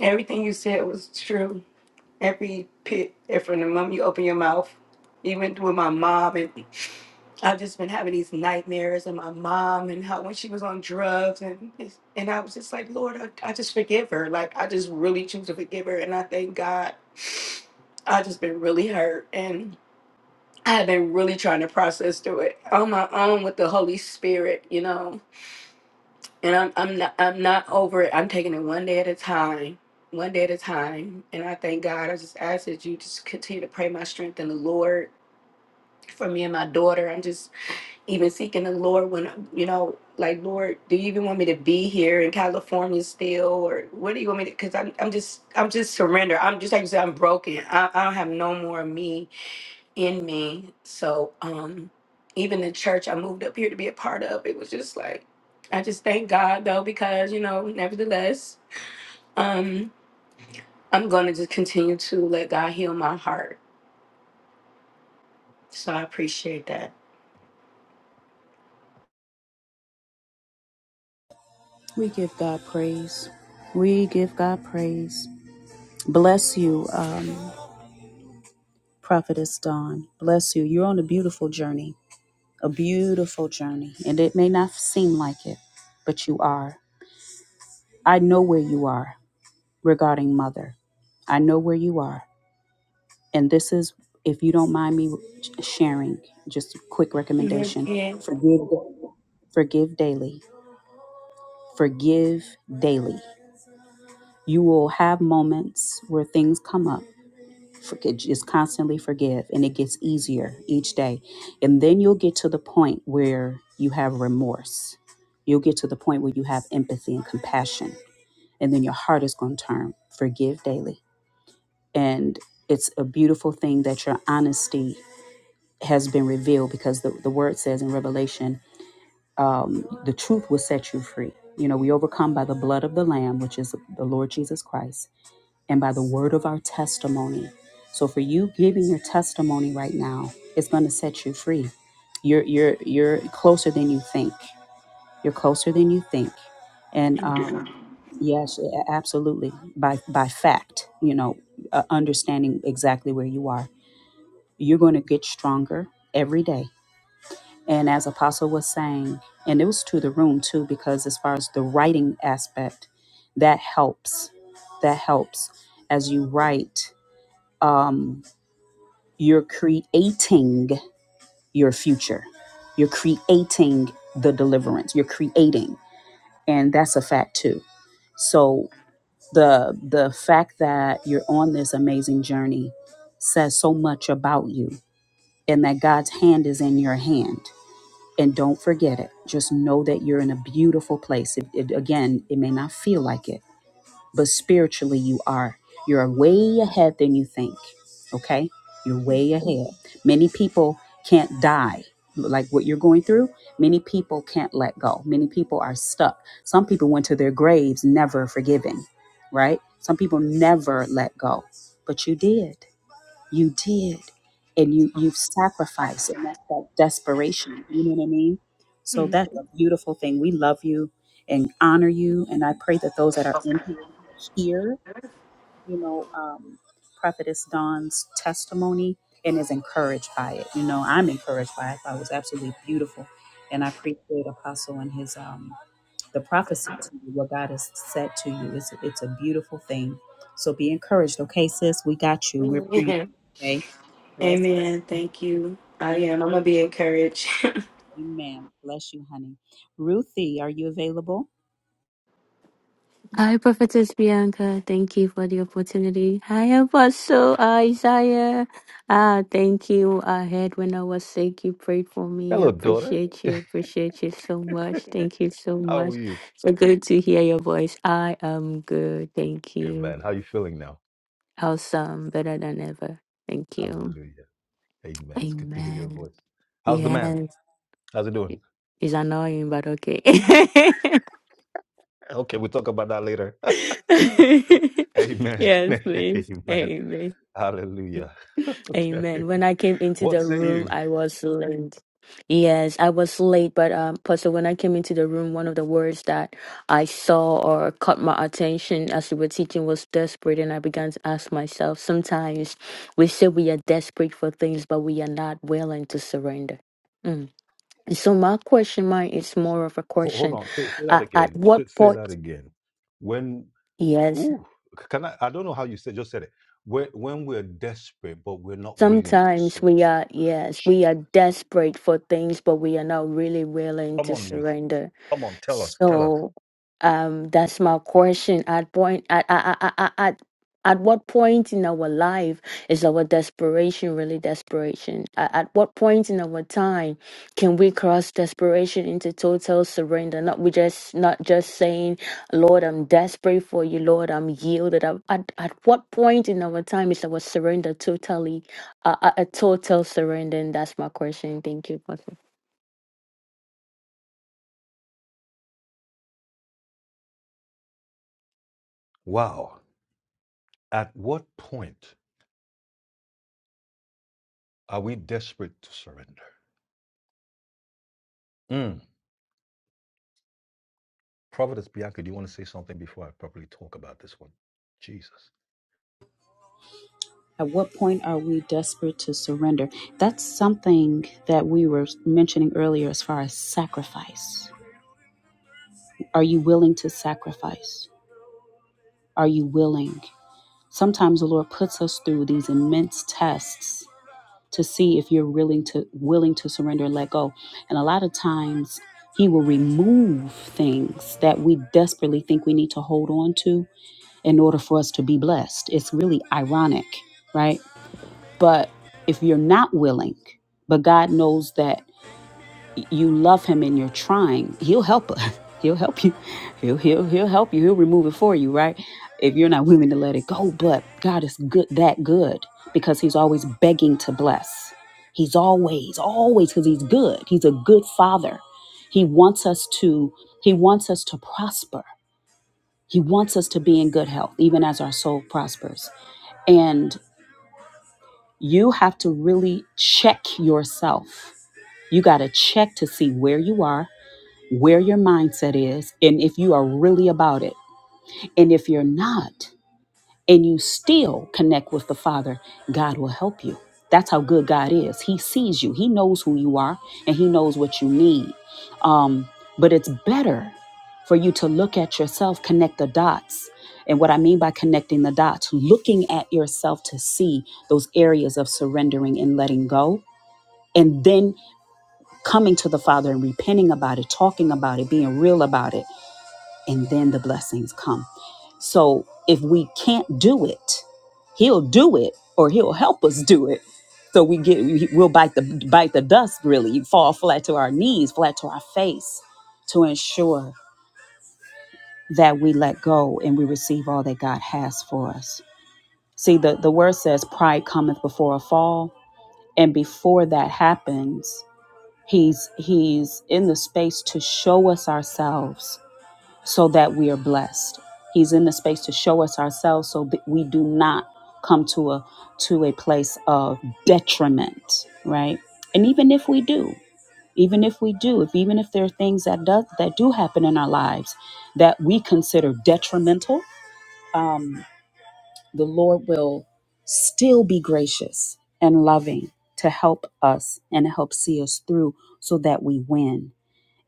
Speaker 7: Everything you said was true. Every pit, and from the moment you open your mouth, even with my mom, and. I've just been having these nightmares of my mom and how when she was on drugs and and I was just like, Lord, I, I just forgive her. Like I just really choose to forgive her and I thank God. I just been really hurt and I have been really trying to process through it on my own with the Holy Spirit, you know. And I'm I'm not I'm not over it. I'm taking it one day at a time. One day at a time. And I thank God. I just ask that you just continue to pray my strength in the Lord for me and my daughter. I'm just even seeking the Lord when you know, like, Lord, do you even want me to be here in California still, or what do you want me to? Because I'm, I'm just, I'm just surrender. I'm just like you said, I'm broken. I, I don't have no more of me in me. So, um, even the church I moved up here to be a part of, it was just like, I just thank God though, because you know, nevertheless, um, I'm gonna just continue to let God heal my heart. So I appreciate that.
Speaker 1: We give God praise. We give God praise. Bless you, um, Prophetess Dawn. Bless you. You're on a beautiful journey, a beautiful journey. And it may not seem like it, but you are. I know where you are. regarding mother. I know where you are. And this is, if you don't mind me sharing, just a quick
Speaker 7: Yeah.
Speaker 1: recommendation
Speaker 7: yeah.
Speaker 1: forgive, forgive daily. Forgive daily. You will have moments where things come up. Forgive, just constantly forgive, and it gets easier each day. And then you'll get to the point where you have remorse. You'll get to the point where you have empathy and compassion. And then your heart is going to turn. Forgive daily and it's a beautiful thing that your honesty has been revealed because the, the word says in revelation um, the truth will set you free you know we overcome by the blood of the lamb which is the lord jesus christ and by the word of our testimony so for you giving your testimony right now it's going to set you free you're you're you're closer than you think you're closer than you think. And um, yes, a- absolutely. By by fact, you know, uh, understanding exactly where you are, you're going to get stronger every day. And as Apostle was saying, and it was to the room too, because as far as the writing aspect, that helps. That helps as you write. Um, you're creating your future. You're creating the deliverance. You're creating. and that's a fact too. So the the fact that you're on this amazing journey says so much about you and that God's hand is in your hand. And don't forget it. Just know that you're in a beautiful place. It, it- again, it may not feel like it but spiritually you are. You're way ahead than you think. Okay? You're way ahead. Many people can't die like what you're going through. Many people can't let go. Many people are stuck. Some people went to their graves never forgiving, right? Some people never let go, but you did you did and you you've sacrificed and that's that desperation you know what i mean so
Speaker 7: Mhm.
Speaker 1: that's a beautiful thing we love you and honor you and i pray that those that are in here hear you know um prophetess dawn's testimony and is encouraged by it you know i'm encouraged by it i thought it was absolutely beautiful and i appreciate apostle and his um the prophecy to you what god has said to you it's, it's a beautiful thing so be encouraged okay sis we got you we're praying for you, okay Bless
Speaker 7: Amen. Thank you. I
Speaker 1: you.
Speaker 7: am. I'm gonna be encouraged.
Speaker 1: Amen. Bless you, honey. Ruthie, are you available?
Speaker 8: Hi, Prophetess Bianca. Thank you for the opportunity. Hi, Apostle Isaiah. Ah, thank you. I heard when I was sick, you prayed for me. I
Speaker 2: Hello, daughter.
Speaker 8: appreciate you. Appreciate you so much. Thank you so
Speaker 2: How are
Speaker 8: much.
Speaker 2: you?
Speaker 8: So good to hear your voice. I am good. Thank you.
Speaker 2: Amen. How are you feeling now?
Speaker 8: Awesome. Better than ever. Thank you.
Speaker 2: Hallelujah. Hey, your
Speaker 8: Amen.
Speaker 2: voice. How's the man?
Speaker 8: Yes.
Speaker 2: How's it doing?
Speaker 8: It's annoying, but okay.
Speaker 2: Okay, we'll talk about it. Amen.
Speaker 8: yes, please.
Speaker 2: Amen.
Speaker 8: Amen.
Speaker 2: Hallelujah. Okay.
Speaker 8: Amen. When I came into
Speaker 2: What
Speaker 8: the
Speaker 2: say
Speaker 8: room,
Speaker 2: you?
Speaker 8: I was late. Yes, I was late, but um, Pastor, when I came into the room, one of the words that I saw or caught my attention as you were teaching was desperate, and I began to ask myself, sometimes we say we are desperate for things, but we are not willing to surrender. Mm. So my question, mine is more of a
Speaker 2: Ho- Hold
Speaker 8: question.
Speaker 2: on. Say, say that
Speaker 8: Uh, at
Speaker 2: again.
Speaker 8: what
Speaker 2: Say, say
Speaker 8: point?
Speaker 2: that again. When,
Speaker 8: Yes.
Speaker 2: ooh, can I? I don't know how you said, just said it. When, when we're desperate, but we're not willing to
Speaker 8: Sometimes
Speaker 2: sow.
Speaker 8: we are, yes, we are desperate for things, but we are not really willing
Speaker 2: Come
Speaker 8: to
Speaker 2: on, Ruth.
Speaker 8: surrender.
Speaker 2: Come on, tell us. Tell us.
Speaker 8: So um, that's my question. At point, at, at, at, at, at at what point in our life is our desperation really desperation? At, at what point in our time can we cross desperation into total surrender? Not we just not just saying, Lord, I'm desperate for you. Lord, I'm yielded. At, at, at what point in our time is our surrender totally a, a, a total surrender? And that's my question. Thank you.
Speaker 2: Wow. At what point? Are we desperate to surrender? Mm. Prophetess Bianca, do you want to say something before I properly talk about this one? Jesus.
Speaker 1: At what point are we desperate to surrender? That's something that we were mentioning earlier as far as sacrifice. Are you willing to sacrifice? Are you willing? Sometimes the Lord puts us through these immense tests to see if you're willing to willing to surrender and let go. And a lot of times he will remove things that we desperately think we need to hold on to in order for us to be blessed. It's really ironic, right? But if you're not willing, but God knows that you love him and you're trying, he'll help us. He'll help you. He'll he'll he'll help you. He'll remove it for you, right? If you're not willing to let it go, but God is good that good because he's always begging to bless. He's always always cuz he's good. He's a good father. He wants us to he wants us to prosper. He wants us to be in good health even as our soul prospers. And you have to really check yourself. You got to check to see where you are, where your mindset is, and if you are really about it. And if you're not, and you still connect with the Father, God will help you. That's how good God is. He sees you, He knows who you are, and He knows what you need. Um, but it's better for you to look at yourself, connect the dots. And what I mean by connecting the dots, looking at yourself to see those areas of surrendering and letting go. And then coming to the Father and repenting about it, talking about it, being real about it, and then the blessings come. So if we can't do it, he'll do it or he'll help us do it. So we get we'll bite the bite the dust really, fall flat to our knees, flat to our face to ensure that we let go and we receive all that God has for us. See the the word says pride cometh before a fall and before that happens, he's he's in the space to show us ourselves so that we are blessed. He's in the space to show us ourselves so that we do not come to a to a place of detriment, right? And even if we do, even if we do, if even if there are things that does that do happen in our lives that we consider detrimental, um, the Lord will still be gracious and loving to help us and help see us through so that we win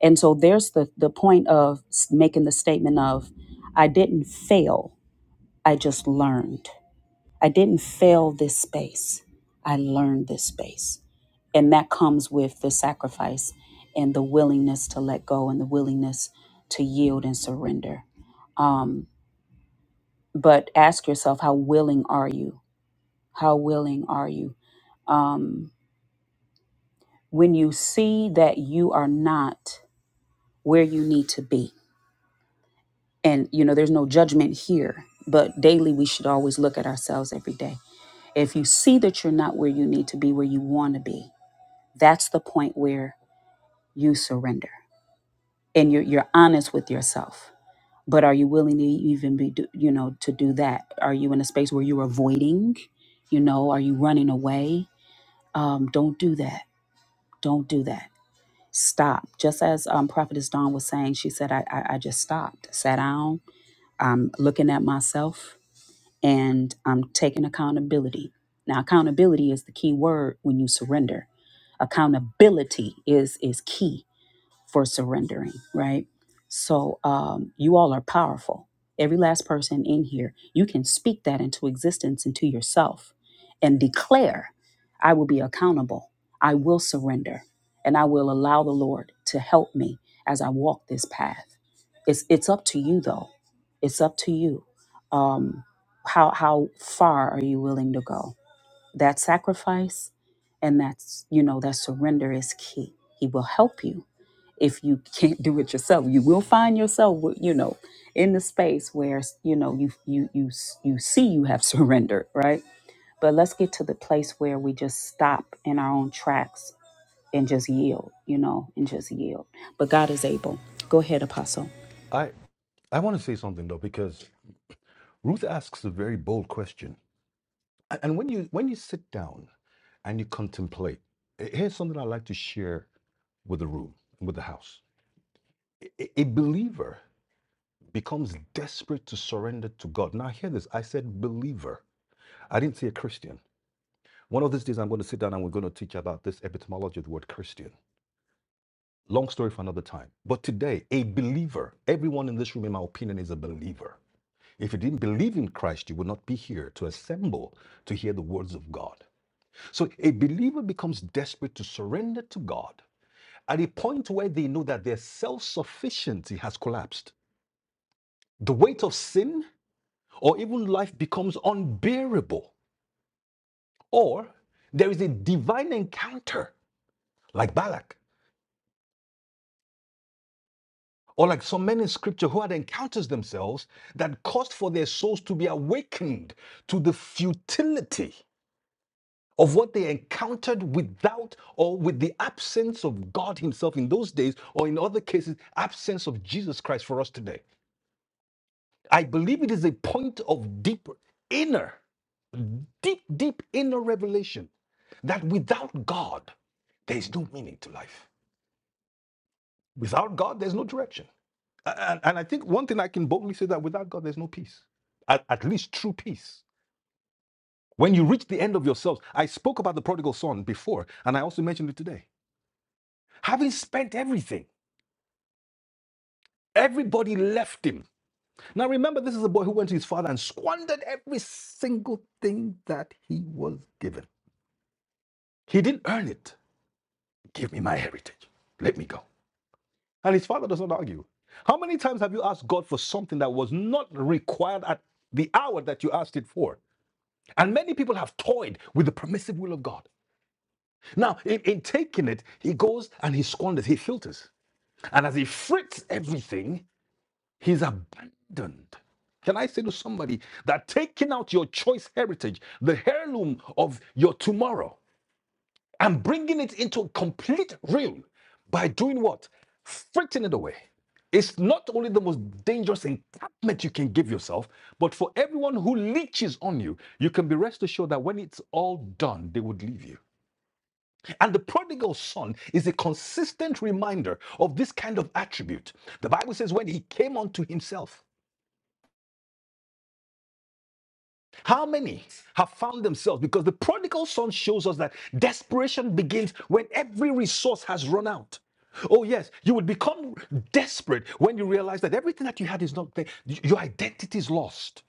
Speaker 1: and so there's the the point of s- making the statement of I didn't fail, I just learned. I didn't fail this space. I learned this space. And that comes with the sacrifice and the willingness to let go and the willingness to yield and surrender. Um, but ask yourself, how willing are you? How willing are you? Um, when you see that you are not where you need to be, and you know there's no judgment here but daily we should always look at ourselves every day if you see that you're not where you need to be where you want to be that's the point where you surrender and you're, you're honest with yourself but are you willing to even be do- you know to do that are you in a space where you're avoiding you know are you running away um, don't do that don't do that stop just as um, prophetess dawn was saying she said I, I, I just stopped sat down i'm looking at myself and I'm taking accountability. Now, accountability is the key word when you surrender. Accountability is is key for surrendering, right? So um, you all are powerful. Every last person in here, you can speak that into existence into yourself and declare, I will be accountable. I will surrender and I will allow the Lord to help me as I walk this path. It's, it's up to you, though. It's up to you. Um, how, how far are you willing to go? That sacrifice and that's, you know, that surrender is key. He will help you if you can't do it yourself you will find yourself w- you know in the space where you know you you you s- you see you have surrendered right but let's get to the place where we just stop in our own tracks and just yield you know and just yield but god is able go ahead apostle
Speaker 2: I, I want to say something though, because Ruth asks a very bold question. A- And when you when you sit down and you contemplate, eh, here's something I like to share with the room, with the house. A a- a believer becomes desperate to surrender to God. Now hear this. I said believer. I didn't say a Christian. One of these days I'm going to sit down and we're going to teach about this etymology of the word Christian Long story for another time. But today, a believer, everyone in this room, in my opinion, is a believer. If you didn't believe in Christ, you would not be here to assemble to hear the words of God. So a believer becomes desperate to surrender to God at a point where they know that their self sufficiency has collapsed. The weight of sin or even life becomes unbearable, or there is a divine encounter like Balak Or like so many in scripture who had encounters themselves that caused for their souls to be awakened to the futility of what they encountered without or with the absence of God Himself in those days, or in other cases, absence of Jesus Christ for us today. I believe it is a point of deep inner, deep, deep inner revelation that without God, there is no meaning to life. Without God, there's no direction. And, and I think one thing I can boldly say that without God, there's no peace, at, at least true peace. When you reach the end of yourselves, I spoke about the prodigal son before, and I also mentioned it today. Having spent everything, everybody left him. Now remember, this is a boy who went to his father and squandered every single thing that he was given. He didn't earn it. Give me my heritage. Let me go. And his father does not argue. How many times have you asked God for something that was not required at the hour that you asked it for? And many people have toyed with the permissive will of God. Now, in, in taking it, he goes and he squanders, he filters. And as he frits everything, he's abandoned. Can I say to somebody that taking out your choice heritage, the heirloom of your tomorrow, I'm bringing it into complete real by doing what? Fritting it away. It's not only the most dangerous encampment you can give yourself, but for everyone who leeches on you, you can be rest assured that when it's all done, they would leave you. And the prodigal son is a consistent reminder of this kind of attribute. The Bible says, when he came unto himself, How many have found themselves? Because the prodigal son shows us that desperation begins when every resource has run out. Oh, yes, you would become desperate when you realize that everything that you had is not there. Your identity is lost.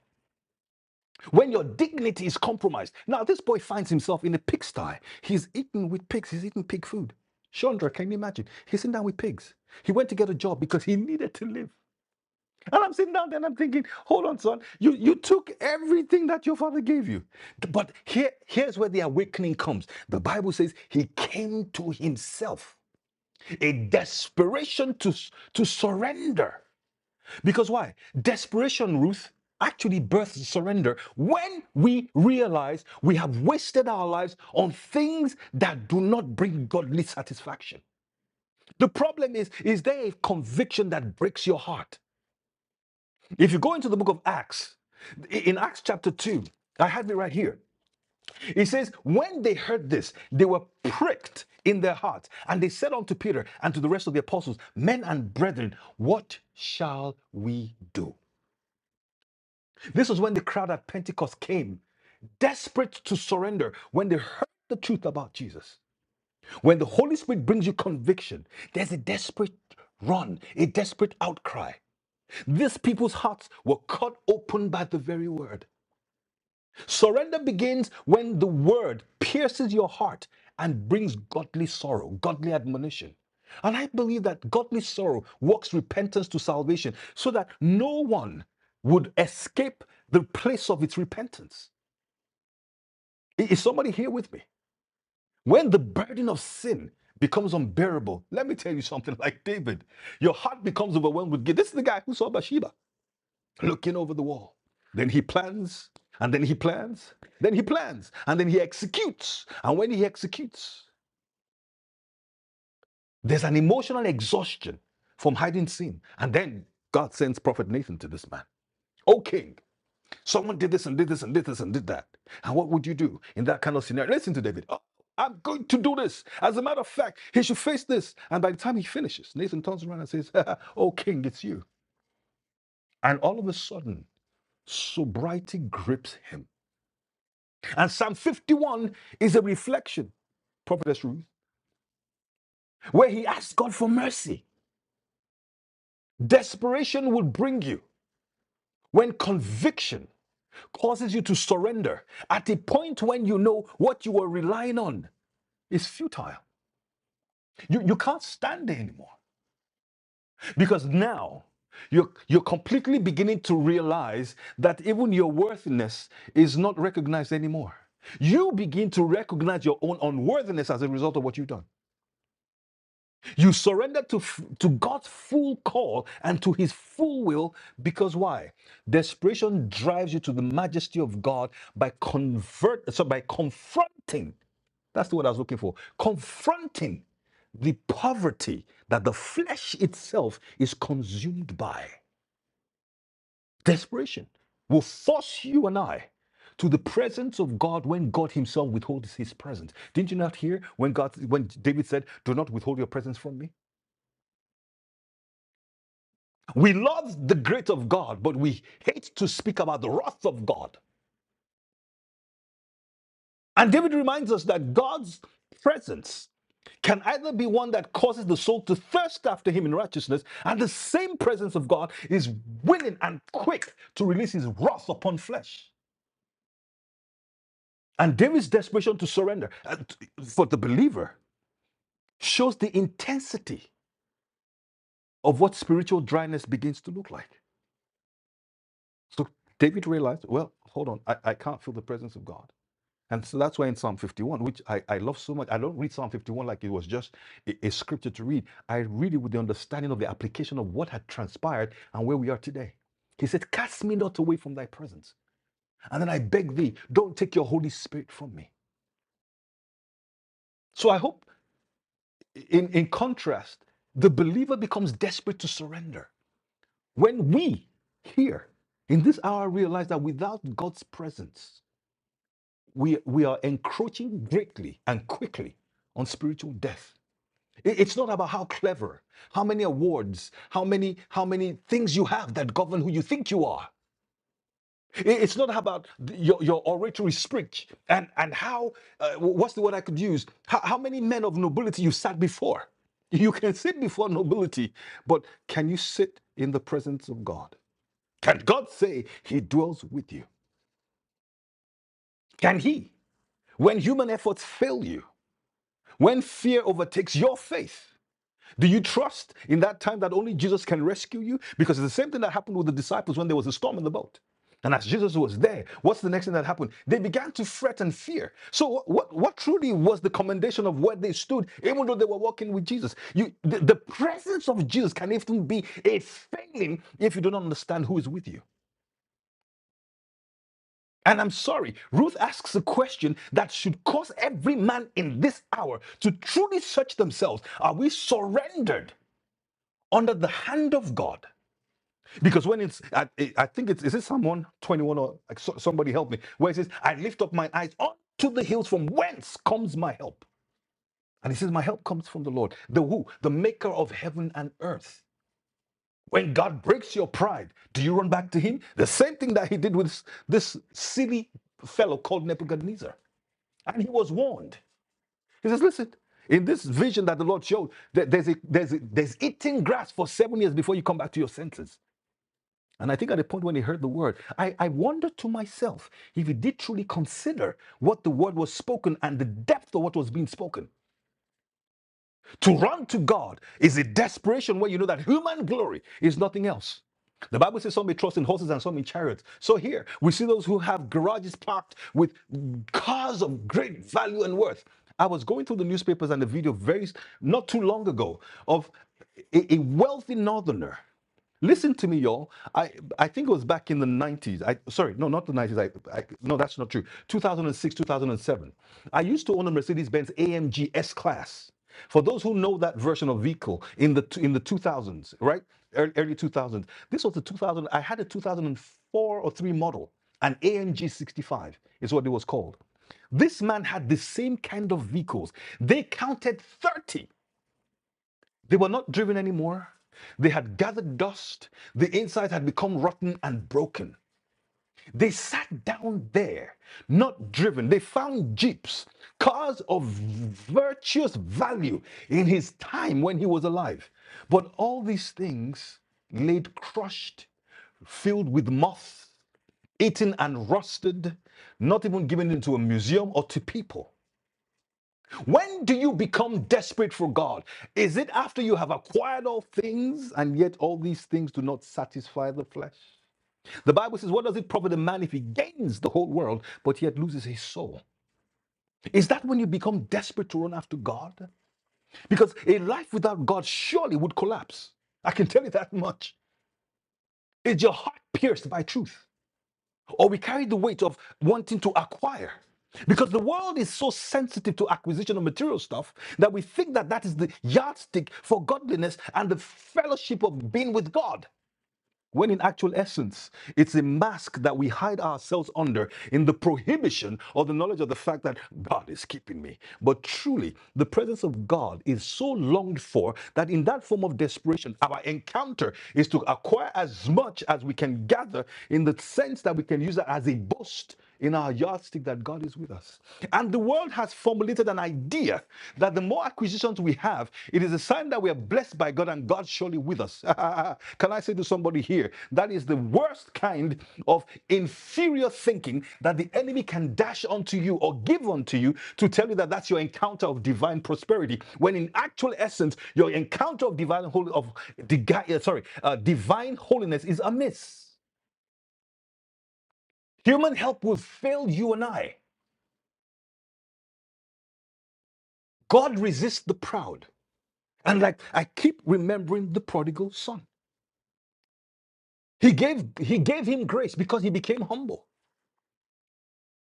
Speaker 2: When your dignity is compromised. Now, this boy finds himself in a pigsty. He's eaten with pigs, he's eating pig food. Chandra, can you imagine? He's sitting down with pigs. He went to get a job because he needed to live. And I'm sitting down there and I'm thinking, hold on, son, you, you took everything that your father gave you. But here, here's where the awakening comes. The Bible says he came to himself, a desperation to, to surrender. Because why? Desperation, Ruth, actually births surrender when we realize we have wasted our lives on things that do not bring godly satisfaction. The problem is, is there a conviction that breaks your heart? If you go into the book of Acts, in Acts chapter 2, I have it right here. It says, When they heard this, they were pricked in their hearts, and they said unto Peter and to the rest of the apostles, Men and brethren, what shall we do? This was when the crowd at Pentecost came, desperate to surrender, when they heard the truth about Jesus. When the Holy Spirit brings you conviction, there's a desperate run, a desperate outcry. These people's hearts were cut open by the very word. Surrender begins when the word pierces your heart and brings godly sorrow, godly admonition. And I believe that godly sorrow works repentance to salvation so that no one would escape the place of its repentance. Is somebody here with me? When the burden of sin becomes unbearable, let me tell you something like David, your heart becomes overwhelmed with guilt. This is the guy who saw Bathsheba looking over the wall. Then he plans, and then he plans, then he plans, and then he executes. And when he executes, there's an emotional exhaustion from hiding sin. And then God sends Prophet Nathan to this man. Oh, king, someone did this and did this and did this and did that. And what would you do in that kind of scenario? Listen to David. "Oh, I'm going to do this. As a matter of fact, he should face this. And by the time he finishes, Nathan turns around and says, Oh, king, it's you. And all of a sudden, sobriety grips him And Psalm 51 is a reflection, Prophetess Ruth, where he asks God for mercy. Desperation will bring you when conviction causes you to surrender at a point when you know what you were relying on is futile. You, you can't stand it anymore because now you're, you're completely beginning to realize that even your worthiness is not recognized anymore. You begin to recognize your own unworthiness as a result of what you've done. You surrender to, to God's full call and to his full will because why? Desperation drives you to the majesty of God by convert so by confronting. That's the word I was looking for. Confronting the poverty that the flesh itself is consumed by. Desperation will force you and I to the presence of God when God Himself withholds His presence. Didn't you not hear when God when David said, Do not withhold your presence from me? We love the great of God, but we hate to speak about the wrath of God. And David reminds us that God's presence can either be one that causes the soul to thirst after him in righteousness, and the same presence of God is willing and quick to release his wrath upon flesh. And David's desperation to surrender uh, for the believer shows the intensity of what spiritual dryness begins to look like. So David realized, well, hold on, I, I can't feel the presence of God. And so that's why in Psalm 51, which I, I love so much, I don't read Psalm 51 like it was just a, a scripture to read. I read it with the understanding of the application of what had transpired and where we are today. He said, Cast me not away from thy presence. And then I beg thee, don't take your Holy Spirit from me. So I hope, in, in contrast, the believer becomes desperate to surrender. When we here in this hour realize that without God's presence, we, we are encroaching greatly and quickly on spiritual death It's not about how clever, how many awards, how many how many things you have that govern who you think you are. It's not about your, your oratory speech and and how uh, what's the word I could use? How, how many men of nobility you sat before? You can sit before nobility, but can you sit in the presence of God? Can God say He dwells with you? Can He, when human efforts fail you, when fear overtakes your faith? Do you trust in that time that only Jesus can rescue you? Because it's the same thing that happened with the disciples when there was a storm in the boat. And as Jesus was there, what's the next thing that happened? They began to fret and fear. So what, what, truly was the commendation of where they stood, even though they were walking with Jesus? You, the, the presence of Jesus can even be a failing if you don't understand who is with you. And I'm sorry, Ruth asks a question that should cause every man in this hour to truly search themselves. Are we surrendered under the hand of God? Because when it's, I, I think it's, is it someone 21 or like, so, somebody help me, where it says, I lift up my eyes unto the hills from whence comes my help. And he says, My help comes from the Lord, the who, the maker of heaven and earth. When God breaks your pride, do you run back to him? The same thing that he did with this silly fellow called Nebuchadnezzar. And he was warned. He says, Listen, in this vision that the Lord showed, there's, a, there's, a, there's eating grass for seven years before you come back to your senses. And I think at the point when he heard the word, I, I wondered to myself if he did truly consider what the word was spoken and the depth of what was being spoken. To run to God is a desperation where you know that human glory is nothing else. The Bible says some may trust in horses and some in chariots. So here we see those who have garages parked with cars of great value and worth. I was going through the newspapers and the video very not too long ago of a a wealthy northerner Listen to me, y'all. I I think it was back in the 90s. I sorry, no, not the 90s. I, I no, that's not true. 2006, 2007. I used to own a Mercedes-Benz AMG S-Class. For those who know that version of vehicle in the in the 2000s, right? Early 2000s. This was the 2000. I had a 2004 or 3 model, an AMG 65 is what it was called. This man had the same kind of vehicles. They counted 30 they were not driven anymore. They had gathered dust. The inside had become rotten and broken. They sat down there, not driven. They found jeeps, cars of virtuous value in his time when he was alive. But all these things laid crushed, filled with moth, eaten and rusted, not even given into a museum or to people. When do you become desperate for God? Is it after you have acquired all things and yet all these things do not satisfy the flesh? The Bible says, What does it profit a man if he gains the whole world but yet loses his soul? Is that when you become desperate to run after God? Because a life without God surely would collapse. I can tell you that much. Is your heart pierced by truth? or we carry the weight of wanting to acquire. Because the world is so sensitive to acquisition of material stuff that we think that that is the yardstick for godliness and the fellowship of being with God. When in actual essence, it's a mask that we hide ourselves under in the prohibition or the knowledge of the fact that God is keeping me. But truly, the presence of God is so longed for that in that form of desperation, our encounter is to acquire as much as we can gather in the sense that we can use it as a boast in our yardstick that God is with us. And the world has formulated an idea idea that the more acquisitions we have, it is a sign that we are blessed by God and God surely with us. Can I say to somebody here, that is the worst kind of inferior thinking that the enemy can dash onto you or give onto you to tell you that that's your encounter of divine prosperity, when in actual essence, your encounter of divine holy of uh, sorry, uh, divine holiness is amiss. Human help will fail you and I. God resists the proud. And like I keep remembering the prodigal son. He gave he gave him grace because he became humble.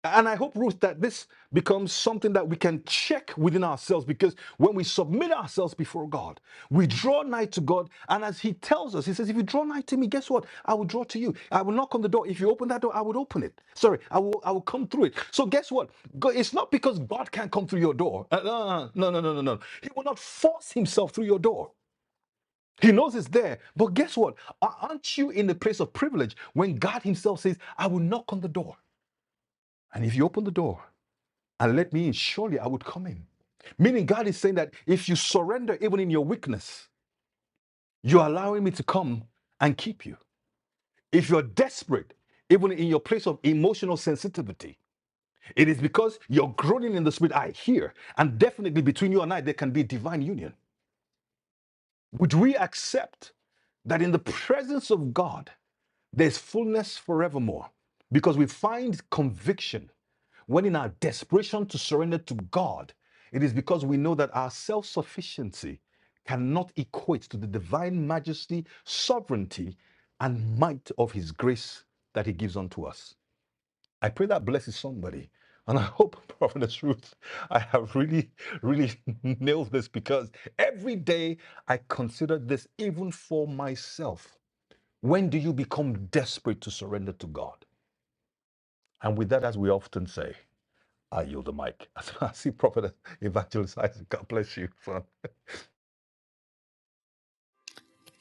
Speaker 2: And I hope, Ruth, that this becomes something that we can check within ourselves because when we submit ourselves before God, we draw nigh to God. And as He tells us, He says, If you draw nigh to me, guess what? I will draw to you. I will knock on the door. If you open that door, I would open it. Sorry, I will, I will come through it. So, guess what? Go- It's not because God can't come through your door. Uh, No, no, no, no, no. no. He will not force Himself through your door. He knows it's there. But guess what? Aren't you in a place of privilege when God Himself says, I will knock on the door? And if you open the door and let me in, surely I would come in. Meaning, God is saying that if you surrender even in your weakness, you're allowing me to come and keep you. If you're desperate, even in your place of emotional sensitivity, it is because you're groaning in the spirit. I hear. And definitely between you and I, there can be divine union. Would we accept that in the presence of God, there's fullness forevermore because we find conviction when in our desperation to surrender to God. It is because we know that our self sufficiency cannot equate to the divine majesty, sovereignty, and might of His grace that He gives unto us. I pray that blesses somebody. And I hope, Prophetess Ruth, I have really, really nailed this because every day I consider this even for myself when do you become desperate to surrender to God? And with that, as we often say, I yield the mic. I see Prophet Evangelist Isaac. God bless you, son.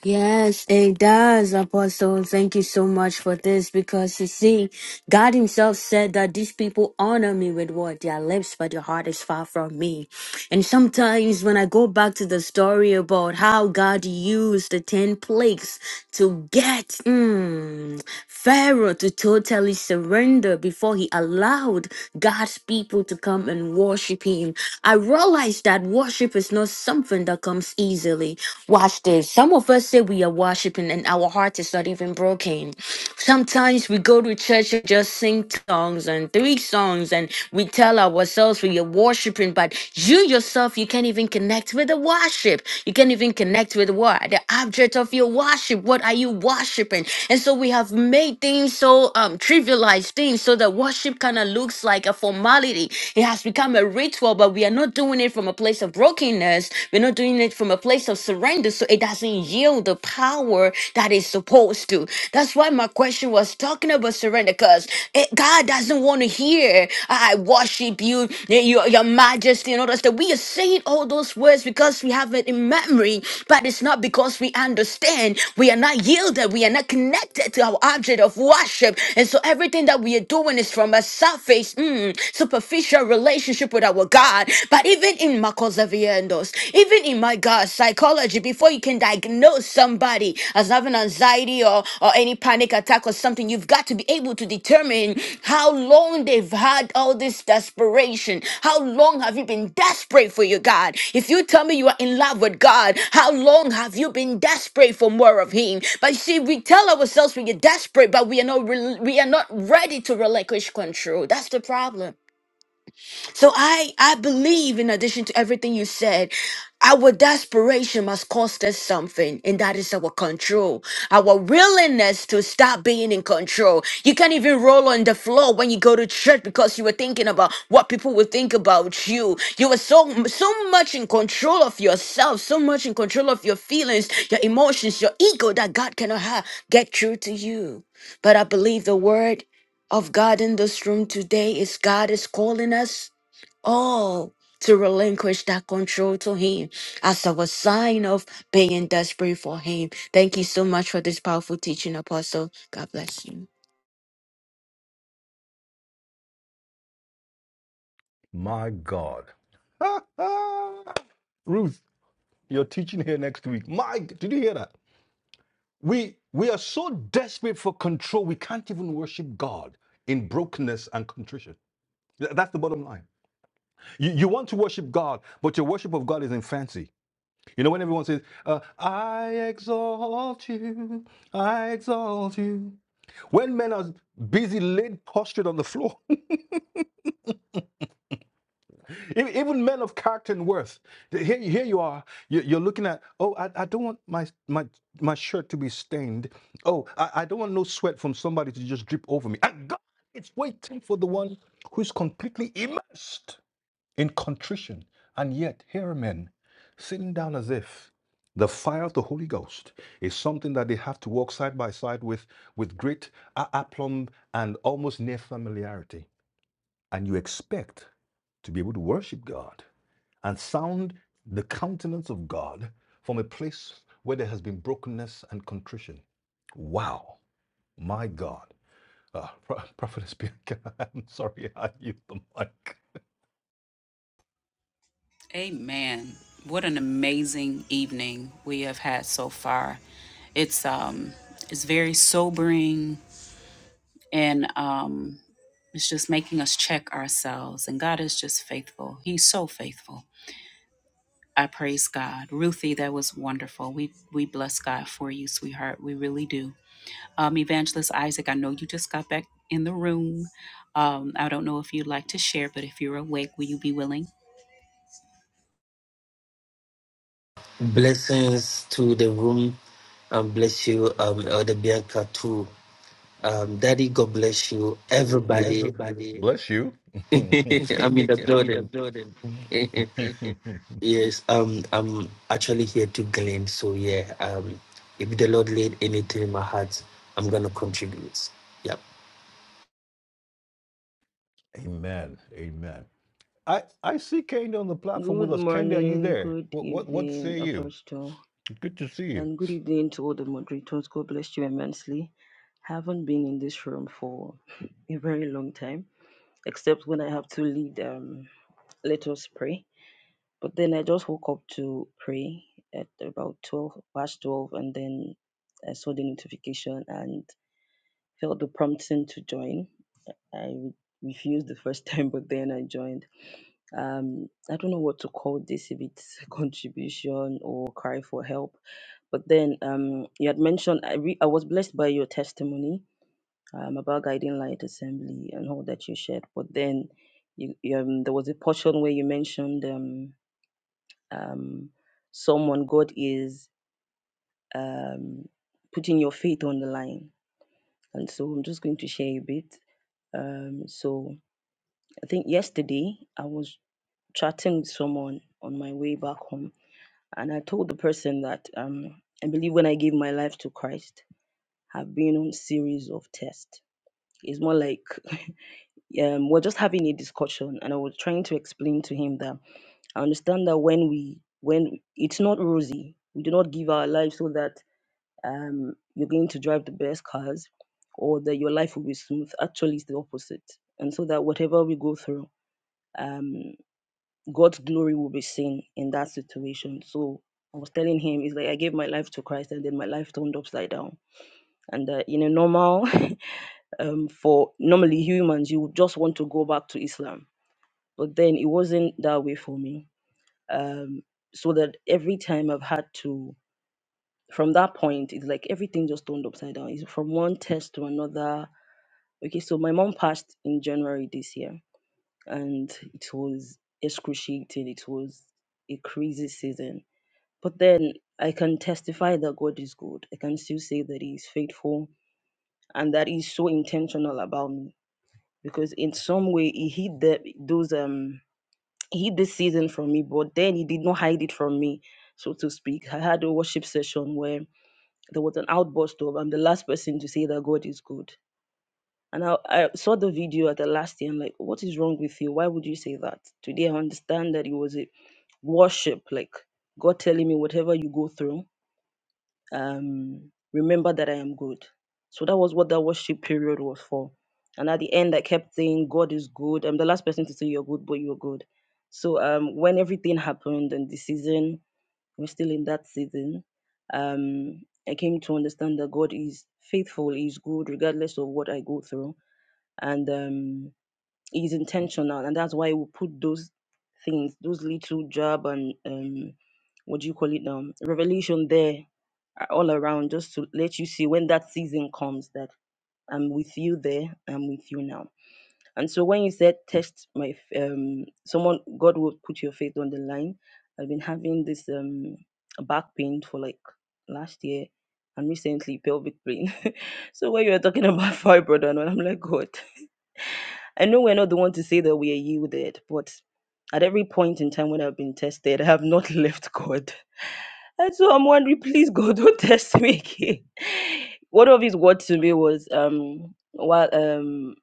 Speaker 8: Yes, it does, Apostle. Thank you so much for this because you see, God Himself said that these people honor me with what? Their lips, but their heart is far from me. And sometimes when I go back to the story about how God used the 10 plagues to get mm, Pharaoh to totally surrender before he allowed God's people to come and worship Him, I realize that worship is not something that comes easily. Watch this. Some of us say we are worshiping and our heart is not even broken. Sometimes we go to church and just sing songs and three songs, and we tell ourselves we are worshiping, but you yourself, you can't even connect with the worship. You can't even connect with what? The object of your worship. What are you worshiping? And so we have made things so um, trivialized things so that worship kind of looks like a formality. It has become a ritual, but we are not doing it from a place of brokenness. We're not doing it from a place of surrender. So it doesn't yield the power that is supposed to. That's why my question was talking about surrender, because God doesn't want to hear, I worship you, eh, your, your majesty, and all that stuff. We are saying all those words because we have it in memory, but it's not because we understand. We are not yielded, we are not connected to our object of worship. And so everything that we are doing is from a surface, mm, superficial relationship with our God. But even in Marcos Zaviendos. Even in my God, psychology, before you can diagnose somebody as having anxiety or, or any panic attack or something, you've got to be able to determine how long they've had all this desperation. How long have you been desperate for your God? If you tell me you are in love with God, how long have you been desperate for more of Him? But you see, we tell ourselves we are desperate, but we are not rel- we are not ready to relinquish control. That's the problem. So I I believe in addition to everything you said, our desperation must cost us something, and that is our control, our willingness to stop being in control. You can't even roll on the floor when you go to church because you were thinking about what people will think about you. You were so so much in control of yourself, so much in control of your feelings, your emotions, your ego that God cannot have get through to you. But I believe the word of God in this room today is God is calling us all to relinquish that control to Him as our sign of being desperate for Him. Thank you so much for this powerful teaching, Apostle. God bless you.
Speaker 2: My God. Ruth, you're teaching here next week. My, did you hear that? We we are so desperate for control, we can't even worship God in brokenness and contrition. Th- That's the bottom line. You, you want to worship God, but your worship of God is in fancy. You know when everyone says, uh, I exalt you, I exalt you. When men are busy laid prostrate on the floor, even men of character and worth, here, here you are, you- you're looking at, oh, I, I don't want my, my, my shirt to be stained. Oh, I, I don't want no sweat from somebody to just drip over me. And God is waiting for the one who's completely immersed. in contrition. And yet, here are men sitting down as if the fire of the Holy Ghost is something that they have to walk side by side with, with great aplomb and almost near familiarity. And you expect to be able to worship God and sound the countenance of God from a place where there has been brokenness and contrition. Wow, my God. Uh, Pro- Prophetess I'm sorry I used the mic.
Speaker 1: amen what an amazing evening we have had so far it's um it's very sobering and um It's just making us check ourselves. And God is just faithful. He's so faithful. I praise God. Ruthie, that was wonderful. We we bless God for you, sweetheart. We really do. Um, Evangelist Isaac, I know you just got back in the room. Um, I don't know if you'd like to share, but if you're awake, will you be willing?
Speaker 9: Blessings to the room and bless you, um, Elder Bianca too. Um, Daddy, God bless you, everybody.
Speaker 2: Bless you.
Speaker 9: I'm in the building. yes, um, I'm actually here to glean. So yeah, um, if the Lord laid anything in my heart, I'm gonna contribute. Yeah.
Speaker 2: Amen. Amen. I, I see Candy on the platform with
Speaker 10: Good
Speaker 2: us. Candy, are you
Speaker 10: morning,
Speaker 2: there?
Speaker 10: good
Speaker 2: What what what say
Speaker 10: evening,
Speaker 2: you?
Speaker 10: Apostle,
Speaker 2: Good to see you.
Speaker 10: and good evening to all the moderators. God bless you immensely. Haven't been in this room for a very long time, except when I have to lead. Um, let us pray. But then I just woke up to pray at about twelve past twelve, and then I saw the notification and felt the prompting to join. I re- refused the first time, but then I joined um i don't know what to call this if it's contribution or cry for help but then um you had mentioned i re- i was blessed by your testimony um about guiding light assembly and all that you shared but then you, you, um there was a portion where you mentioned um um someone god is um putting your faith on the line and so i'm just going to share a bit um so i think yesterday i was chatting with someone on my way back home And I told the person that um, I believe when I gave my life to Christ, I've been on series of tests. It's more like um, we're just having a discussion, and I was trying to explain to him that I understand that when we when it's not rosy, we do not give our life so that um, you're going to drive the best cars or that your life will be smooth. Actually, it's the opposite. And so that whatever we go through, um, God's glory will be seen in that situation. So I was telling him, it's like I gave my life to Christ and then my life turned upside down. And uh, you know, normal um, for normally humans, you would just want to go back to Islam, but then it wasn't that way for me. Um, so that every time I've had to, from that point, it's like everything just turned upside down. It's from one test to another. Okay, so my mom passed in January this year, and it was excruciating. It was a crazy season But then I can testify that God is good. I can still say that He is faithful and that He's so intentional about me because in some way He hid the, those um He hid this season from me, but then He did not hide it from me, so to speak. I had a worship session where there was an outburst of I'm the last person to say that God is good. And I, I saw the video at the last year. I'm like, what is wrong with you? Why would you say that? Today I understand that it was a worship, like God telling me whatever you go through. um, remember that I am good. So that was what that worship period was for. And at the end, I kept saying, God is good. I'm the last person to say you're good, but you're good. So um, when everything happened and the season, we're still in that season, um, I came to understand that God is faithful, is good, regardless of what I go through. And um, He's intentional, and that's why he will put those things, those little job and um, what do you call it now, revelation there uh, all around, just to let you see when that season comes that I'm with you there, I'm with you now. And so when you said test my, f- um, someone, God will put your faith on the line. I've been having this um back pain for like last year, and recently pelvic pain. so when you were talking about fibroid and all, I'm like, God. I know we're not the one to say that we are yielded, but at every point in time when I've been tested, I have not left God. And so I'm wondering, please God, don't test me again. One of his words to me was, um, while um,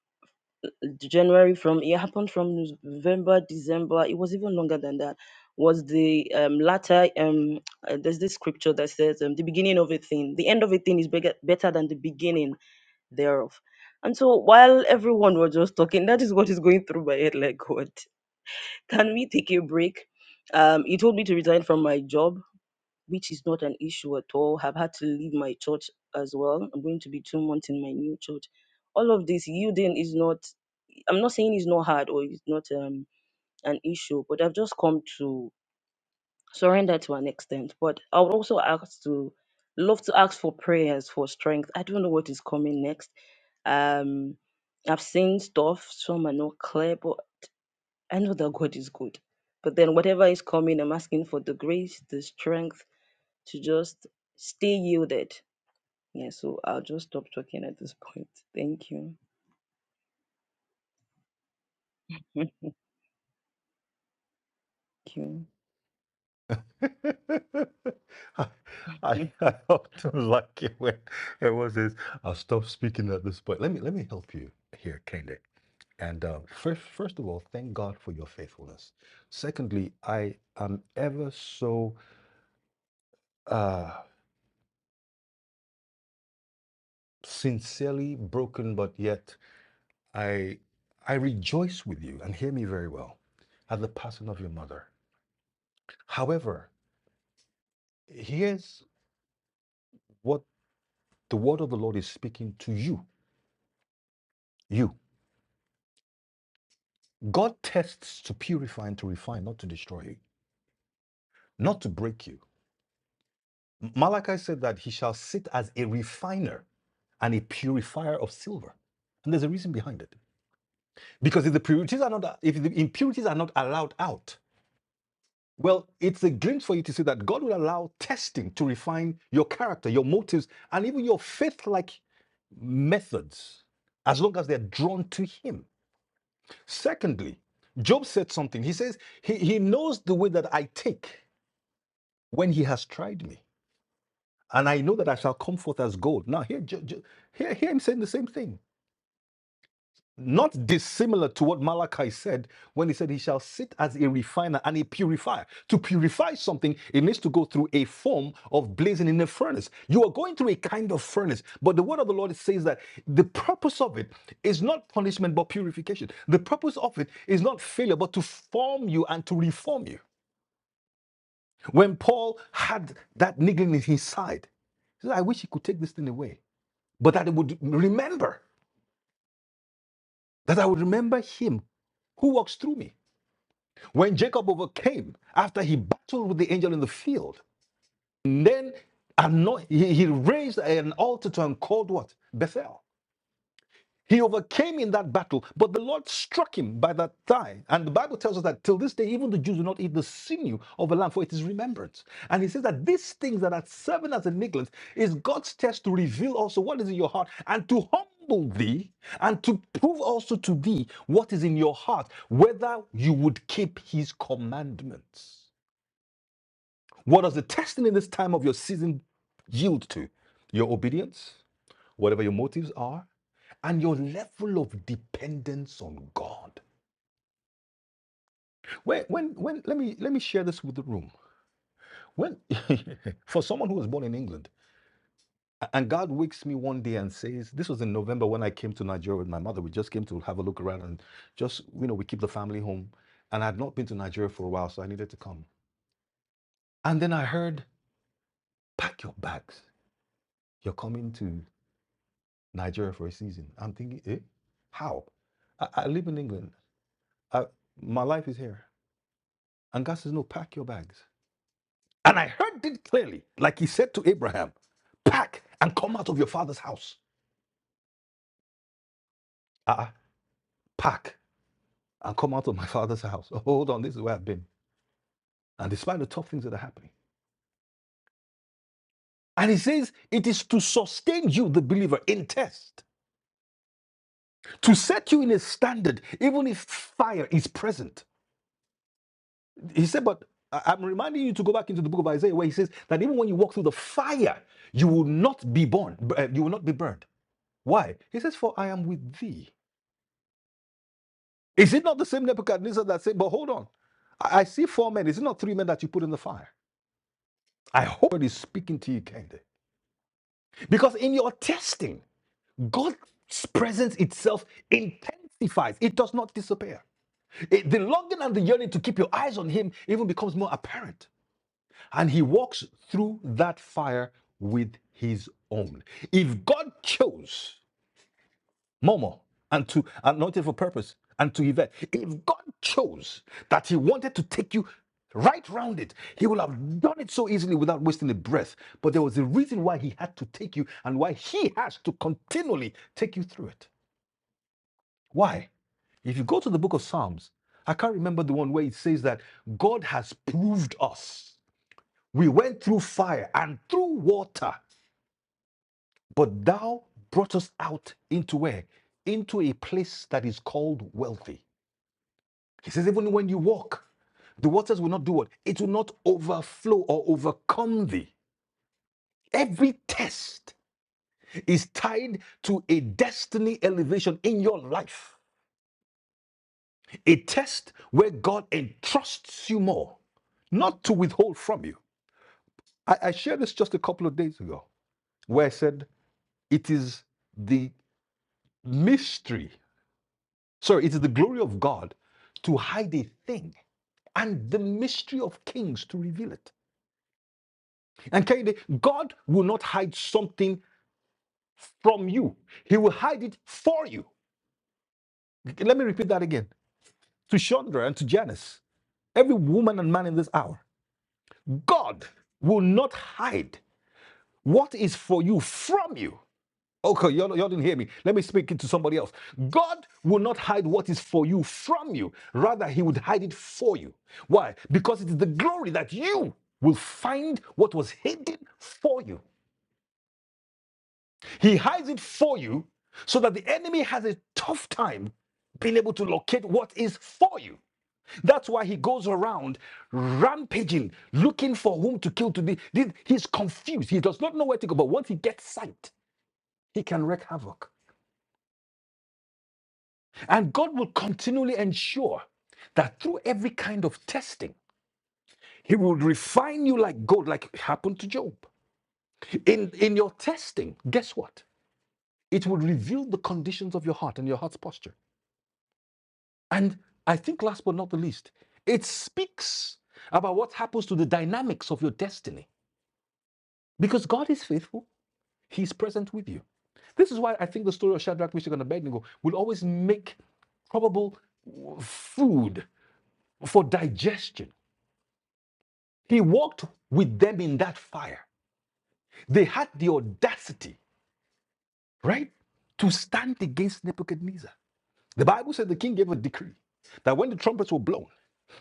Speaker 10: January from it happened from November, December, it was even longer than that. Was the um, latter, um, uh, there's this scripture that says, um, the beginning of a thing, the end of a thing is bigger, better than the beginning thereof. And so while everyone was just talking, that is what is going through my head like, God, can we take a break? Um, he told me to resign from my job, which is not an issue at all. I've had to leave my church as well. I'm going to be two months in my new church. All of this yielding is not, I'm not saying it's not hard or it's not um, an issue, but I've just come to surrender to an extent. But I would also ask to, love to ask for prayers for strength. I don't know what is coming next um, I've seen stuff, some are not clear, but I know that God is good. But then whatever is coming, I'm asking for the grace, the strength to just stay yielded. Yeah, so I'll just stop talking at this point. Thank you.
Speaker 2: I, I, I often like it when it was this. I'll stop speaking at this point. Let me let me help you here, Candy. And um, first first of all, thank God for your faithfulness. Secondly, I am ever so uh, sincerely broken, but yet I, I rejoice with you, and hear me very well, at the passing of your mother. However, here's what the word of the Lord is speaking to you. You. God tests to purify and to refine, not to destroy you, not to break you. Malachi said that he shall sit as a refiner and a purifier of silver. And there's a reason behind it. Because if the impurities are not, if the impurities are not allowed out, Well, it's a glimpse for you to see that God will allow testing to refine your character, your motives, and even your faith like methods, as long as they're drawn to Him. Secondly, Job said something. He says, He, he knows the way that I take when He has tried me, and I know that I shall come forth as gold. Now, here, Jo- Jo- hear, hear Him saying the same thing. Not dissimilar to what Malachi said when he said, He shall sit as a refiner and a purifier. To purify something, it needs to go through a form of blazing in a furnace. You are going through a kind of furnace, but the word of the Lord says that the purpose of it is not punishment but purification. The purpose of it is not failure but to form you and to reform you. When Paul had that niggling in his side, he said, I wish he could take this thing away, but that it would remember, that I would remember him who walks through me. When Jacob overcame after he battled with the angel in the field, and then he, he raised an altar to and called what? Bethel. He overcame in that battle, but the Lord struck him by that thigh. And the Bible tells us that till this day, even the Jews do not eat the sinew of a lamb, for it is remembrance. And he says that these things that are seven as a neglect is God's test to reveal also what is in your heart and to humble thee and to prove also to thee what is in your heart, whether you would keep his commandments. What does the testing in this time of your season yield to? Your obedience? whatever your motives are, and your level of dependence on God. When, when, when, let me let me share this with the room. When, for someone who was born in England, and God wakes me one day and says, "This was in November when I came to Nigeria with my mother. We just came to have a look around and just, you know, we keep the family home. And I had not been to Nigeria for a while, so I needed to come. And then I heard, pack your bags. You're coming to Nigeria for a season. I'm thinking, eh, how? I, I live in England. I, my life is here. And God says, No, pack your bags. And I heard it clearly, like he said to Abraham, pack and come out of your father's house. Uh-uh, pack and come out of my father's house. Oh, Hold on, this is where I've been. And despite the tough things that are happening. And he says, it is to sustain you, the believer, in test, to set you in a standard, even if fire is present. He said, but I- am reminding you to go back into the book of Isaiah, where he says that even when you walk through the fire, you will not be born, uh, you will not be burned. Why? He says, for I am with thee. Is it not the same Nebuchadnezzar that said, but hold on, I, I see four men. Is it not three men that you put in the fire? I hope God is speaking to you, Kende. Because in your testing, God's presence itself intensifies, it does not disappear. It- the longing and the yearning to keep your eyes on Him even becomes more apparent. And He walks through that fire with His own. If God chose, Momo, and to anointed for purpose, and to Yvette. If God chose that He wanted to take you right round it, He would have done it so easily without wasting a breath. But there was a reason why He had to take you and why He has to continually take you through it. Why? If you go to the book of Psalms, I can't remember the one where it says that God has proved us. We went through fire and through water, but thou brought us out into where? Into a place that is called wealthy. He says, even when you walk, the waters will not do what? It will not overflow or overcome thee. Every test is tied to a destiny elevation in your life, a test where God entrusts you more, not to withhold from you. I, I shared this just a couple of days ago, where I said, it is the mystery, sorry, it is the glory of God to hide a thing and the mystery of kings to reveal it. And Kennedy, God will not hide something from you. He will hide it for you. Let me repeat that again to Chandra and to Janice, every woman and man in this hour. God will not hide what is for you from you. Okay, y'all, y'all didn't hear me. Let me speak it to somebody else. God will not hide what is for you from you. Rather, He would hide it for you. Why? Because it is the glory that you will find what was hidden for you. He hides it for you so that the enemy has a tough time being able to locate what is for you. That's why he goes around rampaging, looking for whom to kill to be. He's confused. He does not know where to go. But once he gets sight, he can wreak havoc. And God will continually ensure that through every kind of testing, he will refine you like gold, like happened to Job. In, in your testing, guess what? It will reveal the conditions of your heart and your heart's posture. And I think, last but not the least, it speaks about what happens to the dynamics of your destiny because God is faithful, He's present with you. This is why I think the story of Shadrach, Meshach, and Abednego will always make probable food for digestion. He walked with them in that fire. They had the audacity, right, to stand against Nebuchadnezzar. The Bible says the king gave a decree that when the trumpets were blown,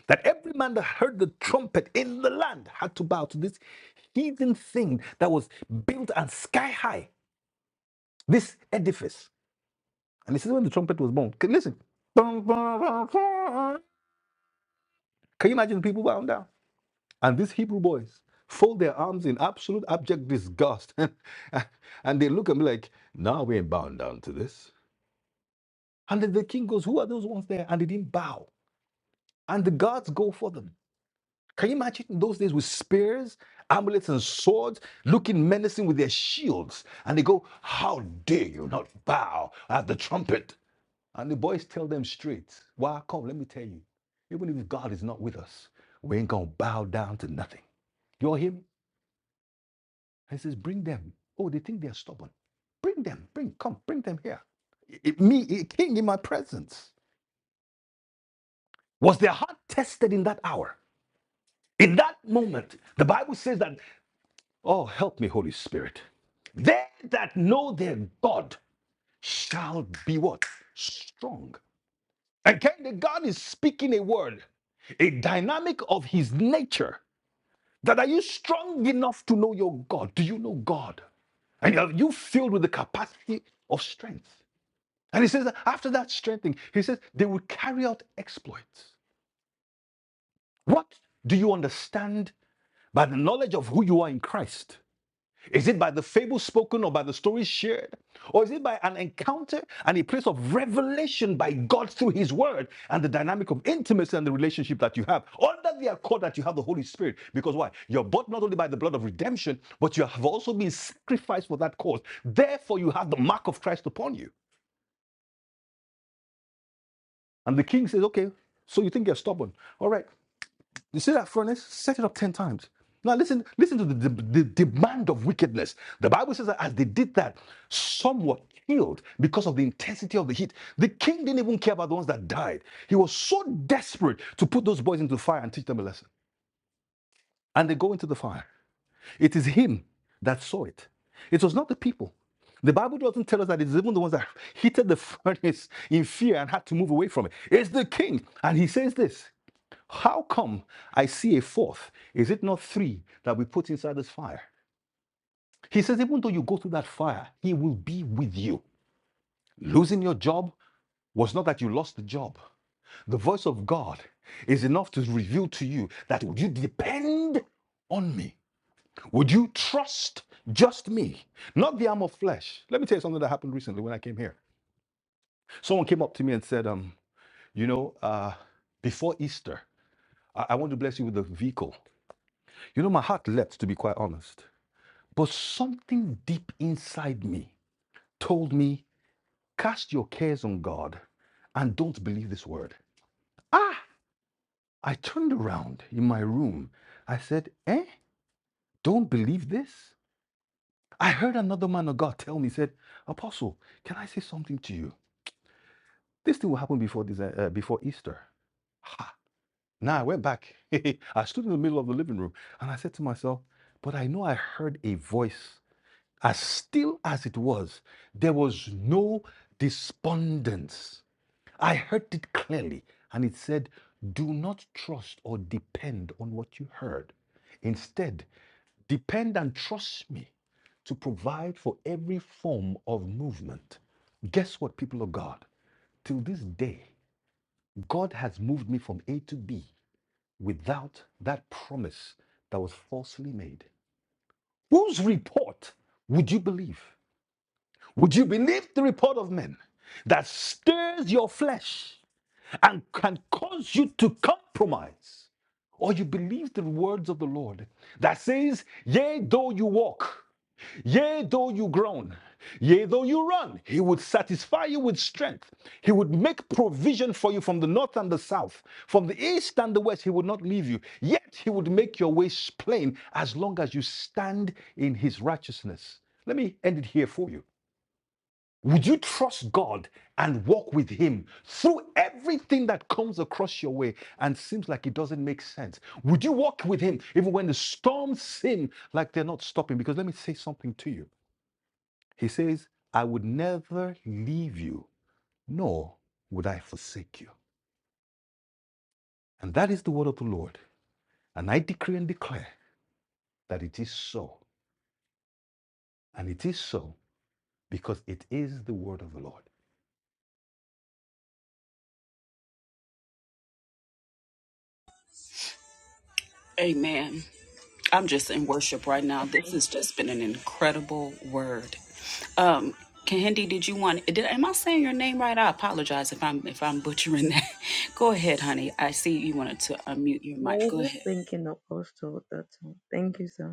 Speaker 2: that every man that heard the trumpet in the land had to bow to this heathen thing that was built and sky high, this edifice. And this is when the trumpet was born. Okay, Listen. Can you imagine the people bowing down? And these Hebrew boys fold their arms in absolute abject disgust. and they look at me like, nah, we ain't bowing down to this. And then the king goes, Who are those ones there? And they didn't bow. And the guards go for them. Can you imagine in those days with spears, amulets, and swords, looking menacing with their shields? And they go, How dare you not bow at the trumpet? And the boys tell them straight, Why come, let me tell you, even if God is not with us, we ain't gonna bow down to nothing. You all hear me? And he says, Bring them. Oh, they think they're stubborn. Bring them, bring, come, bring them here. I- me, a king in my presence. Was their heart tested in that hour? In that moment, the Bible says that Oh, help me, Holy Spirit. They that know their God shall be what? Strong. And kind God is speaking a word, a dynamic of his nature. That are you strong enough to know your God? Do you know God? And are you filled with the capacity of strength? And he says that after that strengthening, he says they will carry out exploits. What do you understand by the knowledge of who you are in Christ? Is it by the fable spoken or by the stories shared? Or is it by an encounter and a place of revelation by God through His Word and the dynamic of intimacy and the relationship that you have under the accord that you have the Holy Spirit? Because why? You're bought not only by the blood of redemption, but you have also been sacrificed for that cause. Therefore, you have the mark of Christ upon you. And the king says, Okay, so you think you're stubborn. All right, You see that furnace? Set it up 10 times. Now listen, listen to the, the, the demand of wickedness. The Bible says that as they did that, some were killed because of the intensity of the heat. The king didn't even care about the ones that died. He was so desperate to put those boys into the fire and teach them a lesson. And they go into the fire. It is him that saw it. It was not the people. The Bible doesn't tell us that it's even the ones that heated the furnace in fear and had to move away from it. It's the king. And he says this. How come I see a fourth? Is it not three that we put inside this fire? He says, even though you go through that fire, he will be with you. Losing your job was not that you lost the job. The voice of God is enough to reveal to you that would you depend on me? Would you trust just me, not the arm of flesh? Let me tell you something that happened recently when I came here. Someone came up to me and said, um, you know, uh, before Easter, I-, I want to bless you with a vehicle. You know, my heart leapt, to be quite honest. But something deep inside me told me, Cast your cares on God and don't believe this word. Ah! I turned around in my room. I said, Eh? Don't believe this? I heard another man of God tell me, said, Apostle, can I say something to you? This thing will happen before, this, uh, uh, before Easter. Ha! Now I went back. I stood in the middle of the living room and I said to myself, But I know I heard a voice as still as it was, there was no despondence. I heard it clearly, and it said, Do not trust or depend on what you heard. Instead, depend and trust me to provide for every form of movement. Guess what, people of God? Till this day, God has moved me from A to B without that promise that was falsely made. Whose report would you believe? Would you believe the report of men that stirs your flesh and can cause you to compromise? Or you believe the words of the Lord that says, Yea, though you walk, yea, though you groan, yea, though you run, he would satisfy you with strength. He would make provision for you from the north and the south, from the east and the west. He would not leave you. Yet he would make your ways plain as long as you stand in his righteousness. Let me end it here for you. Would you trust God and walk with Him through everything that comes across your way and seems like it doesn't make sense? Would you walk with Him even when the storms seem like they're not stopping? Because let me say something to you. He says, I would never leave you, nor would I forsake you. And that is the word of the Lord. And I decree and declare that it is so. And it is so because it is the word of the Lord.
Speaker 1: Amen. I'm just in worship right now. This has just been an incredible word. Um, Kahindi, did you want? Did am I saying your name right? I apologize if I'm if I'm butchering that. Go ahead, honey. I see you wanted to unmute your
Speaker 10: Yeah, I
Speaker 1: mic.
Speaker 10: was
Speaker 1: Go
Speaker 10: just
Speaker 1: ahead.
Speaker 10: thinking of also that. one. Thank you, sir.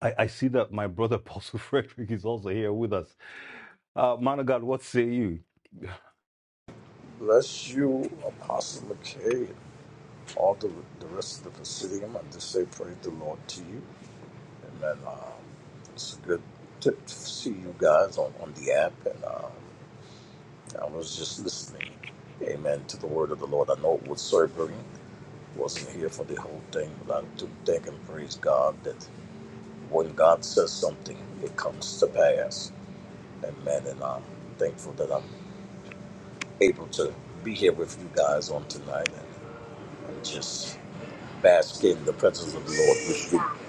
Speaker 2: I, I see that my brother Apostle Frederick is also here with us. Uh, man of God, what say you?
Speaker 11: Bless you, Apostle McKay, and all the, the rest of the Presidium. I just say praise the Lord to you. And then um, it's a good tip to see you guys on, on the app. And um, I was just listening, amen, to the word of the Lord. I know it was sobering. Wasn't here for the whole thing, but I do thank and praise God that when God says something, it comes to pass. Amen. And I'm thankful that I'm able to be here with you guys on tonight and, and just bask in the presence of the Lord, which you,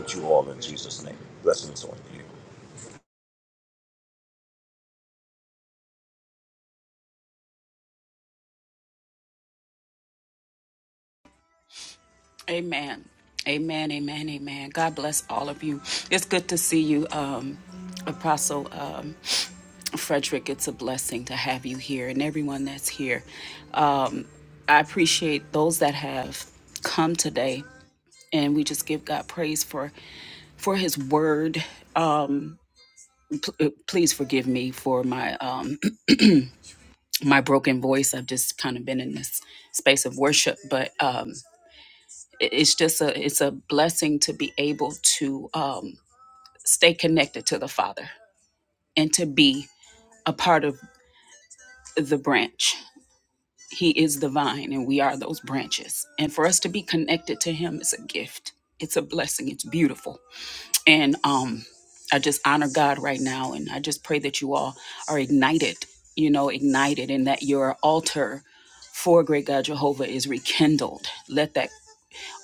Speaker 11: which you all in Jesus' name. Blessings on you.
Speaker 1: Amen. Amen. Amen. Amen. God bless all of you. It's good to see you, um, Apostle um, Frederick. It's a blessing to have you here and everyone that's here. Um, I appreciate those that have come today and we just give God praise for for His Word. Um, p- uh, please forgive me for my um, my broken voice. I've just kind of been in this space of worship, but um, it- it's just a it's a blessing to be able to um, stay connected to the Father and to be a part of the branch. He is the vine, and we are those branches. And for us to be connected to Him is a gift. It's a blessing. It's beautiful And um, I just honor God right now. And I just pray that you all are ignited, you know, ignited, and that your altar for great God Jehovah is rekindled. Let that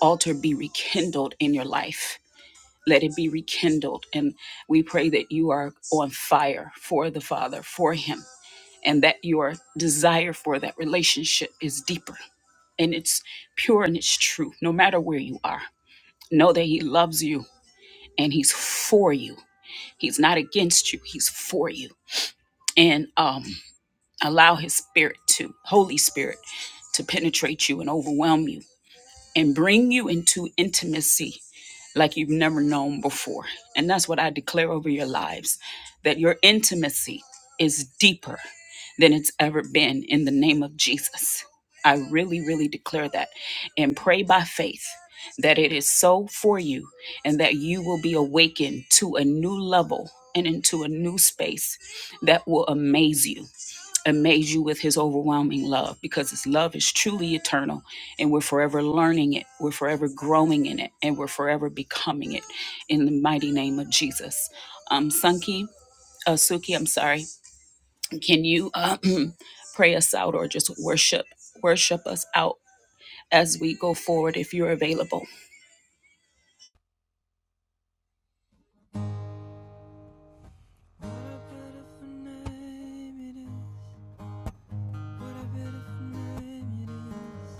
Speaker 1: altar be rekindled in your life. Let it be rekindled. And we pray that you are on fire for the Father, for Him, and that your desire for that relationship is deeper and it's pure and it's true, no matter where you are. Know that He loves you and He's for you He's not against you, he's for you. And um, allow his spirit to, Holy Spirit, to penetrate you and overwhelm you and bring you into intimacy like you've never known before. And that's what I declare over your lives that your intimacy is deeper than it's ever been in the name of Jesus. I really, really declare that and pray by faith that it is so for you and that you will be awakened to a new level and into a new space that will amaze you amaze you with his overwhelming love because his love is truly eternal and we're forever learning it we're forever growing in it and we're forever becoming it in the mighty name of jesus um sunki uh, suki i'm sorry can you uh, pray us out or just worship worship us out as we go forward if you're available
Speaker 4: beautiful name it is. What a beautiful name it is.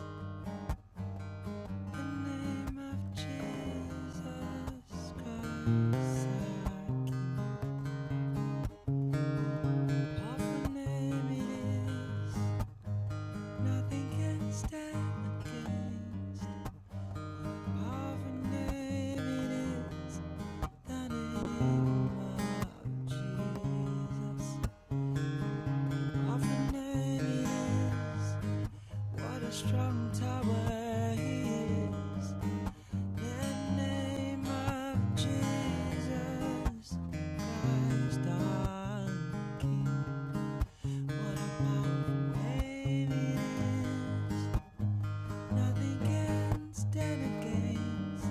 Speaker 4: Strong tower he is, The name of Jesus Christ our King. What a powerful name it is. Nothing can stand against.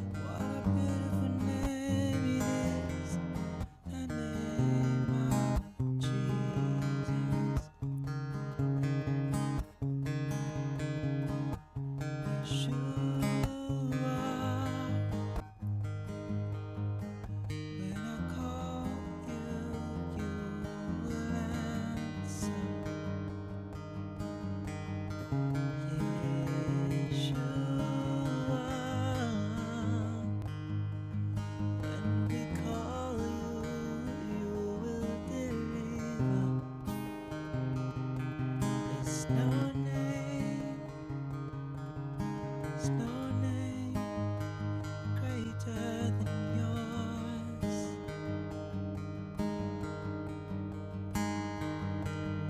Speaker 4: What a beautiful name it is. The name of Jesus. Yeshua. When I call you, you will answer. Yeshua, we call you, you will deliver. There's no name, no name greater than yours.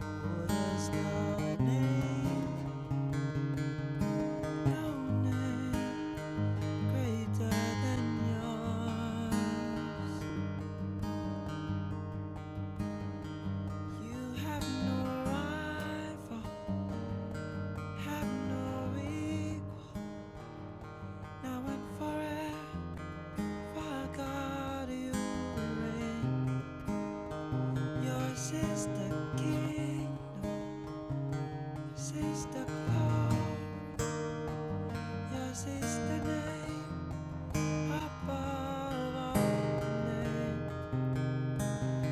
Speaker 4: Oh, there's no name, no name greater than yours. You have no rival, have no equal. Now and forever, God, you reign. Yours is the kingdom, yours is the power, yours is the name above all names.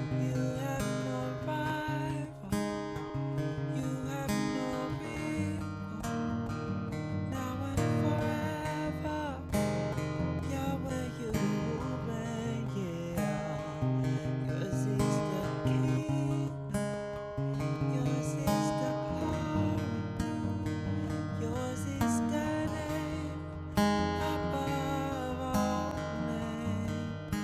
Speaker 4: You have no rival, you have no equal. Now and forever, Yahweh, you reign. Yeah, yours is the kingdom. Yours is the power, yours is the name above all names.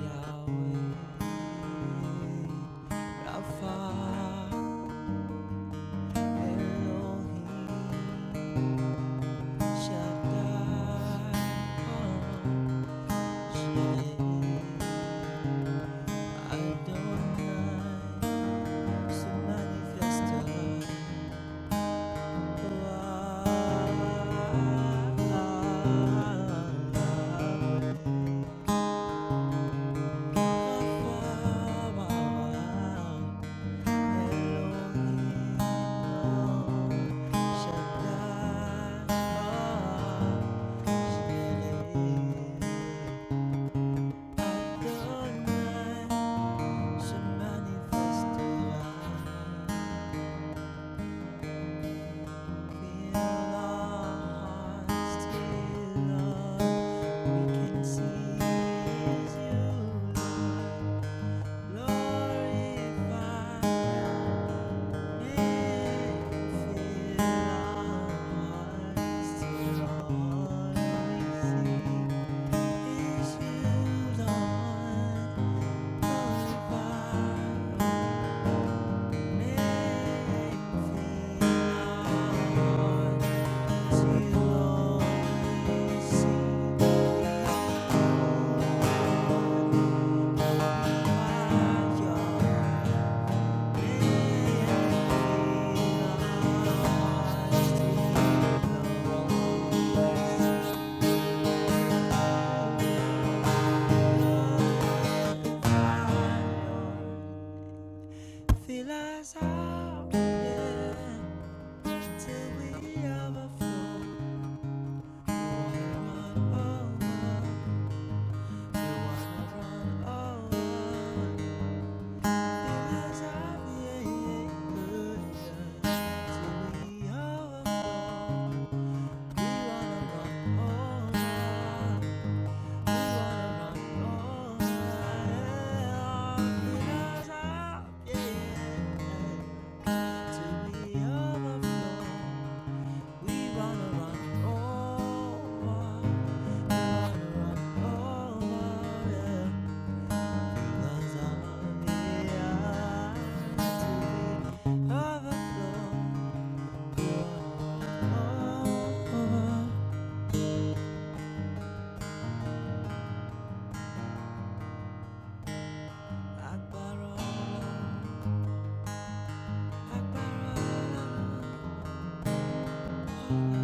Speaker 4: Yahweh, Rapha, Elohim, Shaddai, Hashem, Adonai, to manifest your power. Glorify Thank you Feel as till we overflow. Run over, run over. Feel as till we overflow. We wanna run over. Akbar Allah, Akbar Allah. Thank you.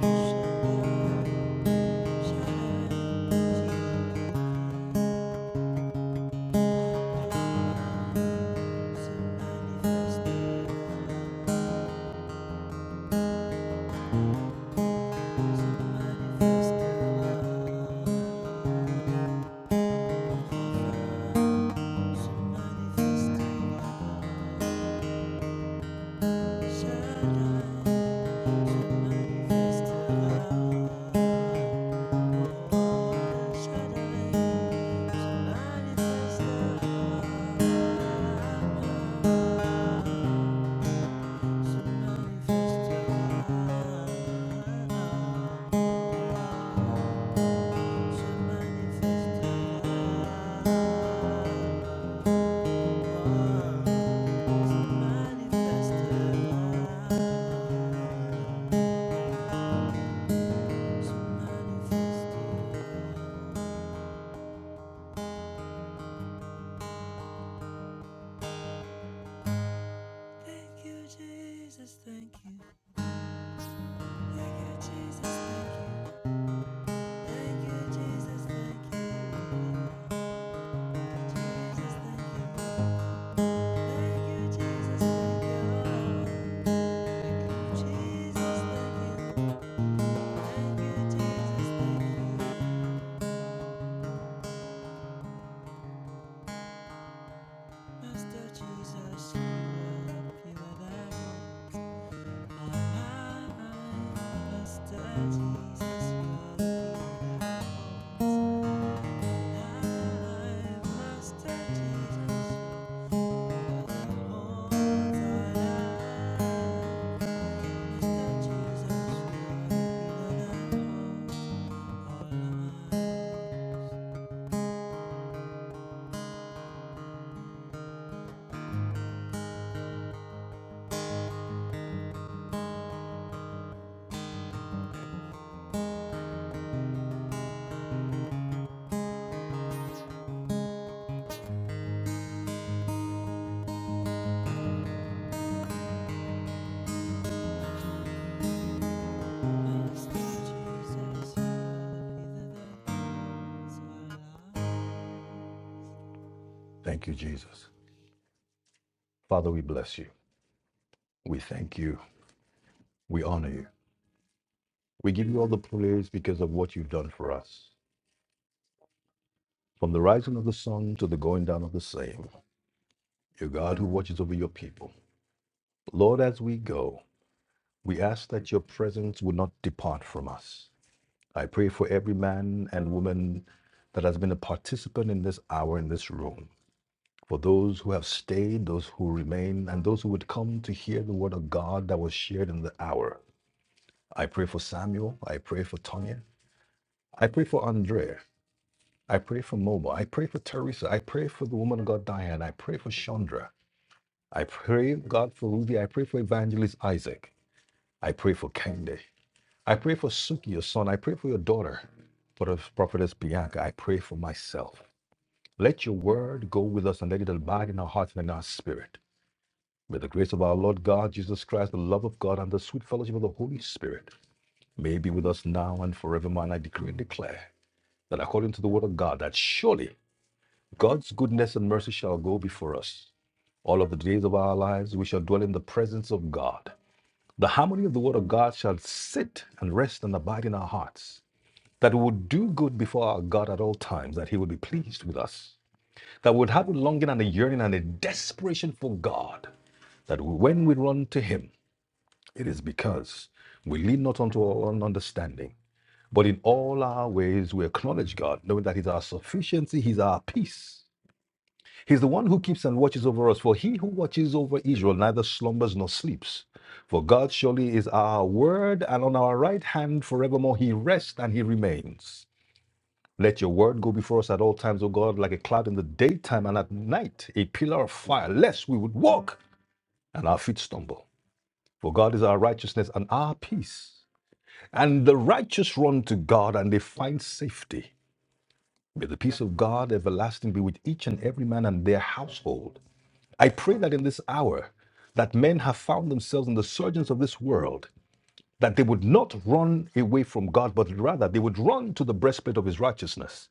Speaker 4: Thank you. Manifest Thank you, Jesus, thank you. Thank you, Jesus, thank you. Thank you, Jesus, thank you. thank you. Thank you, thank you. Jesus, thank you. Thank you, Jesus, thank you. Master Jesus, you are the light of my life. Master Jesus, you are the light of my my life. Master Jesus, you are the light of my my life.
Speaker 2: Thank you, Jesus. Father, we bless you. We thank you. We honor you. We give you all the praise because of what you've done for us. From the rising of the sun to the going down of the same, your God who watches over your people. Lord, as we go, we ask that your presence would not depart from us. I pray for every man and woman that has been a participant in this hour in this room. for those who have stayed, those who remain, and those who would come to hear the word of God that was shared in the hour. I pray for Samuel. I pray for Tonya. I pray for Andrea. I pray for Moma. I pray for Teresa. I pray for the woman of God, Diane. I pray for Chandra. I pray, God, for Ruthie. I pray for Evangelist Isaac. I pray for Kende. I pray for Suki, your son. I pray for your daughter, for the prophetess Bianca. I pray for myself. Let your word go with us and let it abide in our hearts and in our spirit. May the grace of our Lord God, Jesus Christ, the love of God, and the sweet fellowship of the Holy Spirit may be with us now and forevermore. And I decree and declare that according to the word of God, that surely God's goodness and mercy shall go before us. All of the days of our lives, we shall dwell in the presence of God. The harmony of the word of God shall sit and rest and abide in our hearts. That we would do good before our God at all times, that he would be pleased with us. That we would have a longing and a yearning and a desperation for God. That when we run to him, It is because we lean not unto our own understanding, but in all our ways we acknowledge God, knowing that He's our sufficiency, He's our peace. He's the one who keeps and watches over us, for he who watches over Israel neither slumbers nor sleeps. For God surely is our word, and on our right hand forevermore he rests and he remains. Let your word go before us at all times, O God, like a cloud in the daytime and at night, a pillar of fire, lest we would walk and our feet stumble. For God is our righteousness and our peace. And the righteous run to God and they find safety. May the peace of God everlasting be with each and every man and their household. I pray that in this hour that men have found themselves in the surgeons of this world, that they would not run away from God, but rather they would run to the breastplate of his righteousness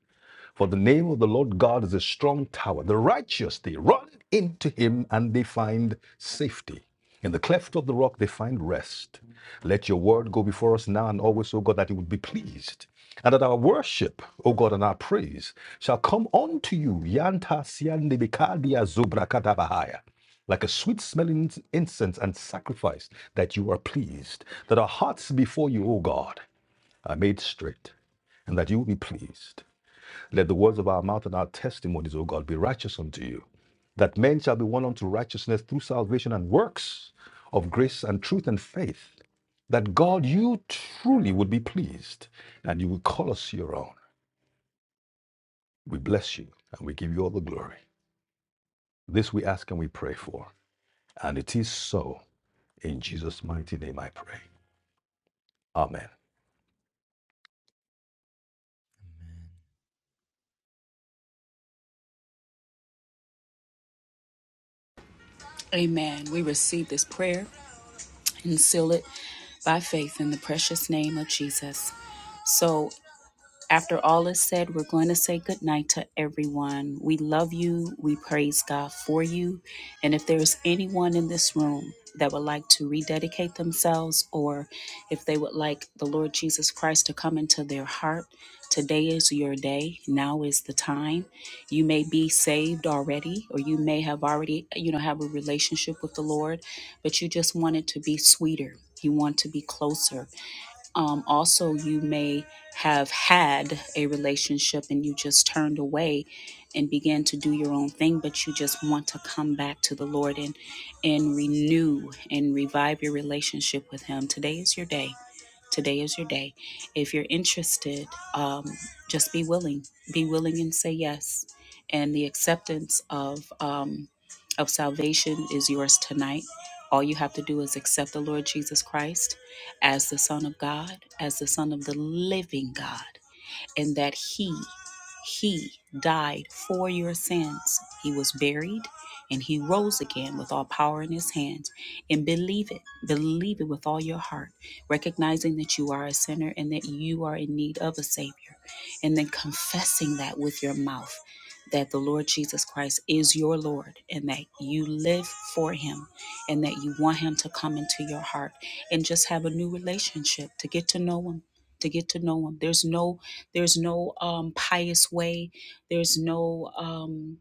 Speaker 2: for the name of the Lord God is a strong tower. The righteous, they run into him and they find safety. In the cleft of the rock, they find rest. Let your word go before us now and always, O God, that you would be pleased. And that our worship, O God, and our praise shall come unto you. Yanta siande bikadia zubrakadabahaya like a sweet smelling incense and sacrifice that you are pleased, that our hearts before you, O God, are made straight, and that you will be pleased. Let the words of our mouth and our testimonies, O God, be righteous unto you, that men shall be won unto righteousness through salvation and works of grace and truth and faith, that God, you truly would be pleased, and you would call us your own. We bless you, and we give you all the glory. This we ask and we pray for, and it is so. In Jesus' mighty name I pray. Amen.
Speaker 4: Amen.
Speaker 1: amen we receive this prayer and seal it by faith in the precious name of jesus so After all is said, we're going to say goodnight to everyone. We love you. We praise God for you. And if there's anyone in this room that would like to rededicate themselves or if they would like the Lord Jesus Christ to come into their heart, today is your day. Now is the time. You may be saved already or you may have already, you know, have a relationship with the Lord, but you just want it to be sweeter. You want to be closer um, also, you may have had a relationship and you just turned away and began to do your own thing, but you just want to come back to the Lord and and renew and revive your relationship with Him. Today is your day. Today is your day. If you're interested, um, just be willing. Be willing and say yes. And the acceptance of um, of salvation is yours tonight. All you have to do is accept the Lord Jesus Christ as the Son of God, as the Son of the living God and that he he died for your sins. He was buried and he rose again with all power in his hands. And believe it. Believe it with all your heart, recognizing that you are a sinner and that you are in need of a savior. And then confessing that with your mouth that the Lord Jesus Christ is your Lord and that you live for him and that you want him to come into your heart and just have a new relationship to get to know him to get to know him. There's no there's no um, pious way. There's no um,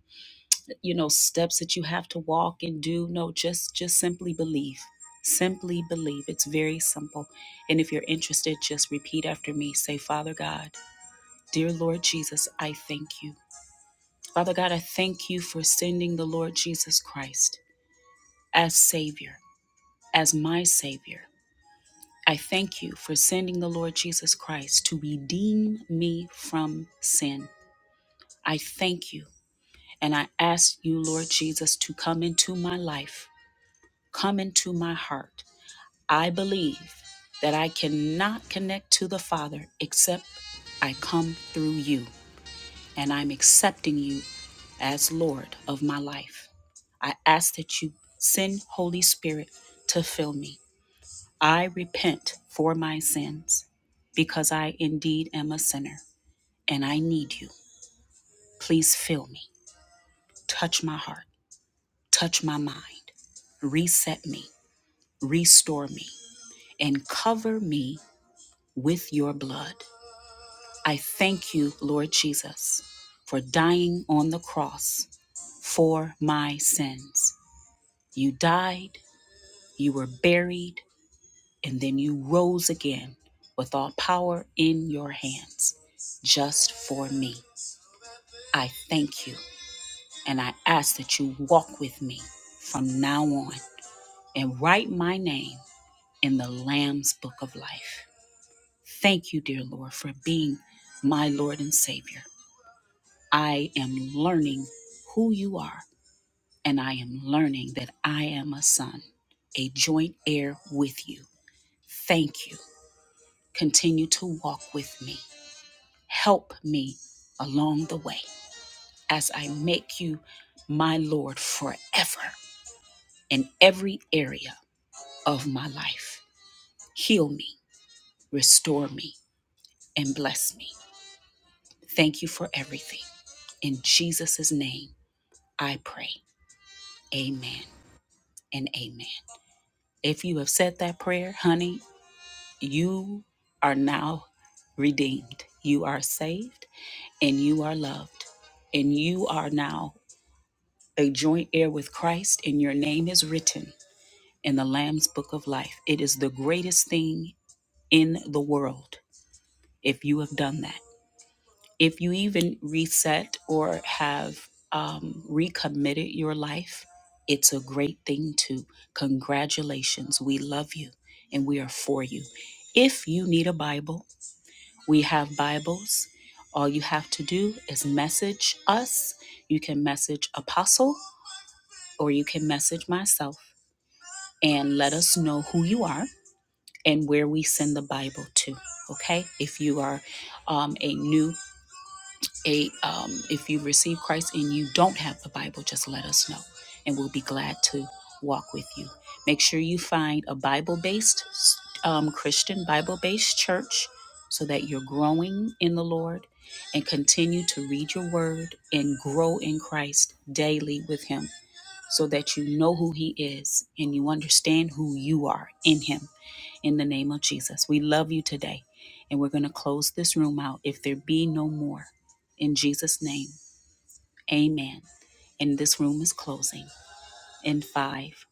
Speaker 1: you know steps that you have to walk and do. No, just just simply believe. Simply believe. It's very simple. And if you're interested, just repeat after me. Say, Father God, dear Lord Jesus, I thank you. Father God, I thank you for sending the Lord Jesus Christ as Savior, as my Savior. I thank you for sending the Lord Jesus Christ to redeem me from sin. I thank you And I ask you, Lord Jesus, to come into my life, come into my heart. I believe that I cannot connect to the Father except I come through you, and I'm accepting you as Lord of my life. I ask that you send Holy Spirit to fill me. I repent for my sins because I indeed am a sinner and I need you. Please fill me. Touch my heart. Touch my mind, reset me, restore me, and cover me with your blood. I thank you, Lord Jesus, for dying on the cross for my sins. You died, you were buried, and then you rose again with all power in your hands just for me. I thank you and I ask that you walk with me from now on and write my name in the Lamb's Book of Life. Thank you, dear Lord, for being my Lord and Savior. I am learning who you are, and I am learning that I am a son, a joint heir with you. Thank you. Continue to walk with me. Help me along the way as I make you my Lord forever in every area of my life. Heal me, restore me, and bless me. Thank you for everything. In Jesus' name, I pray. Amen and amen. If you have said that prayer, honey, you are now redeemed. You are saved and you are loved. And you are now a joint heir with Christ, and your name is written in the Lamb's book of life. It is the greatest thing in the world if you have done that. If you even reset or have um, recommitted your life, it's a great thing too. Congratulations. We love you and we are for you. If you need a Bible, we have Bibles. All you have to do is message us. You can message Apostle or you can message myself and let us know who you are and where we send the Bible to. Okay. If you are um, a new a um, if you receive Christ and you don't have the Bible, just let us know, and we'll be glad to walk with you. Make sure you find a Bible-based um, Christian Bible-based church so that you're growing in the Lord and continue to read your Word and grow in Christ daily with Him so that you know who He is and you understand who you are in Him. In the name of Jesus, we love you today. And we're going to close this room out if there be no more. In Jesus' name, amen. And this room is closing in five,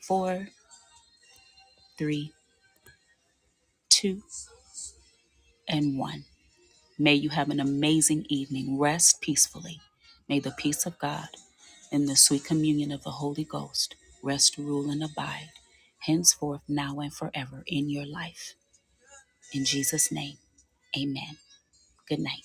Speaker 1: four, three, two, and one. May you have an amazing evening. Rest peacefully. May the peace of God and the sweet communion of the Holy Ghost rest, rule, and abide henceforth, now, and forever in your life. In Jesus' name, amen. Good night.